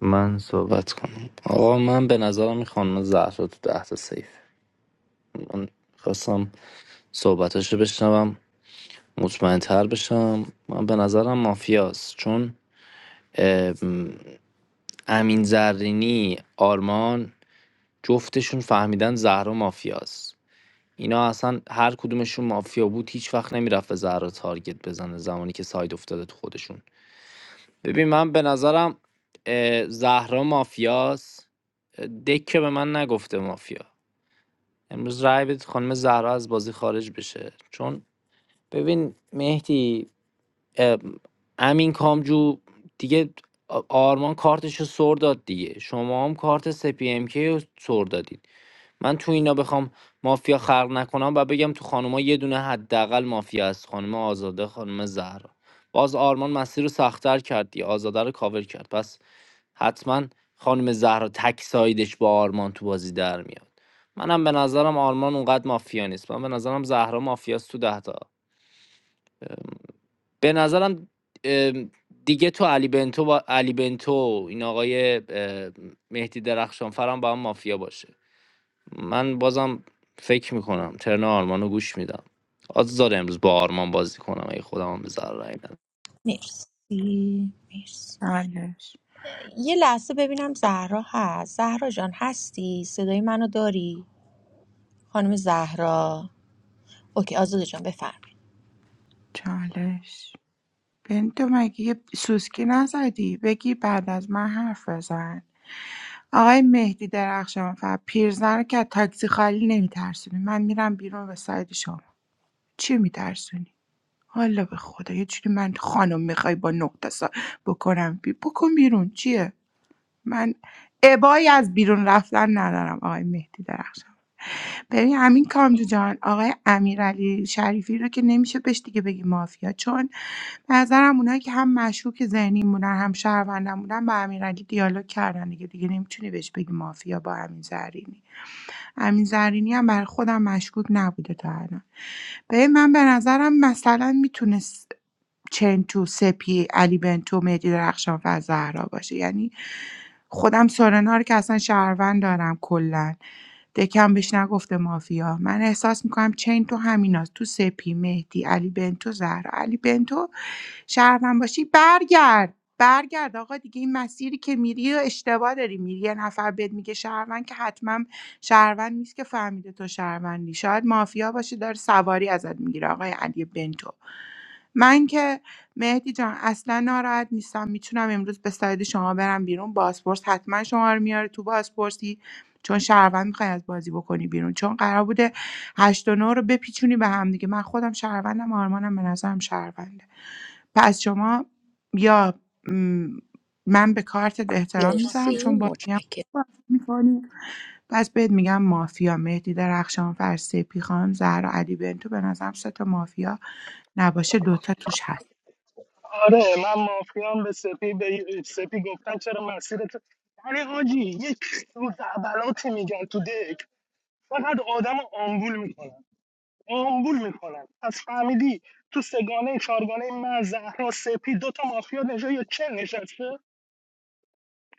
Speaker 12: من صحبت کنم آقا من به نظرم این خانم زهرا تو ده تا سیف من خواستم صحبتاشو بشنوم مطمئنتر بشم من به نظرم مافیاست چون اه، م، امین زرینی آرمان جفتشون فهمیدن زهرا مافیاست اینا اصلا هر کدومشون مافیا بود هیچ وقت نمیرفت به زهرا تارگت بزنه زمانی که ساید افتاده تو خودشون ببین من به نظرم اه، زهرا مافیاس دک که به من نگفته مافیا امروز رای بدید خانم زهرا از بازی خارج بشه چون ببین مهدی اه، امین کامجو دیگه آ- آرمان کارتش رو سر داد دیگه شما هم کارت سپی ام کی رو سر دادید من تو اینا بخوام مافیا خلق نکنم و بگم تو خانوما یه دونه حداقل مافیا هست خانم آزاده خانم زهرا باز آرمان مسیر رو سختتر کرد دیگه آزاده رو کاور کرد پس حتما خانم زهرا تک سایدش با آرمان تو بازی در میاد منم به نظرم آرمان اونقدر مافیا نیست من به نظرم زهرا مافیاست تو ده تا به نظرم ام، دیگه تو علی بنتو با علی بنتو این آقای اه، مهدی درخشان فرام با هم مافیا باشه من بازم فکر میکنم ترن آرمانو گوش میدم آزار امروز با آرمان بازی کنم اگه خودم هم به زهرا رای ندم.
Speaker 9: مرسی مرسی مرسی.
Speaker 14: چالش
Speaker 9: یه لحظه ببینم زهرا هست زهرا جان هستی صدای منو داری خانم زهرا اوکی آزاده جان بفرمایید
Speaker 14: چالش بنتو مگه یه سوسکی نزدی بگی بعد از من حرف بزن آقای مهدی درخشان و پیرزن رو که از تاکسی خالی نمیترسونی من میرم بیرون به ساید شما چی میترسونی حالا به خدا یه جوری من خانم میخوای با نقطه سا بکنم بی بکن بیرون چیه من ابایی از بیرون رفتن ندارم آقای مهدی درخشان ببین همین کامجو جان آقای امیرعلی شریفی رو که نمیشه بهش دیگه بگی مافیا چون به نظرم اونایی که هم مشکوک ذهنی مونن هم شهروندم بودن با امیرعلی دیالوگ کردن دیگه دیگه نمیتونی بهش بگی مافیا با همین زرینی امین زرینی هم برای خودم مشکوک نبوده تا الان ببین من به نظرم مثلا میتونست چنتو سپی علی بنتو مهدی درخشان و زهرا باشه یعنی خودم سورنا رو که اصلا شهروند دارم کلا دکم بهش نگفته مافیا من احساس میکنم چین تو همیناست تو سپی مهدی علی بنتو زهرا علی بنتو شهروند باشی برگرد برگرد آقا دیگه این مسیری که میری و اشتباه داری میری یه نفر بهت میگه شهروند که حتما شهروند نیست که فهمیده تو شهروندی شاید مافیا باشی داره سواری ازت میگیره آقای علی بنتو من که مهدی جان اصلا ناراحت نیستم میتونم امروز به ساید شما برم بیرون بازپرس حتما شما رو میاره تو بازپرسی چون شهروند میخوای از بازی بکنی بیرون چون قرار بوده هشت و نه رو بپیچونی به هم دیگه من خودم شهروندم آرمانم به نظرم شهرونده پس شما یا م، من به کارتت احترام میذارم
Speaker 9: مرسی
Speaker 14: چون بازی هم
Speaker 9: متشکرم
Speaker 14: میکنی پس بهت میگم مافیا مهدی درخشانفر سپی خان زهرا علی بنتو به نظرم سه تا مافیا نباشه دوتا توش هست
Speaker 10: آره من مافیان به سپی به سپی گفتم چرا مسیرت یعنی حاجی یک روز اولاتی میگن تو دک فقط آدم رو آمبول میکنن آمبول میکنن پس فهمیدی تو سگانه چارگانه من زهرا سپی دوتا مافیا نجا یا چه نشسته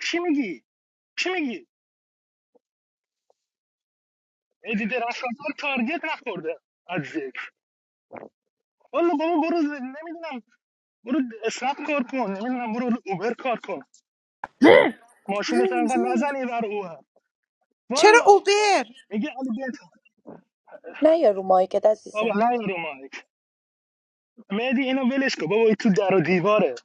Speaker 10: چی میگی چی میگی ادی درخشانفر تارگت نخورده از ذکر والا بابا برو ز- نمیدونم برو اسنپ کار کن نمیدونم برو اوبر کار کن ماشین انقدر نزنی بر اوبر
Speaker 14: چرا
Speaker 10: والا
Speaker 14: اوبر
Speaker 10: میگه علی بیت
Speaker 9: نه یا رو مایکت
Speaker 10: بابا
Speaker 9: عزیزم
Speaker 10: نه رو مایک مهدی اینو ولش کن بابا این تو در و دیواره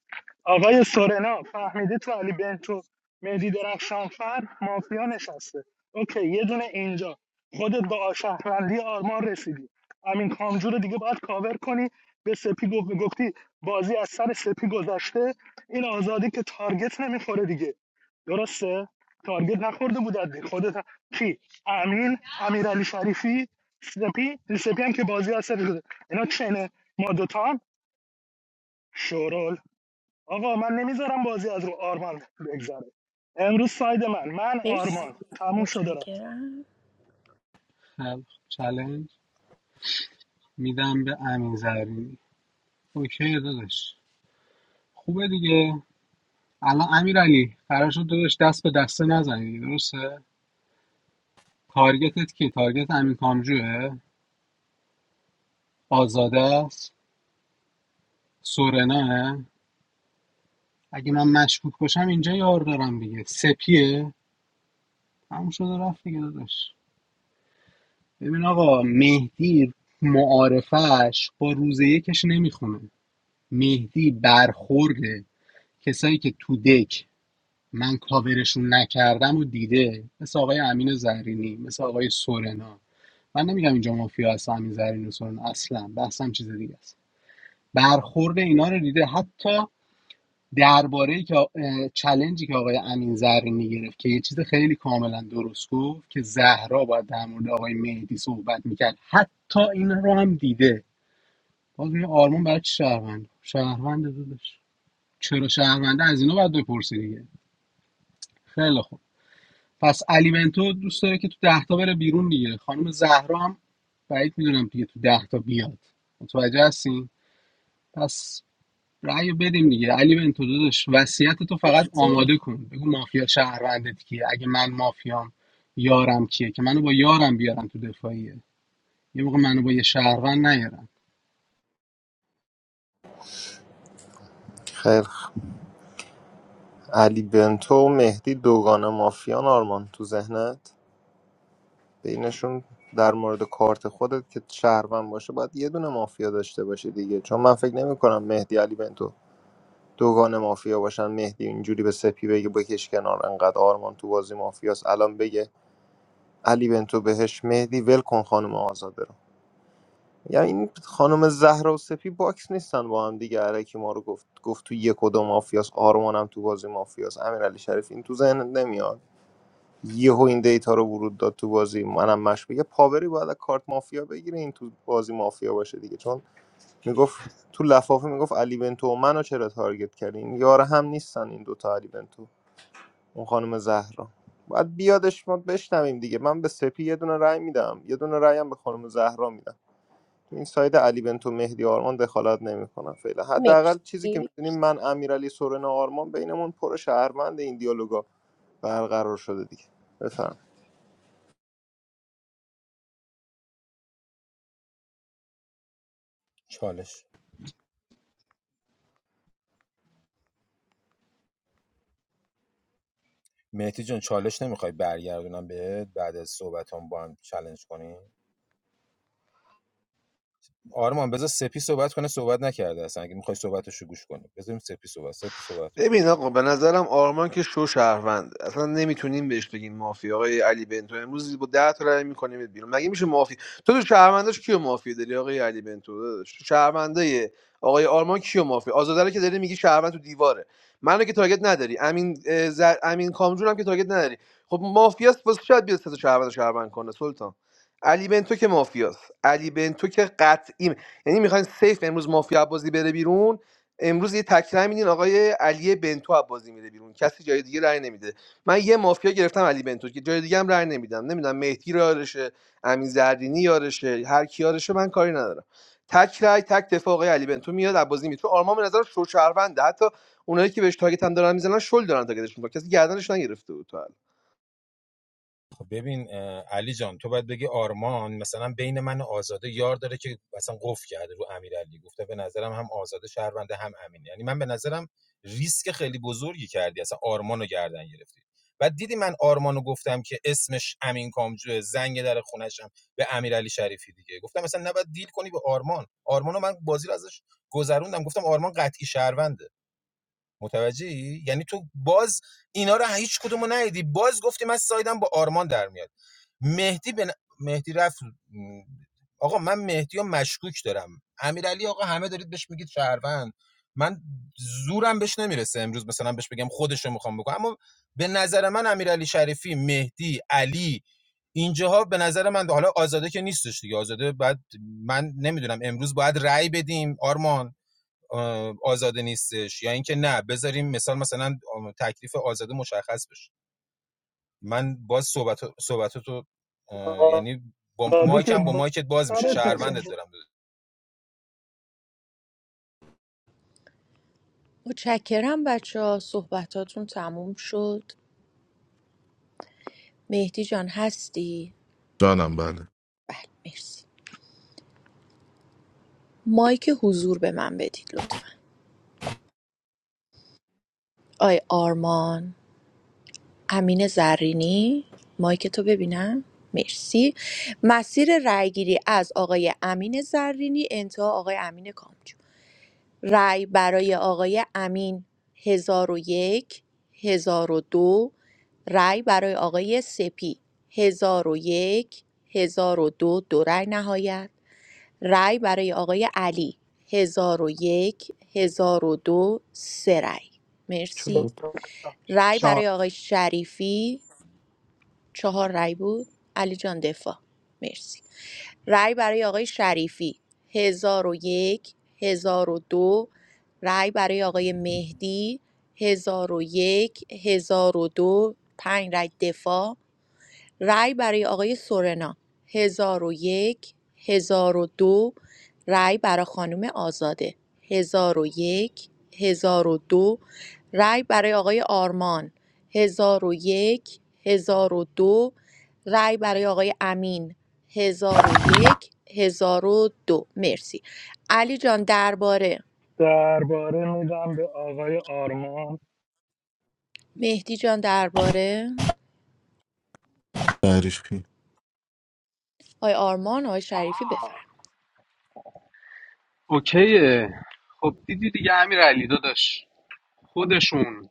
Speaker 10: آقای سورنا فهمیده تو علی بنتو مهدی درخشان فر مافیا نشسته اوکی یه دونه اینجا خودت با شهروندی آرمان رسیدی امین کامجو دیگه باید کاور کنی به سپی گفت گفتی بازی از سر سپی گذشته این آزادی که تارگت نمیخوره دیگه درسته تارگت نخورده بود خودت هم- کی امین امیرعلی شریفی سپی سپی هم که بازی از سر گذشته. اینا چنه ما دوتان شورول آقا من نمیذارم بازی از رو آرمان بگذره امروز ساید من من
Speaker 9: مرسی
Speaker 10: آرمان تموم شده رفت
Speaker 9: متشکرم
Speaker 17: خب چلنج میدم به امین زرینی اوکی داداش خوبه دیگه الان امیر علی قرار شد داداش دست به دسته نزنی درسته تارگتت کی تارگت امین کامجوه آزاده است سورنا اگه من مشکوک باشم اینجا یار دارم دیگه سپیه همون شده رفت دیگه داداش ببین آقا مهدی معارفش با روز یکش نمیخونه مهدی برخورده کسایی که تو دک من کاورشون نکردم و دیده مثل آقای امین زرینی مثل آقای سورنا من نمیگم اینجا مافیا هست امین زرینی و سورنا اصلا بحثم چیز دیگه است برخورد اینا رو دیده حتی درباره که آ- که آقای امین زرینی گرفت که یه چیز خیلی کاملا درست گفت که زهرا باید در مورد آقای مهدی صحبت میکرد حتی این رو هم دیده باز میگه آرمان برای چی شهروند شهروند دادش چرا شهرونده از اینا باید بپرسی دیگه خیلی خوب پس علی بنتو دوست داره که تو ده تا بره بیرون دیگه خانم زهرا هم بعید میدونم دیگه تو ده تا بیاد متوجه هستین پس رأیو بدیم دیگه علی بنتو داداش وصیت تو فقط
Speaker 9: مرسی
Speaker 17: آماده کن بگو مافیا شهروندت کیه اگه من مافیام یارم کیه که منو با یارم بیارن تو دفاعیه یه موقع منو با یه شهروند نیارن
Speaker 1: خیر علی بنتو و مهدی دوگانه مافیان آرمان تو ذهنت بینشون در مورد کارت خودت که شهروند باشه باید یه دونه مافیا داشته باشه دیگه چون من فکر نمی کنم مهدی علی بنتو دوگان مافیا باشن مهدی اینجوری به سپی بگه بکش کنار انقدر آرمان تو بازی مافیاست الان بگه علی بنتو بهش مهدی ول کن خانم آزاده رو یعنی این خانم زهرا و سپی باکس نیستن با هم دیگه علکی ما رو گفت گفت تو یک و دو مافیاس آرمان هم تو بازی مافیاس امیرعلی شریف این تو ذهن نمیاد یهو این دیتا رو ورود داد تو بازی منم مشکوک یه پاوری باید از کارت مافیا بگیره این تو بازی مافیا باشه دیگه چون میگفت تو لفافه میگفت علی بنتو و منو چرا تارگت کردین یار هم نیستن این دوتا علی بنتو اون خانم زهرا باید بیادش ما بشنویم دیگه من به سپی یه دونه رأی میدم یه دونه رأی هم به خانم زهرا میدم تو این ساید علی بنتو مهدی آرمان دخالت نمیکنم فعلا حداقل چیزی که
Speaker 9: مرسی
Speaker 1: میدونیم من امیرعلی سورنا آرمان بینمون پر شهروند این دیالوگا برقرار شده دیگه بفهم
Speaker 15: چالش مهدی جون چالش نمیخوای برگردونم بهت بعد از صحبتام با هم چالش کنیم آرمان بذار سپی صحبت کنه صحبت نکرده اصلا اگه میخوای صحبتشو گوش کنی بذاریم سپی صحبت سپی صحبت
Speaker 3: ببین آقا به نظرم آرمان که شو شهروند اصلا نمیتونیم بهش بگین مافی آقای علی بنتو امروز با ده تا رای میکنیم بیرون مگه میشه مافی تو تو شهرونداش کیو مافی داری آقای علی بنتو داداش؟ تو شهروندای آقای آرمان کیو مافی آزاده رو که داری میگی شهروند تو دیواره منو که تارگت نداری امین اه، زر... امین کامجون هم که تارگت نداری خب مافیاست واسه شاید بیاد سه تا شهروند رو شهروند کنه سلطان علی بنتو که مافیاست علی بنتو که قطعی یعنی میخواین سیف امروز مافیا بازی بره بیرون امروز یه تک رأی میدین آقای علی بنتو از بازی میره بیرون کسی جای دیگه رأی نمیده من یه مافیا گرفتم علی بنتو که جای دیگه هم رأی نمیدم نمیدونم مهدی رو یارشه امین زرینی یارشه هر کی یارشه من کاری ندارم تک رأی تک دفاع آقای علی بنتو میاد از بازی میره تو آرمان به نظر شو شهرونده حتی اونایی که بهش تاگت هم دارن میزنن شل دارن تاگتش میکنن کسی گردنش نگرفته بود تا الان.
Speaker 15: خب ببین علی جان تو باید بگی آرمان مثلا بین من و آزاده یار داره که مثلا قفل کرده رو امیرعلی گفته به نظرم هم آزاده شهرونده هم امین یعنی من به نظرم ریسک خیلی بزرگی کردی اصلا آرمانو گردن گرفتی بعد دیدی من آرمانو گفتم که اسمش امین کامجو زنگ در خونشم به امیرعلی شریفی دیگه گفتم مثلا نباید دیل کنی به آرمان آرمانو من بازی رو ازش گذروندم گفتم آرمان قطعی شهرونده متوجهی یعنی تو باز اینا رو هیچ کدوم رو ندیدی باز گفتی من سایدم با آرمان در میاد مهدی به مهدی رفت آقا من مهدی رو مشکوک دارم امیرعلی آقا همه دارید بهش میگید شهروند من زورم بهش نمیرسه امروز مثلا بهش بگم خودش رو میخوام بگم اما به نظر من امیرعلی شریفی مهدی علی اینجاها به نظر من حالا آزاده که نیستش دیگه آزاده بعد من نمیدونم امروز باید رأی بدیم آرمان آه، آزاده نیستش یا اینکه نه بذاریم مثال مثلا تکلیف آزاده مشخص بشه من باز صحبت صحبتات رو یعنی با
Speaker 10: آزادی که
Speaker 15: مایکم با
Speaker 10: با
Speaker 15: مایکت باز میشه
Speaker 10: سرت
Speaker 15: شهروندت
Speaker 10: نشست
Speaker 15: دارم
Speaker 9: متشکرم بچه ها صحبتاتون تموم شد مهدی جان هستی؟
Speaker 11: جانم بله
Speaker 9: بله مرسی مایک حضور به من بدید لطفا آی آرمان امین زرینی مایک تو ببینم مرسی مسیر رأیگیری از آقای امین زرینی انتها آقای امین کامجو رای برای آقای امین هزار هزار و یک هزار و دو رای برای آقای سپی هزار و یک هزار و دو دو رای نهایت رای برای آقای علی ۱۰۰۱ ۱۰۰۲ سه رای
Speaker 12: چون
Speaker 9: مرسی رای
Speaker 5: بدم.
Speaker 9: برای آقای شریفی چهار رای بود علی جان دفاع مرسی رأی برای آقای شریفی 1001 1002 رأی برای آقای مهدی 1001 1002 پنج رأی دفاع رای برای آقای سورنا هزار هزار و یک هزار و دو رای برای خانم آزاده هزار هزار و یک هزار و دو رای برای آقای آرمان هزار هزار و یک هزار و دو رای برای آقای امین هزار هزار و یک هزار و دو مرسی علی جان درباره
Speaker 10: درباره میدم به آقای آرمان
Speaker 9: مهدی جان درباره
Speaker 11: تعریف کی؟
Speaker 9: آقای آرمان آقای شریفی بفرم
Speaker 17: اوکیه خب دیدی دیگه امیر علی داداش خودشون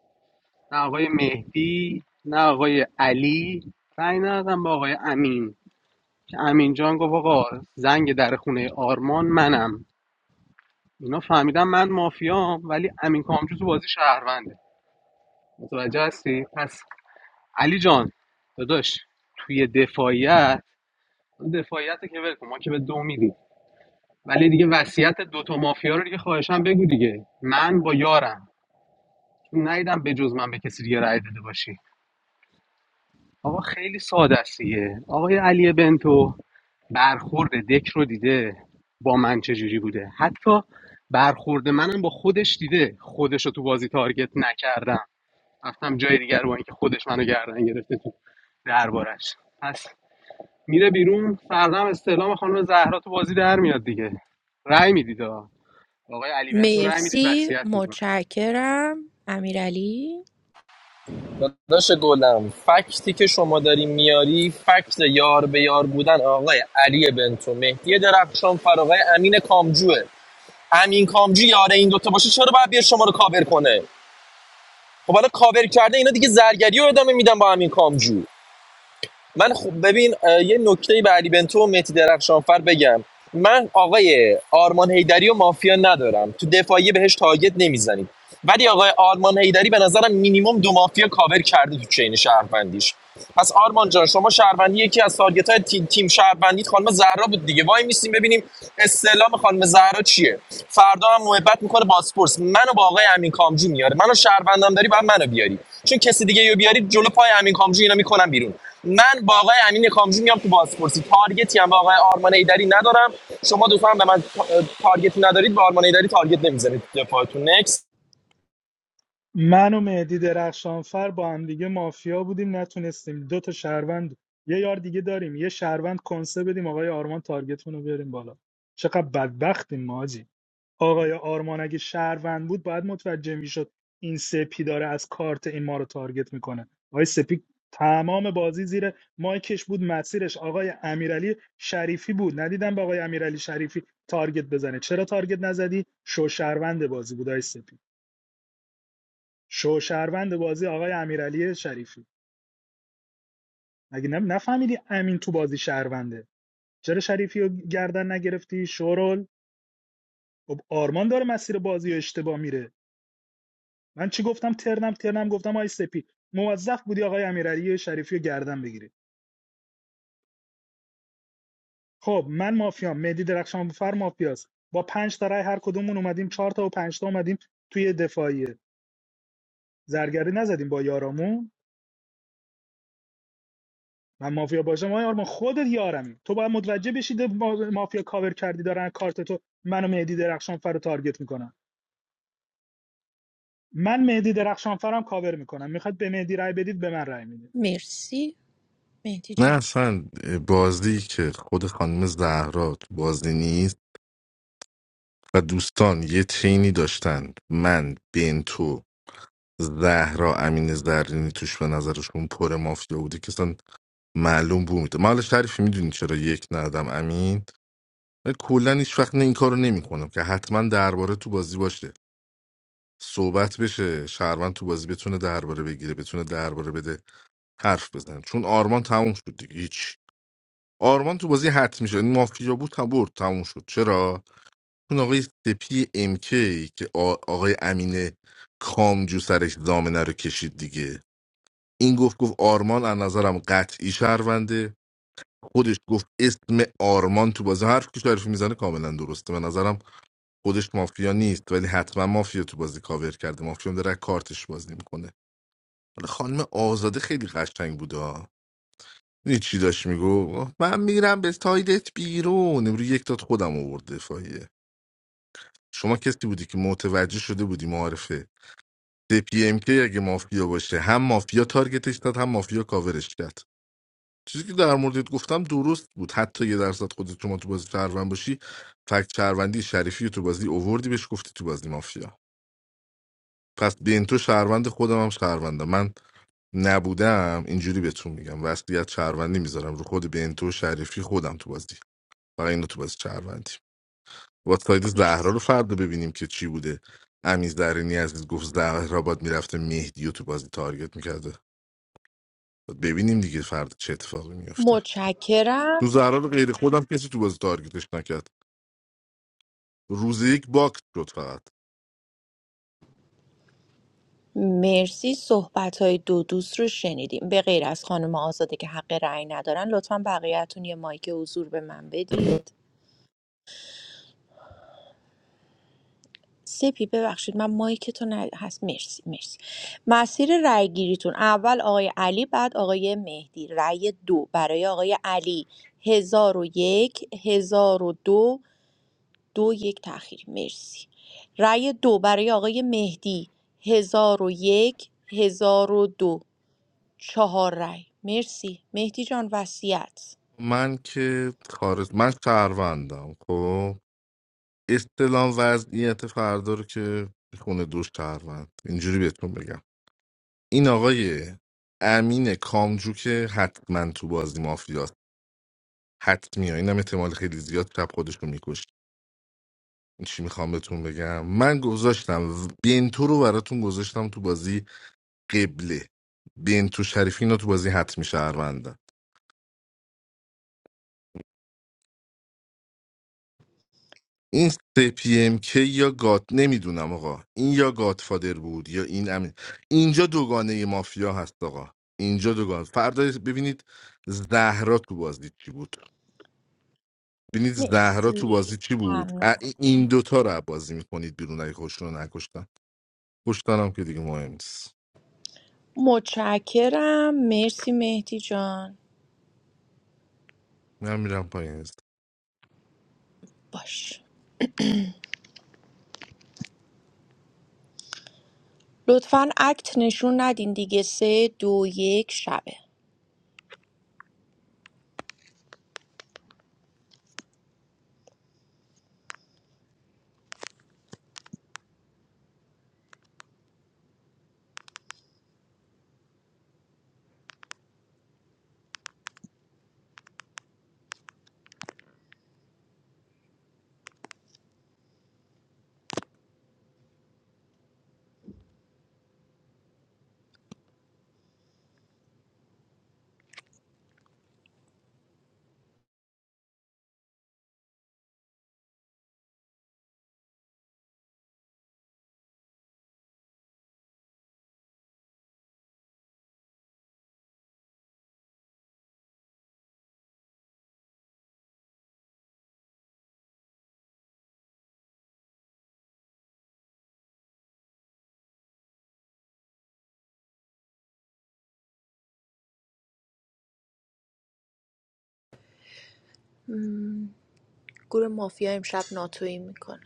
Speaker 17: نه آقای مهدی نه آقای علی رأی ندادن با آقای امین که امین جان گفت آقا زنگ در خونه آرمان منم اینا فهمیدن من مافیام ولی امین کامجو تو بازی شهرونده متوجه هستی پس علی جان داداش توی دفاعیت اون دفاعیت که ول کن ما که به دو میدیم ولی دیگه وصیت دوتا مافیا رو دیگه خواهشم بگو دیگه من با یارم چون ندیدم به جز من به کسی دیگه رأی داده باشی آقا خیلی ساده است دیگه آقای علی بنتو برخورد دک رو دیده با من چجوری بوده حتی برخورد منم با خودش دیده خودش رو تو بازی تارگت نکردم رفتم جای دیگر با اینکه خودش منو گردن گرفته تو دربارش پس میره بیرون فردا هم استعلام خانم زهرا تو بازی در میاد دیگه رأی میدید آقا. آقای علی بنتو رأی میدید
Speaker 9: مرسی
Speaker 17: وصیت میکنه
Speaker 9: متشکرم امیرعلی
Speaker 7: داداش گلم فکتی که شما داری میاری فکت یار به یار بودن آقای علی بنتو مهدی درخشان فر آقای امین کامجوه امین کامجو یاره این دوتا باشه چرا باید بیار شما رو کاور کنه خب حالا کاور کرده اینا دیگه زرگری رو ادامه میدن با امین کامجو من خوب ببین یه نکته به علی بنتو و مهدی درخشانفر بگم من آقای آرمان هیدری و مافیا ندارم تو دفاعی بهش تارگت نمیزنیم ولی آقای آرمان هیدری به نظرم مینیمم دو مافیا کاور کرده تو چین شهروندیش پس آرمان جان شما شهروندی یکی از تارگت تیم, تیم شهروندیت خانم زهرا بود دیگه وای میسیم ببینیم استعلام خانم زهرا چیه فردا هم محبت میکنه باسپورس منو با آقای امین کامجو میاره منو شهروندم داری بعد منو بیاری چون کسی دیگه رو بیاری جلو پای امین کامجو اینا میکنم بیرون من با آقای امین کامزی میام تو بازپرسی تارگتی هم با آقای آرمان ایدری ندارم شما دوستان به من تارگتی ندارید با آرمان ایدری تارگت نمیزنید دفاعتون نکس
Speaker 10: من و مهدی درخشانفر با هم دیگه مافیا بودیم نتونستیم دو تا شهروند یه یار دیگه داریم یه شهروند کنسه بدیم آقای آرمان تارگتمون رو بریم بالا چقدر بدبختیم ماجی آقای آرمان اگه شهروند بود باید متوجه میشد این سپی داره از کارت این ما رو تارگت میکنه آقای سپی تمام بازی زیر مایکش بود مسیرش آقای امیرعلی شریفی بود ندیدم به آقای امیرعلی شریفی تارگت بزنه چرا تارگت نزدی شو شهروند بازی بود آقای سپی شو شهروند بازی آقای امیرعلی شریفی مگه نم- نفهمیدی امین تو بازی شهرونده چرا شریفی رو گردن نگرفتی شورول خب آرمان داره مسیر بازی رو اشتباه میره من چی گفتم ترنم ترنم گفتم آی سپی موظف بودی آقای امیرعلی شریفی رو گردن بگیری خب من مافیام مهدی درخشان فر مافیاست با پنج تا رای هر کدومون اومدیم چهار تا و پنج تا اومدیم توی دفاعیه زرگری نزدیم با یارامون من مافیا باشم آیا آرمان خودت یارمی تو باید متوجه بشی مافیا کاور کردی دارن کارت تو منو مهدی درخشان فر رو تارگت میکنن من مهدی درخشان فرم کاور میکنم میخواد به مهدی رای بدید به من رای میدید
Speaker 9: مرسی مهدی
Speaker 11: نه
Speaker 9: جان
Speaker 11: اصلا بازی که خود خانم زهرا تو بازی نیست و دوستان یه چینی داشتن من بنتو زهرا امین زرینی توش به نظرشون پر مافیا بوده که اصلا معلوم بود من حالا شریفی میدونی چرا یک ندادم امین من کلا هیچ وقت نه این کارو نمیکنم که حتما درباره تو بازی باشه صحبت بشه شهروند تو بازی بتونه درباره بگیره بتونه درباره بده حرف بزنه چون آرمان تموم شد دیگه هیچ آرمان تو بازی حت میشه این مافیا بود تا برد تموم شد چرا اون آقای سپی امکی که آ- آقای امین کامجو سرش دامنه رو کشید دیگه این گفت گفت آرمان از نظرم قطعی شهرونده خودش گفت اسم آرمان تو بازی حرف که شریفی میزنه کاملا درسته به نظرم خودش مافیا نیست ولی حتما مافیا تو بازی کاور کرده مافیا هم داره کارتش بازی میکنه حالا خانم آزاده خیلی قشنگ بوده ها. می‌دونی چی داشت میگو من میرم به سایدت بیرون امروز یک داد خودم آورده فایه شما کسی بودی که متوجه شده بودی معارفه پی ام کی اگه مافیا باشه هم مافیا تارگتش داد هم مافیا کاورش کرد چیزی که در موردت گفتم درست بود حتی یه درصد خودت شما تو بازی شهروند باشی فکت شهروندی شریفی رو تو بازی اووردی بهش گفتی تو بازی مافیا پس بین تو شهروند خودم هم شهروندم من نبودم اینجوری بهتون میگم وصلیت شهروندی میذارم رو خود بنتو و شریفی خودم تو بازی فقط اینو تو بازی شهروندی با ساید زهرا
Speaker 9: مرسی
Speaker 11: رو فردا ببینیم که چی بوده امیز درینی عزیز گفت زهرا باد میرفته مهدی و تو بازی تارگت میکرده ببینیم دیگه فردا چه اتفاقی میفته تو
Speaker 9: متشکرم
Speaker 11: زهرا غیر خودم کسی تو بازی تارگتش نکرد روز یک باکت شد فقط
Speaker 9: مرسی صحبت های دو دوست رو شنیدیم به غیر از خانم آزاده که حق رأی ندارن لطفا بقیهتون یه مایک حضور به من بدید سپی ببخشید من مایک تو ند... هست مرسی مرسی مسیر رأی گیریتون اول آقای علی بعد آقای مهدی رأی دو برای آقای علی هزار و یک هزار و دو دو یک تأخیری مرسی رأی دو برای آقای مهدی هزار و یک هزار و دو چهار رأی مرسی مهدی جان وصیت
Speaker 11: من که خارج من شهروندم خب استلام وضعیت فردا رو که خونه دوش شهروند اینجوری بهتون بگم این آقای امین کامجو که حتما تو بازی مافیاست حتمی ها اینم احتمال خیلی زیاد شب خودش رو میکشت این چی میخوام بهتون بگم من گذاشتم بنتو رو براتون گذاشتم تو بازی قبله بنتو شریفی اینا تو بازی حتمی شهروندن این CPMK یا گات نمیدونم آقا این یا گاتفادر بود یا این امین اینجا دوگانه مافیا هست آقا اینجا دوگانه فردا ببینید زهرا تو بازی چی بود ببینید زهرا تو
Speaker 9: مرسی
Speaker 11: بازی چی بود
Speaker 9: ممنون
Speaker 11: ا- این دوتا رو بازی میکنید بیرون اگه خوش رو نکشتن کشتنم که دیگه مهم نیست
Speaker 9: متشکرم مرسی مهدی جان
Speaker 11: من میرم پایین هست
Speaker 9: باش لطفا اکت نشون ندین دیگه سه دو یک شبه مم. گروه مافیا امشب ناتویی میکنه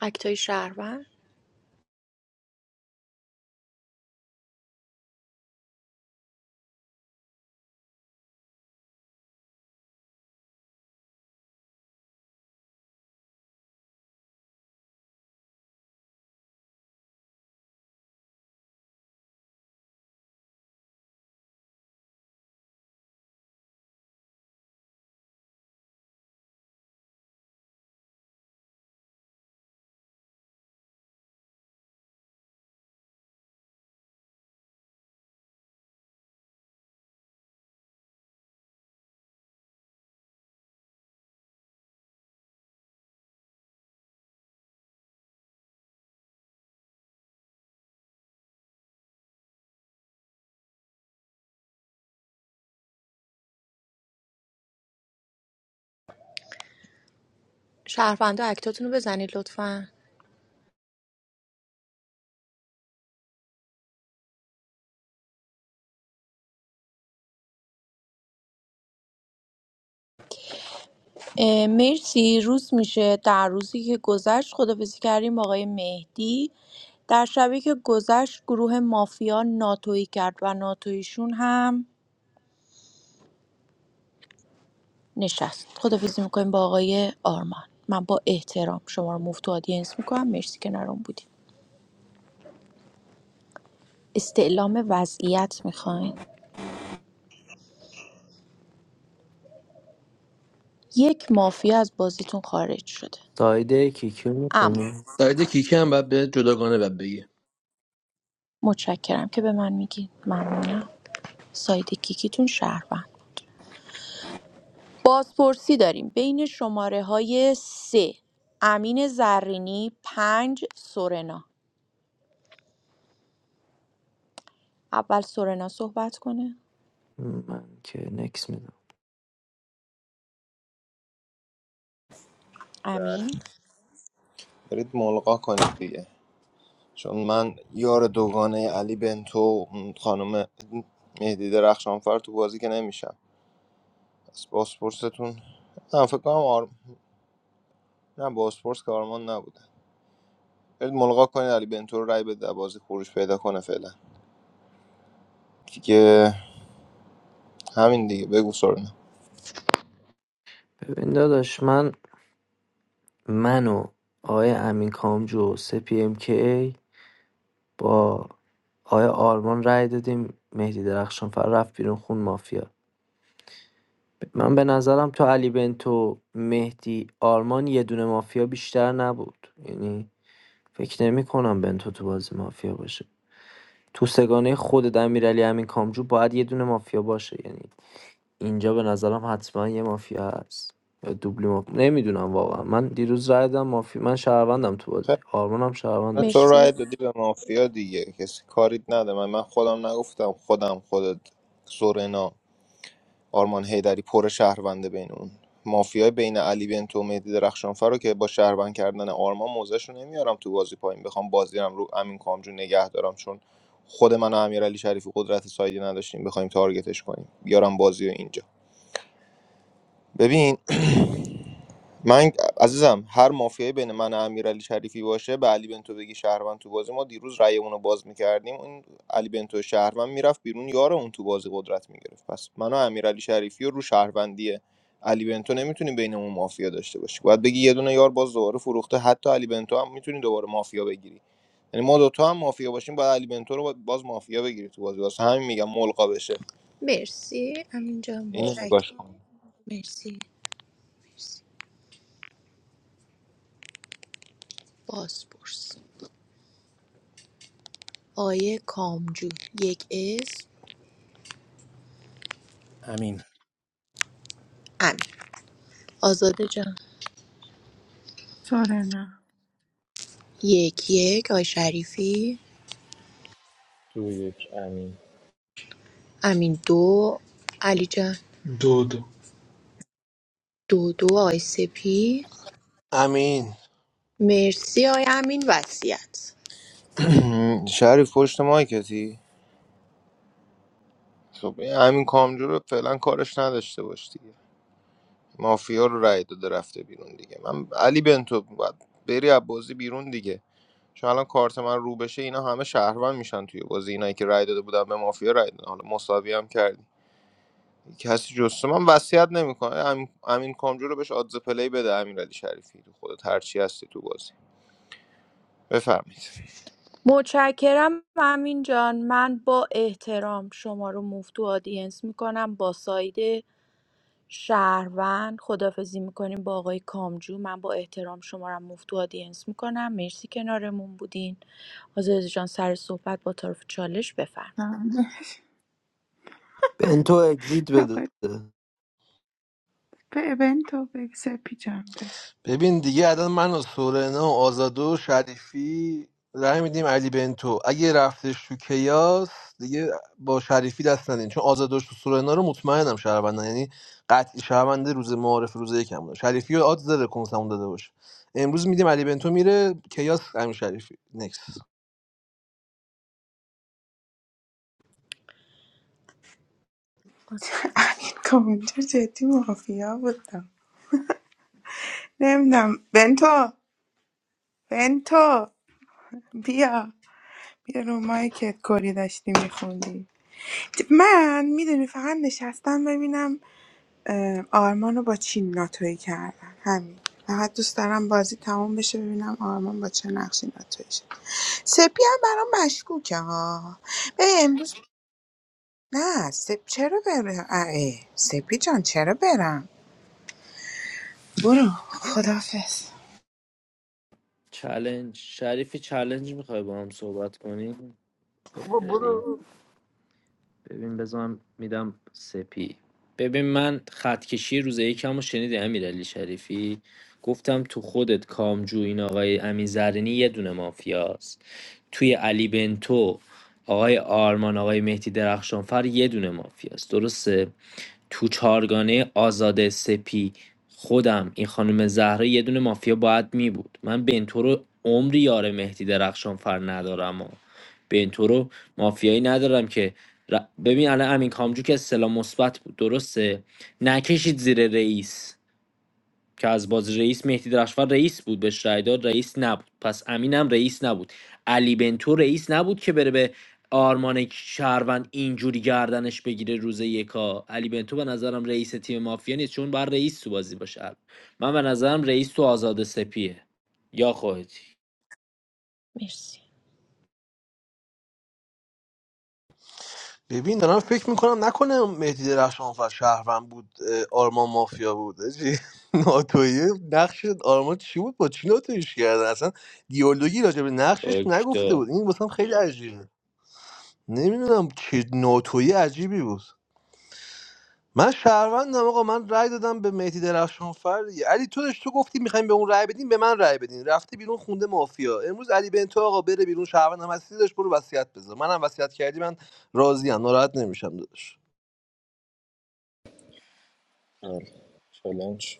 Speaker 9: اکتای شهروند شهروندا اکتاتون رو بزنید لطفا اه، مرسی روز میشه در روزی که گذشت خدافزی کردیم با آقای مهدی در شبی که گذشت گروه مافیا ناتویی کرد و ناتویشون هم نشست خدافزی میکنیم با آقای آرمان من با احترام شما رو مفت و آدینس میکنم مرسی که نرم بودیم استعلام وضعیت میخواین یک مافیا از بازیتون خارج شده
Speaker 12: سایده کیکیو
Speaker 9: اما
Speaker 12: میکنی
Speaker 3: ساید کیکی هم باید به جداگانه باید بگی
Speaker 9: متشکرم که به من میگین ممنونم ساید کیکیتون شهروند بازپرسی داریم بین شماره های ۳ امین زرینی پنج سورنا اول سورنا صحبت کنه
Speaker 12: من که نکس میدم
Speaker 1: بله.
Speaker 9: امین
Speaker 1: برید ملقا کنید دیگه چون من یار دوگانه علی بنتو و اون خانم مهدی درخشانفر تو بازی که نمیشم پس باسپورستون نه فکر کنم آر... نه باسپورس که آرمان نبود برید ملغا کنید علی بنتو رو رای بده بازی خروج پیدا کنه فعلا دیگه همین دیگه بگو سرنا
Speaker 12: ببین داداش من من و آقای امین کامجو سه پی ام کی با آقای آرمان رای دادیم مهدی درخشانفر رفت بیرون خون مافیا من به نظرم تو علی بنتو مهدی آرمان یه دونه مافیا بیشتر نبود یعنی فکر نمی کنم بنتو تو بازی مافیا باشه تو سگانه خود امیرعلی امین کامجو باید یه دونه مافیا باشه یعنی اینجا به نظرم حتما یه مافیا هست یا دوبلی مافیا نمیدونم واقعا من دیروز رای دادم مافیا من شهروندم تو بازی
Speaker 1: خب
Speaker 12: آرمانم شهروند داشت
Speaker 1: تو
Speaker 9: مرسی
Speaker 1: رای دادی به مافیا دیگه کسی کاریت نده من من خودم نگفتم خودم خودت سورنا آرمان هیدری پر شهرونده بین اون مافیای بین علی بنتو و مهدی درخشانفر رو که با شهروند کردن آرمان موزش نمیارم تو بازی پایین بخوام بازی رو رو امین کامجو نگه دارم چون خود من و امیرعلی شریفی قدرت سایدی نداشتیم بخوایم تارگتش کنیم بیارم بازی رو اینجا ببین من عزیزم هر مافیایی بین من و امیرعلی شریفی باشه به علی بنتو بگی شهروند تو بازی ما دیروز رأیمون رو باز میکردیم اون علی بنتو شهروند میرفت بیرون یار اون تو بازی قدرت میگرفت پس من و امیرعلی شریفی رو رو شهروندیه علی بنتو نمیتونی بینمون مافیا داشته باشی باید بگی یه دونه یار باز دوباره فروخته حتی علی بنتو هم میتونی دوباره مافیا بگیری یعنی ما دوتا هم مافیا باشیم باید علی بنتو رو باز مافیا بگیری تو بازی واسه همین میگم ملقا بشه
Speaker 9: مرسی امین جان
Speaker 1: اینو
Speaker 9: متشکرم
Speaker 1: نگاش کن
Speaker 9: مرسی بازپرس آیه کامجو یک اسم
Speaker 15: امین
Speaker 9: امین آزاده جان
Speaker 14: سورنا
Speaker 9: یک یک آی شریفی
Speaker 7: دو یک امین
Speaker 9: امین دو علی جان
Speaker 10: دو دو
Speaker 9: دو دو آی سپی
Speaker 3: امین
Speaker 9: مرسی آی امین وصیت
Speaker 1: شریف پشت مایکتی خب این همین کامجو رو فعلا کارش نداشته باش دیگه مافیا رو رای داده رفته بیرون دیگه من علی بنتو باید بری از بازی بیرون دیگه چون الان کارت من رو بشه اینا همه شهروند میشن توی بازی اینایی که رای داده بودن به مافیا رای دادن حالا مساوی هم کردی کسی جز من وصیت نمیکنه امین امین کامجو رو بهش آدز پلی بده امیرعلی شریفی تو خودت هرچی هستی تو بازی بفرمایید
Speaker 9: متشکرم امین جان من با احترام شما رو موف تو آدینس میکنم با ساید شهروند خدافزی میکنیم با آقای کامجو من با احترام شما رو موف تو آدینس میکنم مرسی کنارمون بودین آزاده جان سر صحبت با طرف چالش بفرمایید
Speaker 12: بنتو اگزیت بده
Speaker 14: آقا به بنتو به سپی جان بفرمایید.
Speaker 3: ببین دیگه الان من و سورنا و آزاده و شریفی رای میدیم علی بنتو اگه رفتش تو کیاس دیگه با شریفی دست ندین چون آزاده و سورنا رو مطمئنم شهروندن یعنی قطعی شهرونده روز معارف روز یکم بودن شریفی رو آدز داره کنسمون داده باشه امروز میدیم علی بنتو میره کیاس همین شریفی نکس
Speaker 14: امین کامنتر جدی مافیا بودم نمیدونم بنتو بنتو بیا بیا رو مایکت کری داشتی میخوندی من میدونی فقط نشستم ببینم اه، آرمان رو با چی ناتوی کردن همین فقط دوست دارم بازی تموم بشه ببینم آرمان با چه نقشی ناتوی شد سپی هم برام مشکوکه ها به امروز نه سپ چرا برم اه، اه، سپی جان چرا برم برو خدافز
Speaker 12: چلنج شریفی چلنج میخوای با هم صحبت کنیم
Speaker 3: بابا
Speaker 12: خیلی
Speaker 3: برو
Speaker 12: ببین بزنم میدم سپی ببین من خط کشی روز یکم رو شنیدی امیرعلی شریفی گفتم تو خودت کامجو این آقای امین زرینی یه دونه مافیاست توی علی بنتو آقای آرمان آقای مهدی درخشانفر یه دونه مافیاست درسته تو چارگانه آزاد سپی خودم این خانم زهرا یه دونه مافیا باید می بود من بنتو رو عمری یار مهدی درخشانفر ندارم به این تو رو مافیایی ندارم که ر- ببین الان امین کامجو که اصطلاح مثبت بود درسته نکشید زیر رئیس که از باز رئیس مهدی درخشان رئیس بود بهش رای داد رئیس نبود پس امینم رئیس نبود علی بنتو رئیس نبود که بره به آرمان شهروند اینجوری گردنش بگیره روز یکا علی بنتو به نظرم رئیس تیم مافیا نیست چون بر رئیس تو بازی باشه من به نظرم رئیس تو آزاد سپیه یا خودتی
Speaker 9: مرسی
Speaker 3: ببین دارم فکر میکنم نکنه مهدی درخشانفر شهروند بود اه، آرمان مافیا بود حاجی. ناتویی نقش آرمان چی بود با چی ناتویش کردن اصلا دیالوگی راجع به نقشش نگفته بود این واسم خیلی عجیبه نمیدونم چه ناتویی عجیبی بود من شهروندم آقا من رأی دادم به مهدی درخشانفر دیگه. علی تو داشت تو گفتی میخوایم به اون رأی بدیم به من رأی بدین رفته بیرون خونده مافیا امروز علی بنتو آقا بره بیرون شهروندم هستی داشت برو وصیت بذار منم وصیت کردی من راضیم ناراحت نمیشم داداش
Speaker 7: آره. چالنج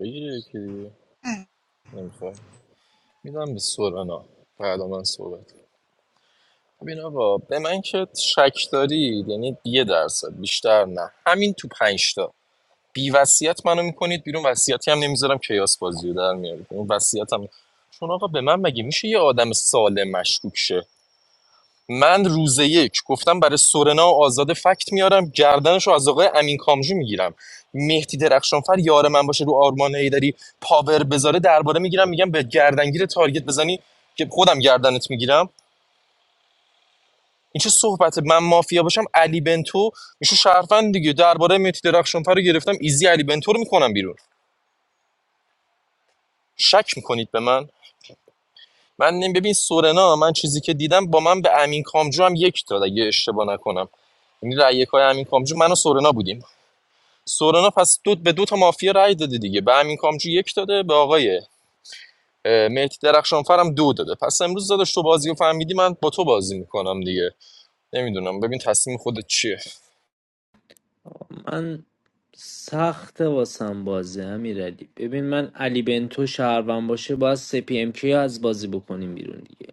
Speaker 7: بگیری یکی دیگه نمیخوای میدم به سورنا بعد من صحبت کنم. ببین آقا به من که شک دارید یعنی یه درصد بیشتر نه همین تو پنج تا بی وصیت منو میکنید بیرون وصیتی هم نمیذارم کیاس بازی رو در میارید اون وصیت هم چون آقا به من مگه میشه یه آدم سالم مشکوک شه من روز یک گفتم برای سورنا و آزاد فکت میارم گردنش رو از آقای امین کامجو میگیرم مهدی درخشانفر یار من باشه رو آرمان هیدری پاور بذاره درباره میگیرم میگم به گردنگیر تارگت بزنی که خودم گردنت میگیرم این چه صحبت من مافیا باشم علی بنتو میشه شرفن دیگه درباره مهدی درخشانفر رو گرفتم ایزی علی بنتو رو میکنم بیرون شک میکنید به من من نمی ببین سورنا من چیزی که دیدم با من به امین کامجو هم یک داد اگه اشتباه نکنم یعنی رأی یکای امین کامجو من و سورنا بودیم سورنا پس دو به دو تا مافیا رأی داده دیگه به امین کامجو یک داده به آقای اه، مهدی درخشانفر هم دو داده پس امروز داداش تو بازی رو فهمیدی من با تو بازی میکنم دیگه نمیدونم ببین تصمیم خودت چیه
Speaker 12: من سخت واسم بازی امیرعلی ببین من علی بنتو شهروند باشه باید سپی ام کیو از بازی بکنیم بیرون دیگه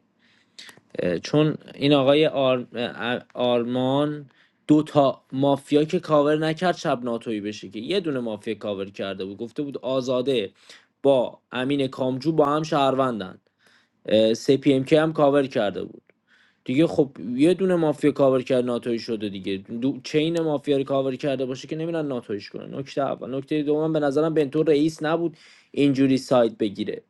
Speaker 12: اه، چون این آقای آر... اه، آرمان دو تا مافیا که کاور نکرد شب ناتویی بشه که یه دونه مافیا کاور کرده بود گفته بود آزاده با امین کامجو با هم شهروندن اه، سپی ام کیو هم کاور کرده بود دیگه خب یه دونه مافیا کاور کرد ناتوی شده دیگه دو چین مافیا رو کاور کرده باشه که نمیرن ناتویش کنن نکته اول نکته دوم به نظرم بنتو رئیس نبود اینجوری سایت بگیره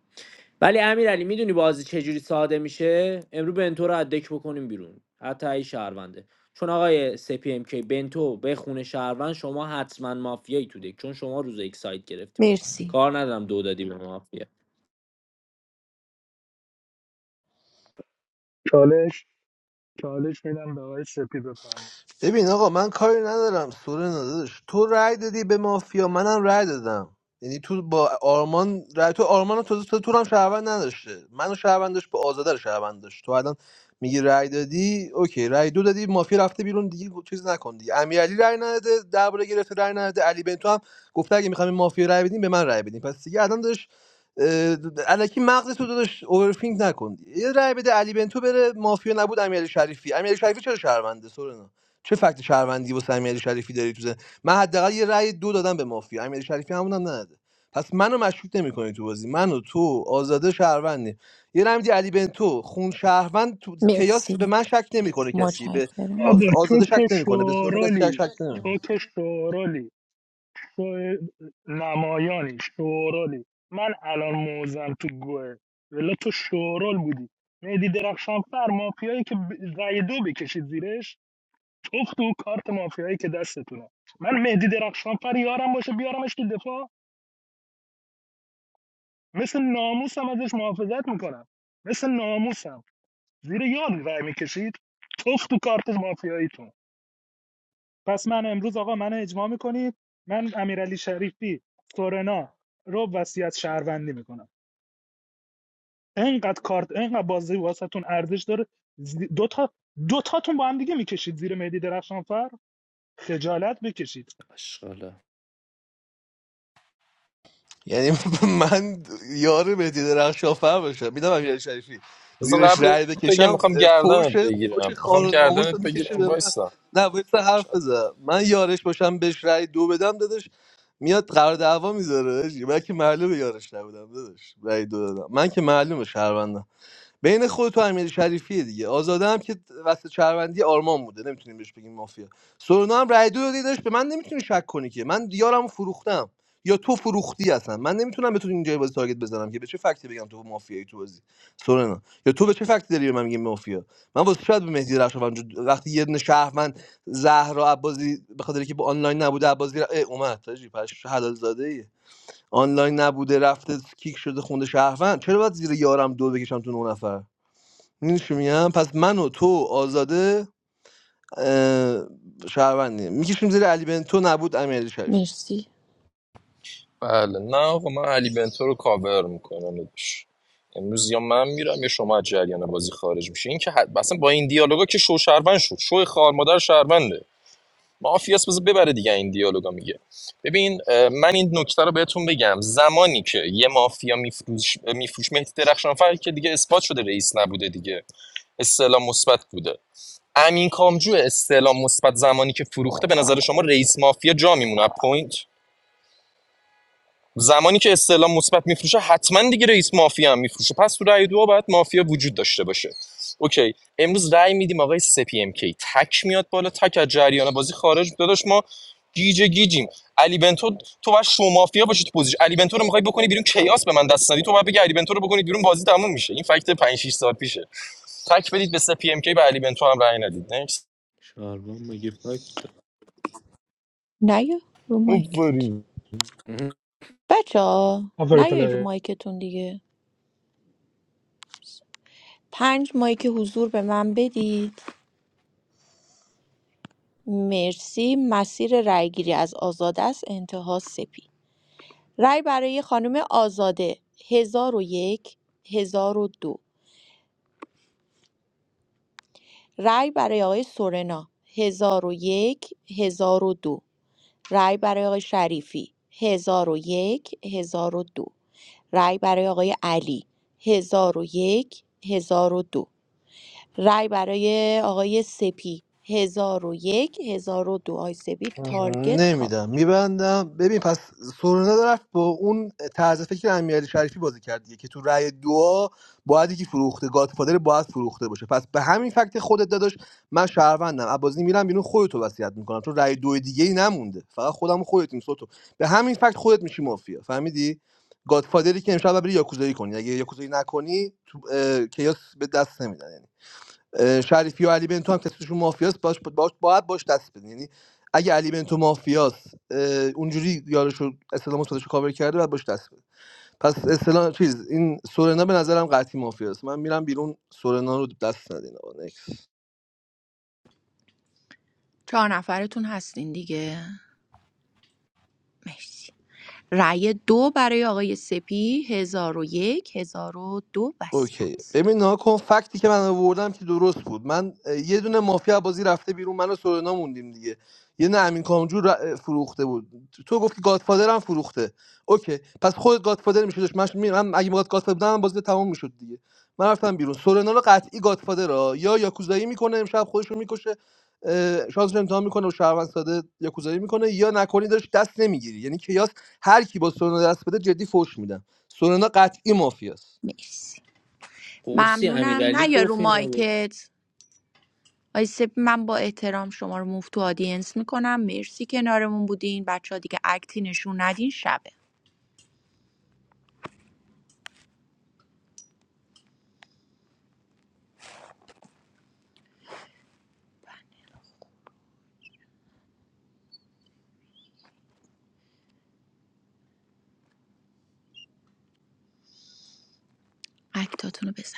Speaker 12: ولی امیرعلی میدونی بازی چجوری ساده میشه امروز بنتو رو از دک بکنیم بیرون حتی ای شهرونده چون آقای سی پی ام کی بنتو به خونه شهروند شما حتما مافیایی تو دک چون شما روز یک سایت گرفتی باش
Speaker 9: مرسی
Speaker 12: کار ندارم دو دادی به مافیا
Speaker 10: چالش چالش میدم به آقای سپی بفهم
Speaker 3: ببین آقا من کاری ندارم سوره نداشت تو هم. یعنی آرمان رای تو من داشت به آزاده رو شهروند داشت تو الان میگی رای دادی اوکی رای دو دادی مافیا رفته بیرون دیگه چیز نکن دیگه امیرعلی رای نداده درباره گرفته رای نداده علی بنتو هم گفتش اه، الکی مغزش رنا چه فکت شهروندی و امیرعلی شریفی داری تو زن من حداقل یه رأی دو دادم به مافیا امیرعلی شریفی همون هم نداده پس منو مشکوک نمیکنی تو بازی منو تو آزاده شهروندی یه رمزی علی بنتو خون شهروند تو کیاس
Speaker 9: مرسی
Speaker 3: به من شک نمیکنه کسی به
Speaker 9: متشکرم
Speaker 10: بابا
Speaker 3: آز-
Speaker 10: تو
Speaker 3: آزاده شک
Speaker 10: که
Speaker 3: نمیکنه به سونا کسی شک, شک
Speaker 10: شورالی
Speaker 3: نمی‌کنه.
Speaker 10: تو که شورالی تو نمایانی شورالی من الان موزم تو گوه ولی تو شورال بودی مهدی درخشان فر مافیایی که ب- رأی دو بکشید زیرش تخت و کارت مافیایی که دستتونه من مهدی درخشان فر یارم باشه بیارمش تو دفاع مثل ناموسم ازش محافظت میکنم مثل ناموسم زیر یار رأی میکشید تخت و کارت مافیاییتون پس من امروز آقا من اجماع میکنید من امیرعلی شریفی سورنا رو وصیت شهروندی میکنم انقدر کارت انقدر بازی واسهتون ارزش داره زی- دو تا دو تاتون با هم دیگه میکشید زیر مهدی درخشانفر خجالت بکشید
Speaker 12: اشغاله
Speaker 3: یعنی من یار مهدی درخشانفر باشم میدم امیر شریفی
Speaker 7: بذار
Speaker 3: زیرش
Speaker 7: قبل
Speaker 3: رأی
Speaker 7: بگم
Speaker 3: بکشم
Speaker 7: میخوام
Speaker 3: فوش
Speaker 7: گردنت
Speaker 3: فوش
Speaker 7: بگیرم
Speaker 3: خار
Speaker 7: میخوام
Speaker 3: و ناموس رو
Speaker 7: گردنت
Speaker 3: میکشه
Speaker 7: بگیرم
Speaker 3: به من
Speaker 7: وایسا
Speaker 3: نه باید
Speaker 7: شاید
Speaker 3: حرف بزنم من یارش باشم بهش رای دو بدم دادش میاد قرار دعوا میذاره من که معلومه یارش نبودم دادش رای دو دادم من که معلومه شهروندم بین خود تو امیر شریفیه دیگه آزاده هم که وسط شهروندی آرمان بوده نمیتونیم بهش بگیم مافیا سورنا هم رای دو دادی داشت به من نمیتونی شک کنی که من دیارم فروختم یا تو فروختی اصلا من نمیتونم بتونی اینجا بازی تارگت بزنم که به چه فکتی بگم تو مافیایی تو بازی سورنا یا تو به چه فکتی داری به من میگی مافیا من واسه شاید به مهدی رشا وقتی یه دونه شهروند زهرا عبازی به خاطر که با آنلاین نبوده عبازی ر... اه، اومد تاجی پش حلال زاده ای آنلاین نبوده رفته کیک شده خونده شهروند چرا باید زیر یارم دو بکشم تو نه نفر می‌دونی چی میگم پس من و تو و آزاده اه، شهروندیم میکشیم زیر علی بنتو نبود امیرعلی شریفی
Speaker 9: مرسی
Speaker 7: بله نه آقا من علی بنتو رو کاور میکنم داداش امروز یا من میرم یا شما از جریان بازی خارج میشه این که حد... اصلا با این دیالوگا که شو شهروند شد شو خار مادر شهرونده مافیاس بز ببره دیگه این دیالوگا میگه ببین اه، من این نکته رو بهتون بگم زمانی که یه مافیا میفروش میفروش مهدی درخشانفر که دیگه اثبات شده رئیس نبوده دیگه استعلام مثبت بوده امین کامجو استعلام مثبت زمانی که فروخته به نظر شما رئیس مافیا جا میمونه پوینت زمانی که استعلام مثبت میفروشه حتما دیگه رئیس مافیا هم میفروشه پس تو رأی دو باید مافیا وجود داشته باشه اوکی امروز رأی میدیم آقای سپی ام کی تک میاد بالا تک از جریان بازی خارج داداش ما گیج گیجیم علی بنتو تو باید شو مافیا باشی تو پوزیش علی بنتو رو میخوای بکنی بیرون کیاس به من دست ندی تو باید بگی علی بنتو رو بکنی بیرون بازی تموم میشه این فکت 5 6 سال پیشه تک بدید به سپی ام کی به علی بنتو هم رأی ندید نکس
Speaker 12: شهروند مگه فکت
Speaker 9: نیا رو مایکت
Speaker 7: بله
Speaker 9: بچه ها
Speaker 10: آفر
Speaker 9: نیا رو
Speaker 10: پلیر
Speaker 9: مایکتون دیگه پنج مایک حضور به من بدید مرسی مسیر رأیگیری از آزاد است انتها سپید رأی برای خانم آزاده هزار هزار و یک هزار و دو. رأی برای آقای سورنا هزار هزار و یک هزار و دو. رأی برای آقای شریفی هزار هزار و یک هزار و دو. رأی برای آقای علی هزار هزار و یک هزار و دو. رأی برای آقای سپی هزار هزار و یک هزار و دو. آقای سپی تارگت کاور
Speaker 3: میدم میبندم ببین پس سورنا رفت با اون طرز فکر امیرعلی شریفی رأی دعا باید یکی فروخته گادفادر باید فروخته باشه پس به همین فکت خودت داداش من شهروندم عبازی میرم بیرون خودتو وصیت میکنم چون رأی دو دیگه ای نمونده فقط خودم و خودتیم سوتو به همین فکت خودت میشی مافیا فهمیدی گادفادری که امشب باید بری یاکوزایی کنی اگه یاکوزایی نکنی تو اه، کیاس به دست نمیدن اه، شریفی و علی بنتو هم کسیشون مافیاست باش باش باید باش دست بدین یعنی اگه علی بنتو مافیاست اه، اونجوری یارشو اسلام مثبتشو کاور کرده باید باش دست بده پس اسلام چیز این سورنا به نظرم قطعی مافیاست من میرم بیرون سورنا رو دست ندین آقا نکس.
Speaker 9: چهار نفرتون هستین دیگه مرسی رأی دو برای آقای سپی هزار و یک هزار و دو وسیعت
Speaker 3: یه یه نه اوکی دیگه من قطعی شه- اه، شانس رو امتحان میکنه و شهروند ساده یا کوزایی میکنه یا نکنی داشت دست نمیگیری یعنی کیاس هر کی با سورنا دست بده جدی فوش میدم سورنا قطعی مافیاست
Speaker 9: مرسی
Speaker 12: قرصی
Speaker 9: ممنونم
Speaker 12: امیرعلی
Speaker 9: نه یا رو
Speaker 12: گفت اینا
Speaker 9: مایکت آقای سپی من با احترام شما رو مفتو آدینس میکنم مرسی کنارمون بودین بچه ها دیگه اکتی نشون ندین شبه اکتاتون رو بزن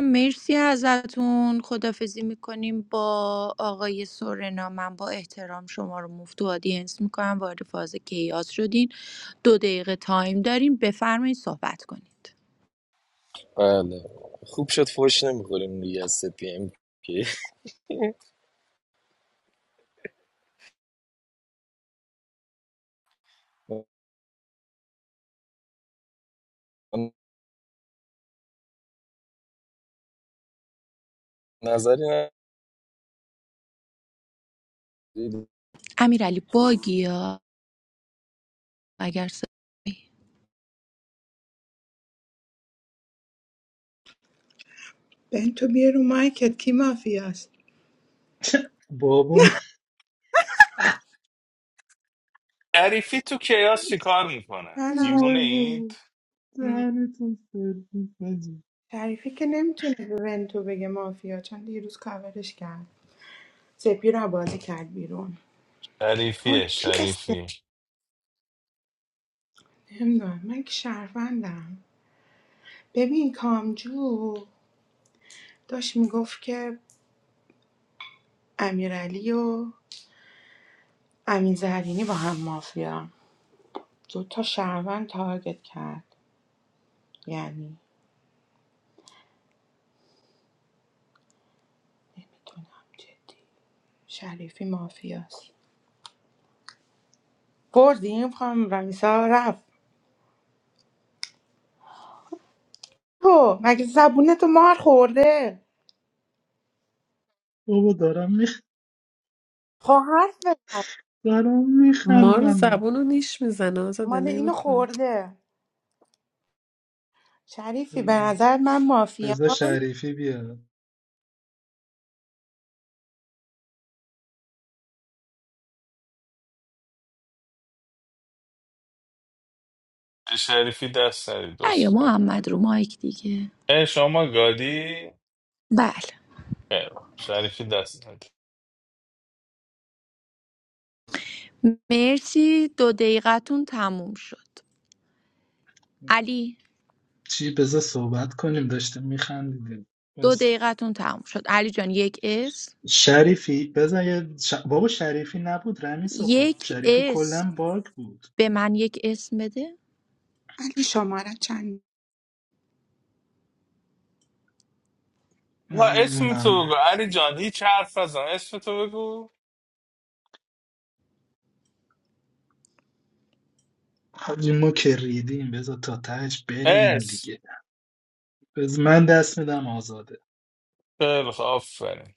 Speaker 9: مرسی ازتون خدافزی میکنیم با آقای سورنا من با احترام شما رو مفت و آدینس میکنم وارد فاز کیاس شدین دو دقیقه تایم دارین بفرمایید صحبت کنید
Speaker 7: خوب شد فوش نمیخوریم دیگه از سپی ام کی назарина
Speaker 9: امیرعلی باگی ها اگر صدایی
Speaker 14: بین تو بیا رو مایکت کی مافیاست
Speaker 10: بابام
Speaker 19: شریفی تو کیاس چی کار میکنه
Speaker 14: نه نه
Speaker 19: دیوونه
Speaker 10: وای
Speaker 19: اید
Speaker 10: بابا
Speaker 14: م،
Speaker 10: دهنتون سرویس حاجی.
Speaker 14: شریفی که نمیتونه به بنتو بگه مافیا چون دیروز کاورش کرد سپی رو بازی کرد بیرون وای
Speaker 19: شریفیه
Speaker 14: کی
Speaker 19: شریفی
Speaker 14: نمیدونم من که شهروندم ببین کامجو داشت میگفت که امیرعلی و امین زهرینی با هم مافیا دو تا شهروند تارگت کرد یعنی نمیدونم جدی شریفی مافیاست بردیم خانم رمیسا رفت تو مگه زبونتو مار خورده
Speaker 10: بابا دارم میخ
Speaker 14: خب حرف بزن
Speaker 10: دارم
Speaker 4: ما رو
Speaker 10: میخندم
Speaker 4: زبون رو نیش میزنه آزاده
Speaker 14: مال اینو
Speaker 4: نمیکنه
Speaker 14: خورده شریفی به نظر من مافیا
Speaker 10: بذار شریفی بیاد
Speaker 19: به شریفی دست ندید
Speaker 9: یا
Speaker 19: دوست کنم
Speaker 9: محمد رو مایک دیگه
Speaker 19: اه شما گادی
Speaker 9: بله
Speaker 19: خیر. شریفی دست ندید
Speaker 9: مرسی دو دقیقتون تموم شد علی
Speaker 10: چی بذار صحبت کنیم داشتیم میخندیدیم
Speaker 9: دو دقیقتون تموم شد علی جان یک اسم
Speaker 10: شریفی بزن یه ش... بابا شریفی نبود رمیسا خب
Speaker 9: یک
Speaker 10: شریفی
Speaker 9: اسم
Speaker 10: کلا باگ بود
Speaker 9: به من یک اسم بده
Speaker 14: علی شماره چند
Speaker 19: ما اسم تو بگو
Speaker 10: نمیدونم
Speaker 19: علی جان هیچ حرف نزن اسم تو بگو
Speaker 10: حاجی ما که ریدیم بذار تا تهش برینیم
Speaker 19: اسم
Speaker 10: دیگه بز من دست میدم آزاده
Speaker 19: خیلی خوب آفرین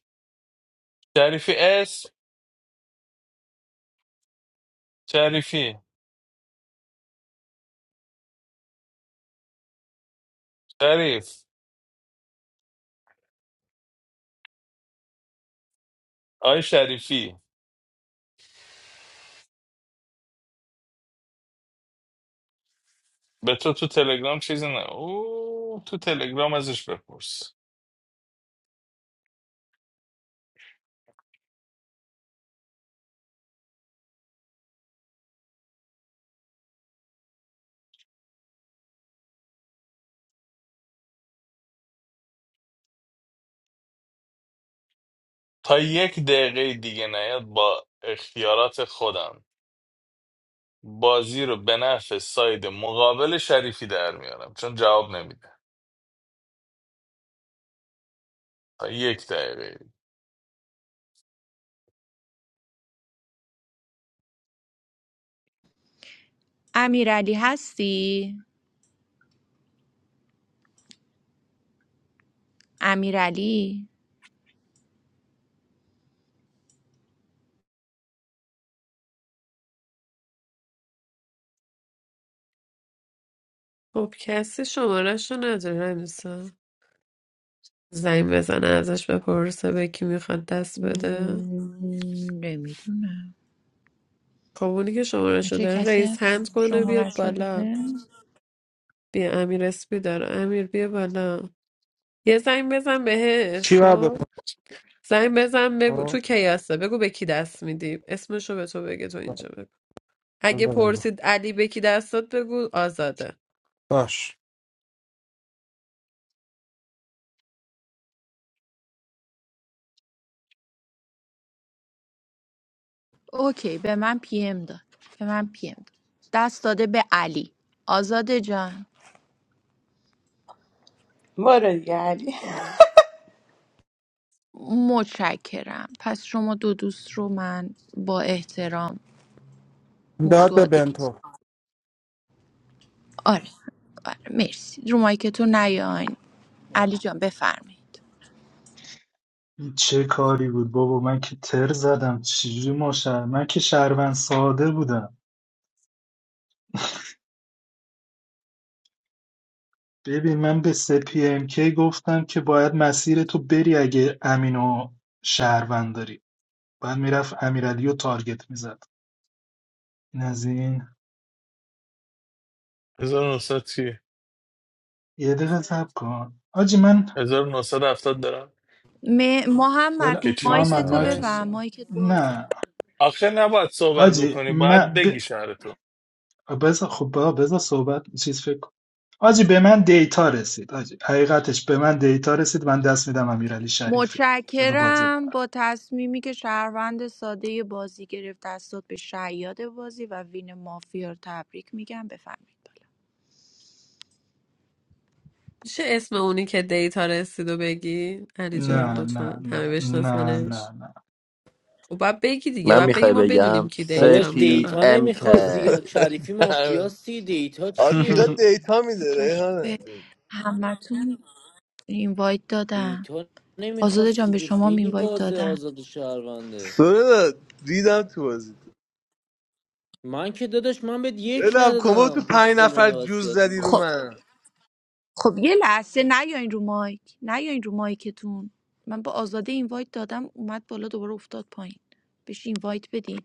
Speaker 19: شریفی اسم شریفی شریف آی شریفی به تو تو تلگرام چیزی نه او تو تلگرام ازش بپرس تا یک دقیقه دیگه نیاد با اختیارات خودم بازی رو به نفع ساید مقابل شریفی در میارم چون جواب نمیده تا یک دقیقه
Speaker 9: امیرعلی هستی؟ امیرعلی؟
Speaker 4: خب کسی شمارهش رو نداره همیسا زنگ بزنه ازش بپرسه به کی میخواد دست بده
Speaker 9: نمیدونم
Speaker 4: خب اونی که شمارهشو
Speaker 9: بچه
Speaker 4: داره
Speaker 9: کسی
Speaker 4: رئیس
Speaker 9: هست
Speaker 4: هند کنه بیاد
Speaker 9: شمارش رو
Speaker 4: بالا
Speaker 9: داره؟
Speaker 4: بیا امیر اسپی داره امیر بیا بالا یه زنگ بزن بهش
Speaker 20: Chiva bhai,
Speaker 4: خب زنگ بزن بگو
Speaker 20: oh,
Speaker 4: تو کیاسه بگو به کی دست میدی اسمشو به تو بگه تو
Speaker 20: okay,
Speaker 4: اینجا بگو اگه
Speaker 20: okay, okay.
Speaker 4: پرسید علی به کی دست داد بگو آزاده
Speaker 20: Bas,
Speaker 9: اوکی به من پی ام داد به من پی ام داد دست داده به علی آزاده جان
Speaker 14: بارو دیگه علی
Speaker 9: متشکرم پس شما دو دوست رو من با احترام
Speaker 20: dad
Speaker 9: مفتو
Speaker 20: bhai, bhai,
Speaker 9: آدینس
Speaker 20: thora.
Speaker 9: آره آره مرسی رو مایکتون نیاین علی جان بفرمایید
Speaker 10: این چه کاری بود بابا من که تر زدم چجوری ما شهر من که شهروند ساده بودم ببین من به سپی ام کی گفتم که باید مسیر تو بری اگه امینو شهروند داری باید میرفت امیرعلی رو تارگت میزد این از این
Speaker 19: 1900 چیه؟
Speaker 10: یه دقیقه صبر کن آجی من
Speaker 19: 1970 دارم
Speaker 9: م-
Speaker 10: دل
Speaker 9: محمد
Speaker 19: که چی
Speaker 9: مایک
Speaker 10: محمد
Speaker 19: مثلا
Speaker 9: تو
Speaker 10: مایک
Speaker 19: از
Speaker 9: ببند
Speaker 4: باشه
Speaker 9: مایکت بازه
Speaker 10: نه
Speaker 19: آخه نباید صحبت
Speaker 10: آجی
Speaker 19: بکنی باید
Speaker 10: من ب...
Speaker 19: بگی شهر تو
Speaker 10: بذار خب بابا بذار صحبت چیز فکر کن آجی به من دیتا رسید آجی حقیقتش به من دیتا رسید من دست میدم امیرعلی شریفی بذار بازی
Speaker 9: متشکرم
Speaker 10: پر
Speaker 9: با تصمیمی که شهروند ساده بازی گرفت دستات به شیاد بازی و وین مافیا رو تبریک میگم بفهمید بالا
Speaker 4: میشه اسم اونی که دیتا رسید و بگی علی
Speaker 10: نه
Speaker 4: جان
Speaker 10: نه
Speaker 4: لطفا همه
Speaker 10: نه نه نه
Speaker 4: بشناسنش
Speaker 10: نه
Speaker 4: خب باید بگی دیگه
Speaker 2: من
Speaker 4: باید بگی
Speaker 2: میخوای
Speaker 4: ما بدونیم
Speaker 2: بگم
Speaker 4: کی دیتا
Speaker 12: داداش
Speaker 2: سپی
Speaker 4: میده
Speaker 12: دیتا
Speaker 2: ام
Speaker 12: نمیخواست دیگه
Speaker 2: کی
Speaker 12: شریفی مافیاستی دیتا
Speaker 3: آتیلا
Speaker 12: چیه
Speaker 3: دیتا میده
Speaker 9: بچه به
Speaker 3: ریحانه
Speaker 9: همتون اینوایت دادم
Speaker 12: دیتا
Speaker 9: آزاده
Speaker 12: نمیخواست
Speaker 9: جان به
Speaker 12: دیگه
Speaker 9: شما
Speaker 12: خیلی
Speaker 9: اینوایت
Speaker 12: واضح
Speaker 9: دادم
Speaker 12: آزاد شهرونده
Speaker 3: سورنا دیدم تو بازی
Speaker 12: من که داداش من بهت یک
Speaker 3: بلم کما تو
Speaker 12: ندادم
Speaker 3: پنج
Speaker 12: گسخل
Speaker 3: نفر
Speaker 12: منو
Speaker 3: جوز
Speaker 12: وصیت
Speaker 3: زدی رو
Speaker 12: میکنم
Speaker 3: من
Speaker 9: خب یه لحظه نیاین رو مایک نیاین رو مایکتون من با آزاده اینوایت دادم اومد بالا دوباره افتاد پایین بهش اینوایت بدین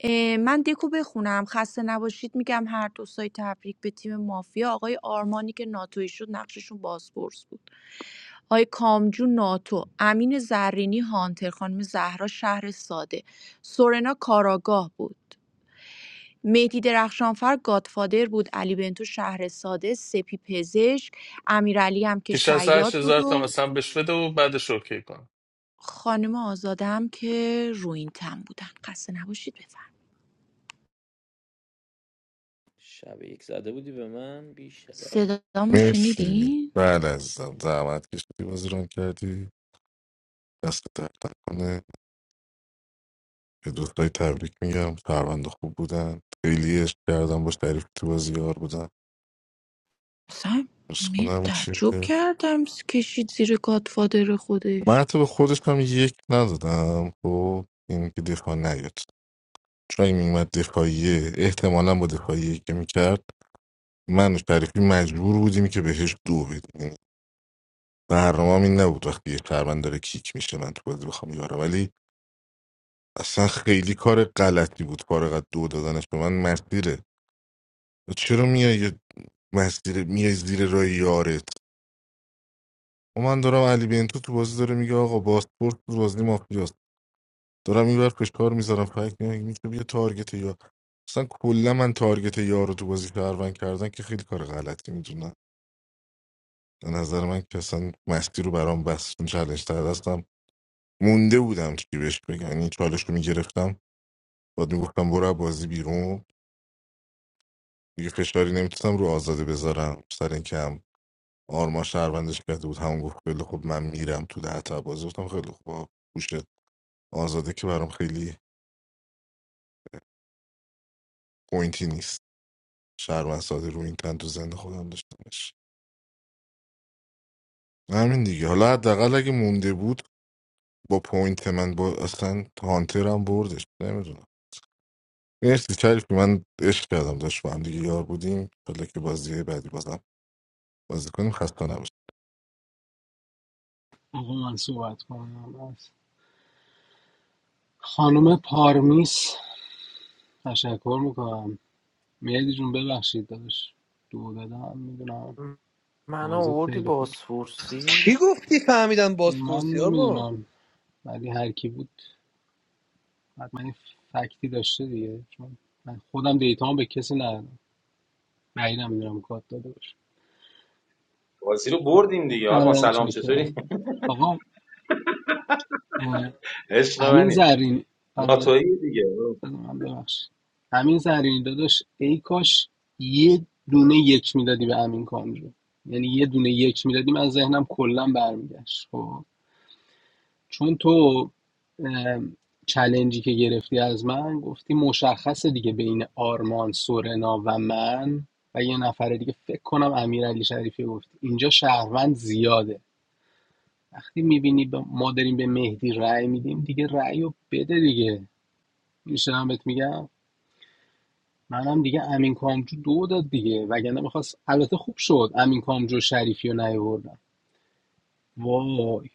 Speaker 9: اه، من دکو بخونم خسته نباشید میگم هر دو سایت تبریک به تیم مافیا آقای آرمانی که ناتوی شد نقششون بازپرس بود آقای کامجو ناتو امین زرینی هانتر خانم زهرا شهر ساده سورنا کاراگاه بود مهدی درخشانفر گادفادر بود علی بنتو شهرساده سپی پزشک امیرعلی هم که
Speaker 19: که
Speaker 9: شیاد بود
Speaker 19: 68000 تا
Speaker 9: و
Speaker 19: مثلا بهش بده و بعدش اوکی کن.
Speaker 9: خانم آزاده هم که روینتن بودن خسته نباشید بفرم
Speaker 12: شب یک زده بودی به من بیشرف
Speaker 9: صدامو
Speaker 11: مرسی
Speaker 9: شنیدین؟
Speaker 11: بله عزیزم زحمت کشیدی بازی ران کردی دست درد کنه به دوستای تبریک میگم پرونده خوب بودن خیلی عشق کردم باش تعریف تو بازی یار بودن
Speaker 9: اصلا
Speaker 11: ارز
Speaker 9: می
Speaker 11: کنم که
Speaker 9: تعجب کردم کشید زیر گادفادر
Speaker 11: من
Speaker 9: خودش
Speaker 11: حتی به خودش هم یک ندادم خب این که دفاع نیاد چون این میمد دفاعیه احتمالا با دفاعیه که میکرد من و شریفی مجبور بودیم که بهش دو بدیم یعنی برنامه این نبود وقتی یه شهروند داره کیک میشه من تو بازی بخوام یارم ولی اصلا خیلی کار غلطی بود فارغ از دو دادنش به من مسیره چرا میای یه مسیر میای زیر راه یارت و من دارم علی بنتو تو بازی داره میگه آقا باسپورت تو بازی مافیاست دارم این بر فشار میذارم فکر نمیگه میتونم یه تارگت یا اصلا کلا من تارگت یارو تو بازی شهروند کردن که خیلی کار غلطی میدونم به نظر من که اصلا مستی رو برام بس چون چالش تر دستم مونده بودم چی بهش بگم یعنی چالش رو میگرفتم بعد میگفتم برو از بازی بیرون دیگه فشاری نمیتونم رو آزاده بذارم سر اینکه هم آرما شهروندش کرده بود همون گفت خیلی خب من میرم تو ده تا بازی گفتم خیلی خوب آزاده که برام خیلی پوینتی نیست شهروند ساده رو این تن تو زنده خودم داشتمش همین دیگه حالا حداقل اگه مونده بود با پوینت من با اصلا هانترم بردش نمیدونم مرسی شریفی من عشق کردم داشت با هم دیگه یار بودیم حالا که بازی بعدی بازم بازی کنیم خسته نباشید.
Speaker 17: آقا من صحبت کنم از خانم پارمیس تشکر میکنم مهدی جون ببخشید داداش دو دادم میدونم
Speaker 12: منو
Speaker 17: بازیت
Speaker 12: آوردی
Speaker 17: خیلی خوب
Speaker 12: بازپرسی
Speaker 3: چی گفتی فهمیدم
Speaker 17: من
Speaker 3: بازپرسی ها ما
Speaker 17: نمیدونم ولی هر کی بود حتما یه فکتی داشته دیگه چون من خودم دیتامو به کسی ندادم بعید میدونم کات داده باشه
Speaker 15: بازی رو بردیم دیگه آرمان
Speaker 17: آره
Speaker 15: سلام
Speaker 17: چاکرم
Speaker 15: چطوری
Speaker 17: آقا اه،
Speaker 15: عشق
Speaker 17: همین
Speaker 15: منی
Speaker 17: زرین آره
Speaker 15: ناتوی دیگه
Speaker 17: بذار من ببخشید همین زرین داداش ای کاش یه دونه یک میدادی به امین کامرو یعنی یه دونه یک میدادی من ذهنم کلا برمیگشت خب چون تو اه، که گرفتی از من گفتی مشخصه دیگه بین آرمان سورنا و من و یه نفر دیگه فکر کنم امیرعلی شریفی گفت اینجا شهروند زیاده وقتی میبینی ما داریم به مهدی رأی میدیم دیگه رأی رو بده دیگه میشه هم بهت میگم منم دیگه امین کامجو دو داد دیگه وگرنه میخواست البته خوب شد امین کامجو شریفی رو نیاوردن وای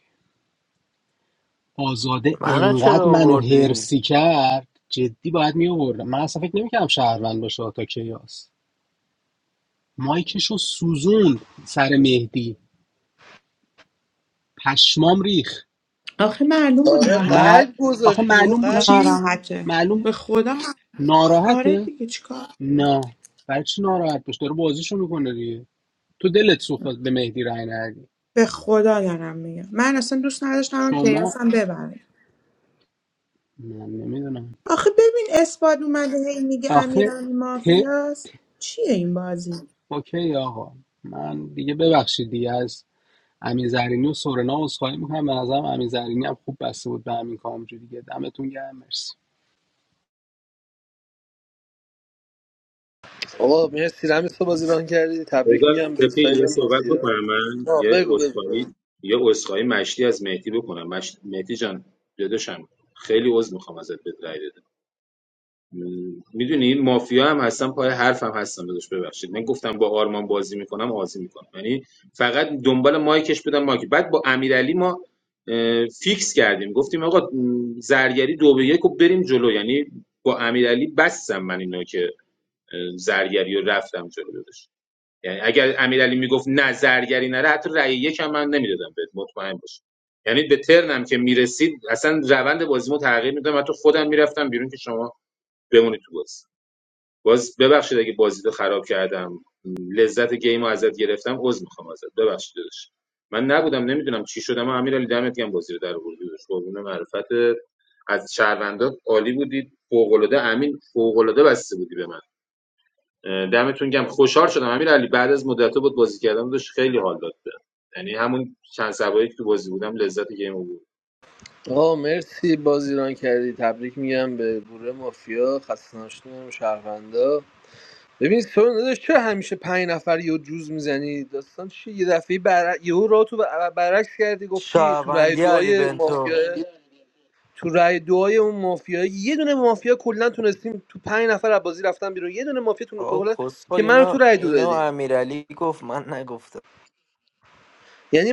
Speaker 17: آزاده
Speaker 12: منو
Speaker 17: انقدر
Speaker 12: چرا
Speaker 17: منو
Speaker 12: آوردی
Speaker 17: هرسی کرد جدی باید میآوردم من اصلا فکر نمیکردم شهروند باشه تا کیاس مایکشو سوزوند سر مهدی پشمام ریخ
Speaker 14: آخه معلوم
Speaker 3: آره
Speaker 14: بود
Speaker 17: مع...
Speaker 3: قلب
Speaker 17: آخه
Speaker 3: گذاشت یهو
Speaker 17: معلوم بود
Speaker 3: قلب
Speaker 17: چی
Speaker 3: گذاشت
Speaker 14: ناراحته
Speaker 17: معلوم
Speaker 14: به خدا آره
Speaker 17: ناراحته
Speaker 14: دیگه چیکار
Speaker 17: نه برای چی ناراحت باش داره بازیشو میکنه دیگه تو دلت سوخت باز به مهدی رای ندی
Speaker 14: به خدا دارم میگم من اصلا دوست نداشتم اون
Speaker 17: شما
Speaker 14: کیاسم ببره
Speaker 17: من نمیدونم
Speaker 14: آخه ببین اثبات اومده هی میگه
Speaker 17: آخه
Speaker 14: امیرعلی
Speaker 17: ت
Speaker 14: مافیاست چیه این بازی
Speaker 17: اوکی آقا من دیگه ببخشید دیگه از امین زرینی و سورنا عذرخواهی میکنم به نظرم امین زرینی هم خوب بسته بود به همین کامجو دیگه دمتون گرم مرسی
Speaker 3: آقا مرسی رمیس تو بازی ران کردی تبریک
Speaker 15: بذار
Speaker 3: میگم به
Speaker 15: تپی
Speaker 3: ساید
Speaker 15: یه صحبت
Speaker 3: مافیا
Speaker 15: بکنم من
Speaker 3: آه
Speaker 15: یه
Speaker 3: بگو بگو, بگو.
Speaker 15: اسخایی یه اسخایی مشتی از مهدی بکنم مش... مهدی جان داداشم خیلی عذر میخوام ازت بدرید میدونی مافیا هم هستم پای حرفم هستم داداش ببخشید من گفتم با آرمان بازی میکنم بازی میکنم یعنی فقط دنبال مایکش بودم مایک بعد با امیرعلی ما اه، فیکس کردیم گفتیم آقا م، زرگری دو به یک و بریم جلو یعنی با امیرعلی بستم من اینا که اه، زرگری رو رفتم جلو داداش یعنی اگر امیرعلی میگفت نه زرگری نره حتی رأی یک هم من نمیدادم بهت مطمئن باش یعنی به ترنم که میرسید اصلا روند بازیمو تغییر میدادم حتی خودم میرفتم بیرون که شما بمونید تو بازی باز ببخشید اگه بازی رو خراب کردم لذت گیم رو ازت گرفتم عذر میخوام ازت ببخشید داداش من نبودم نمیدونم چی شدم اما امیرعلی دمت گرم بازی رو در آوردی داداش قربون معرفت از شهروندا عالی بودید فوق‌العاده امین فوق‌العاده بسته بودی به من دمتون گرم خوشحال شدم امیرعلی بعد از مدت بود بازی کردم داشت خیلی حال داد بهم. یعنی همون چند سبایی که تو بازی بودم لذت گیم بود
Speaker 3: آه، ببین
Speaker 12: شهروندی علی بنتو
Speaker 3: که
Speaker 12: آقا کسخل
Speaker 3: که من
Speaker 12: اینو اینو امیرعلی گفت من نگفتم
Speaker 3: یعنی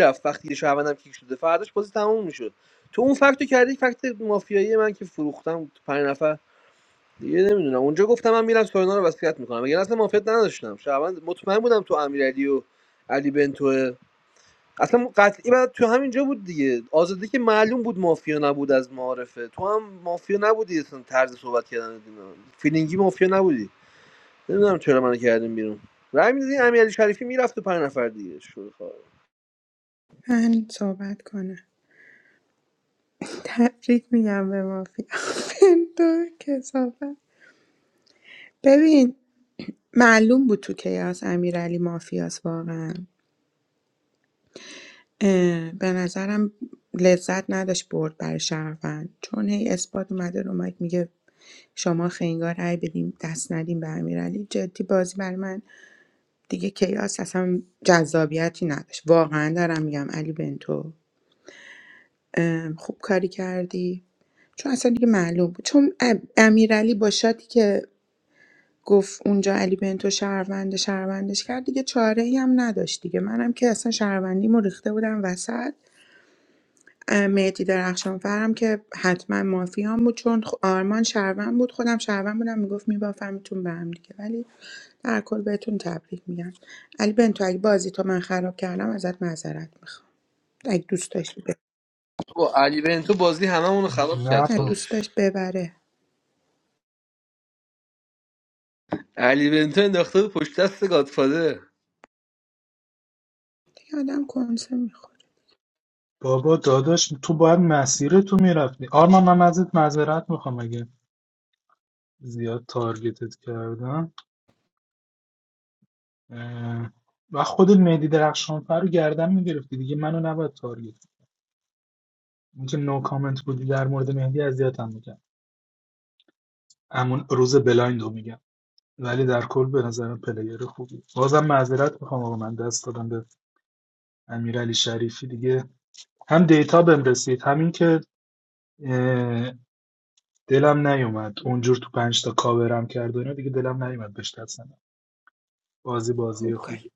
Speaker 3: رفت وقتی یه شهروندم کیک شده فرداش بازی تموم میشد تو اون فکتو کردی فکت مافیایی من که فروختم تو پنج نفر دیگه نمیدونم اونجا گفتم من میرم سورنا رو وصیت میکنم مگر اصلا مافیت نداشتم شعبان مطمئن بودم تو امیرعلی و علی بنتو. اصلا قطعی بعد تو همینجا بود دیگه آزاده که معلوم بود مافیا نبود از معارفه تو هم مافیا نبودی اصلا طرز صحبت کردن اینا. فیلینگی مافیا نبودی نمیدونم چرا منو کردیم بیرون رای میدادی امیرعلی شریفی میرفت تو پنج نفر دیگه شوخ
Speaker 14: من صحبت کنم تبریک میگم به مافیا دو کسافت ببین معلوم بود تو کیاس امیرعلی مافیاس واقعا اه، به نظرم لذت نداشت برد برای شهروند چون هی اثبات اومده رو مایک میگه شما خنگار رای بدیم دست ندیم به امیرعلی جدی بازی بر من دیگه کیاس اصلا جذابیتی نداشت واقعا دارم میگم علی بنتو اه، خوب کاری کردی چون اصلا دیگه معلوم بود چون ام- امیرعلی با شاتی که گفت اونجا علی بنتو شهروند شهروندش کرد دیگه چاره ای هم نداشت دیگه منم که اصلا شهروندیمو ریخته بودم وسط مهدی درخشانفرم که حتما مافیان بود چون خ- آرمان شهروند بود خودم شهروند بودم میگفت میبافمتون به هم دیگه ولی در کل بهتون تبریک میگم علی بنتو اگه بازی تو من خراب کردم ازت معذرت میخوام اگه دوست داشتی ببر.
Speaker 3: با علی بنتو بازی هممون رو خراب کرد
Speaker 10: نه
Speaker 14: نه
Speaker 10: با-
Speaker 14: دوست
Speaker 3: خودش
Speaker 14: داشت ببره
Speaker 3: علی بنتو انداخته بود پشت دست گادفادر
Speaker 14: دیگه آدم کنسه میخوره
Speaker 10: بابا داداش تو باید مسیر تو میرفتی آرمان من ازت معذرت میخوام اگه زیاد تارگتت کردم اه، و خودت مهدی درخشانفر رو گردن میگرفتی دیگه منو نباید تارگت کنی. اینکه نو کامنت بودی در مورد مهدی اذیتم میکرد همون روز بلایند رو میگم ولی در کل به نظرم پلیر خوبی بازم معذرت میخوام آقا من دست دادم به امیرعلی شریفی دیگه هم دیتا بهم رسید همین که اه، دلم نیومد اونجور تو پنج تا کاورم کرد و اینا دیگه دلم نیومد بهش دست ندم. بازی بازی
Speaker 14: خوب
Speaker 10: خوبی
Speaker 14: کاری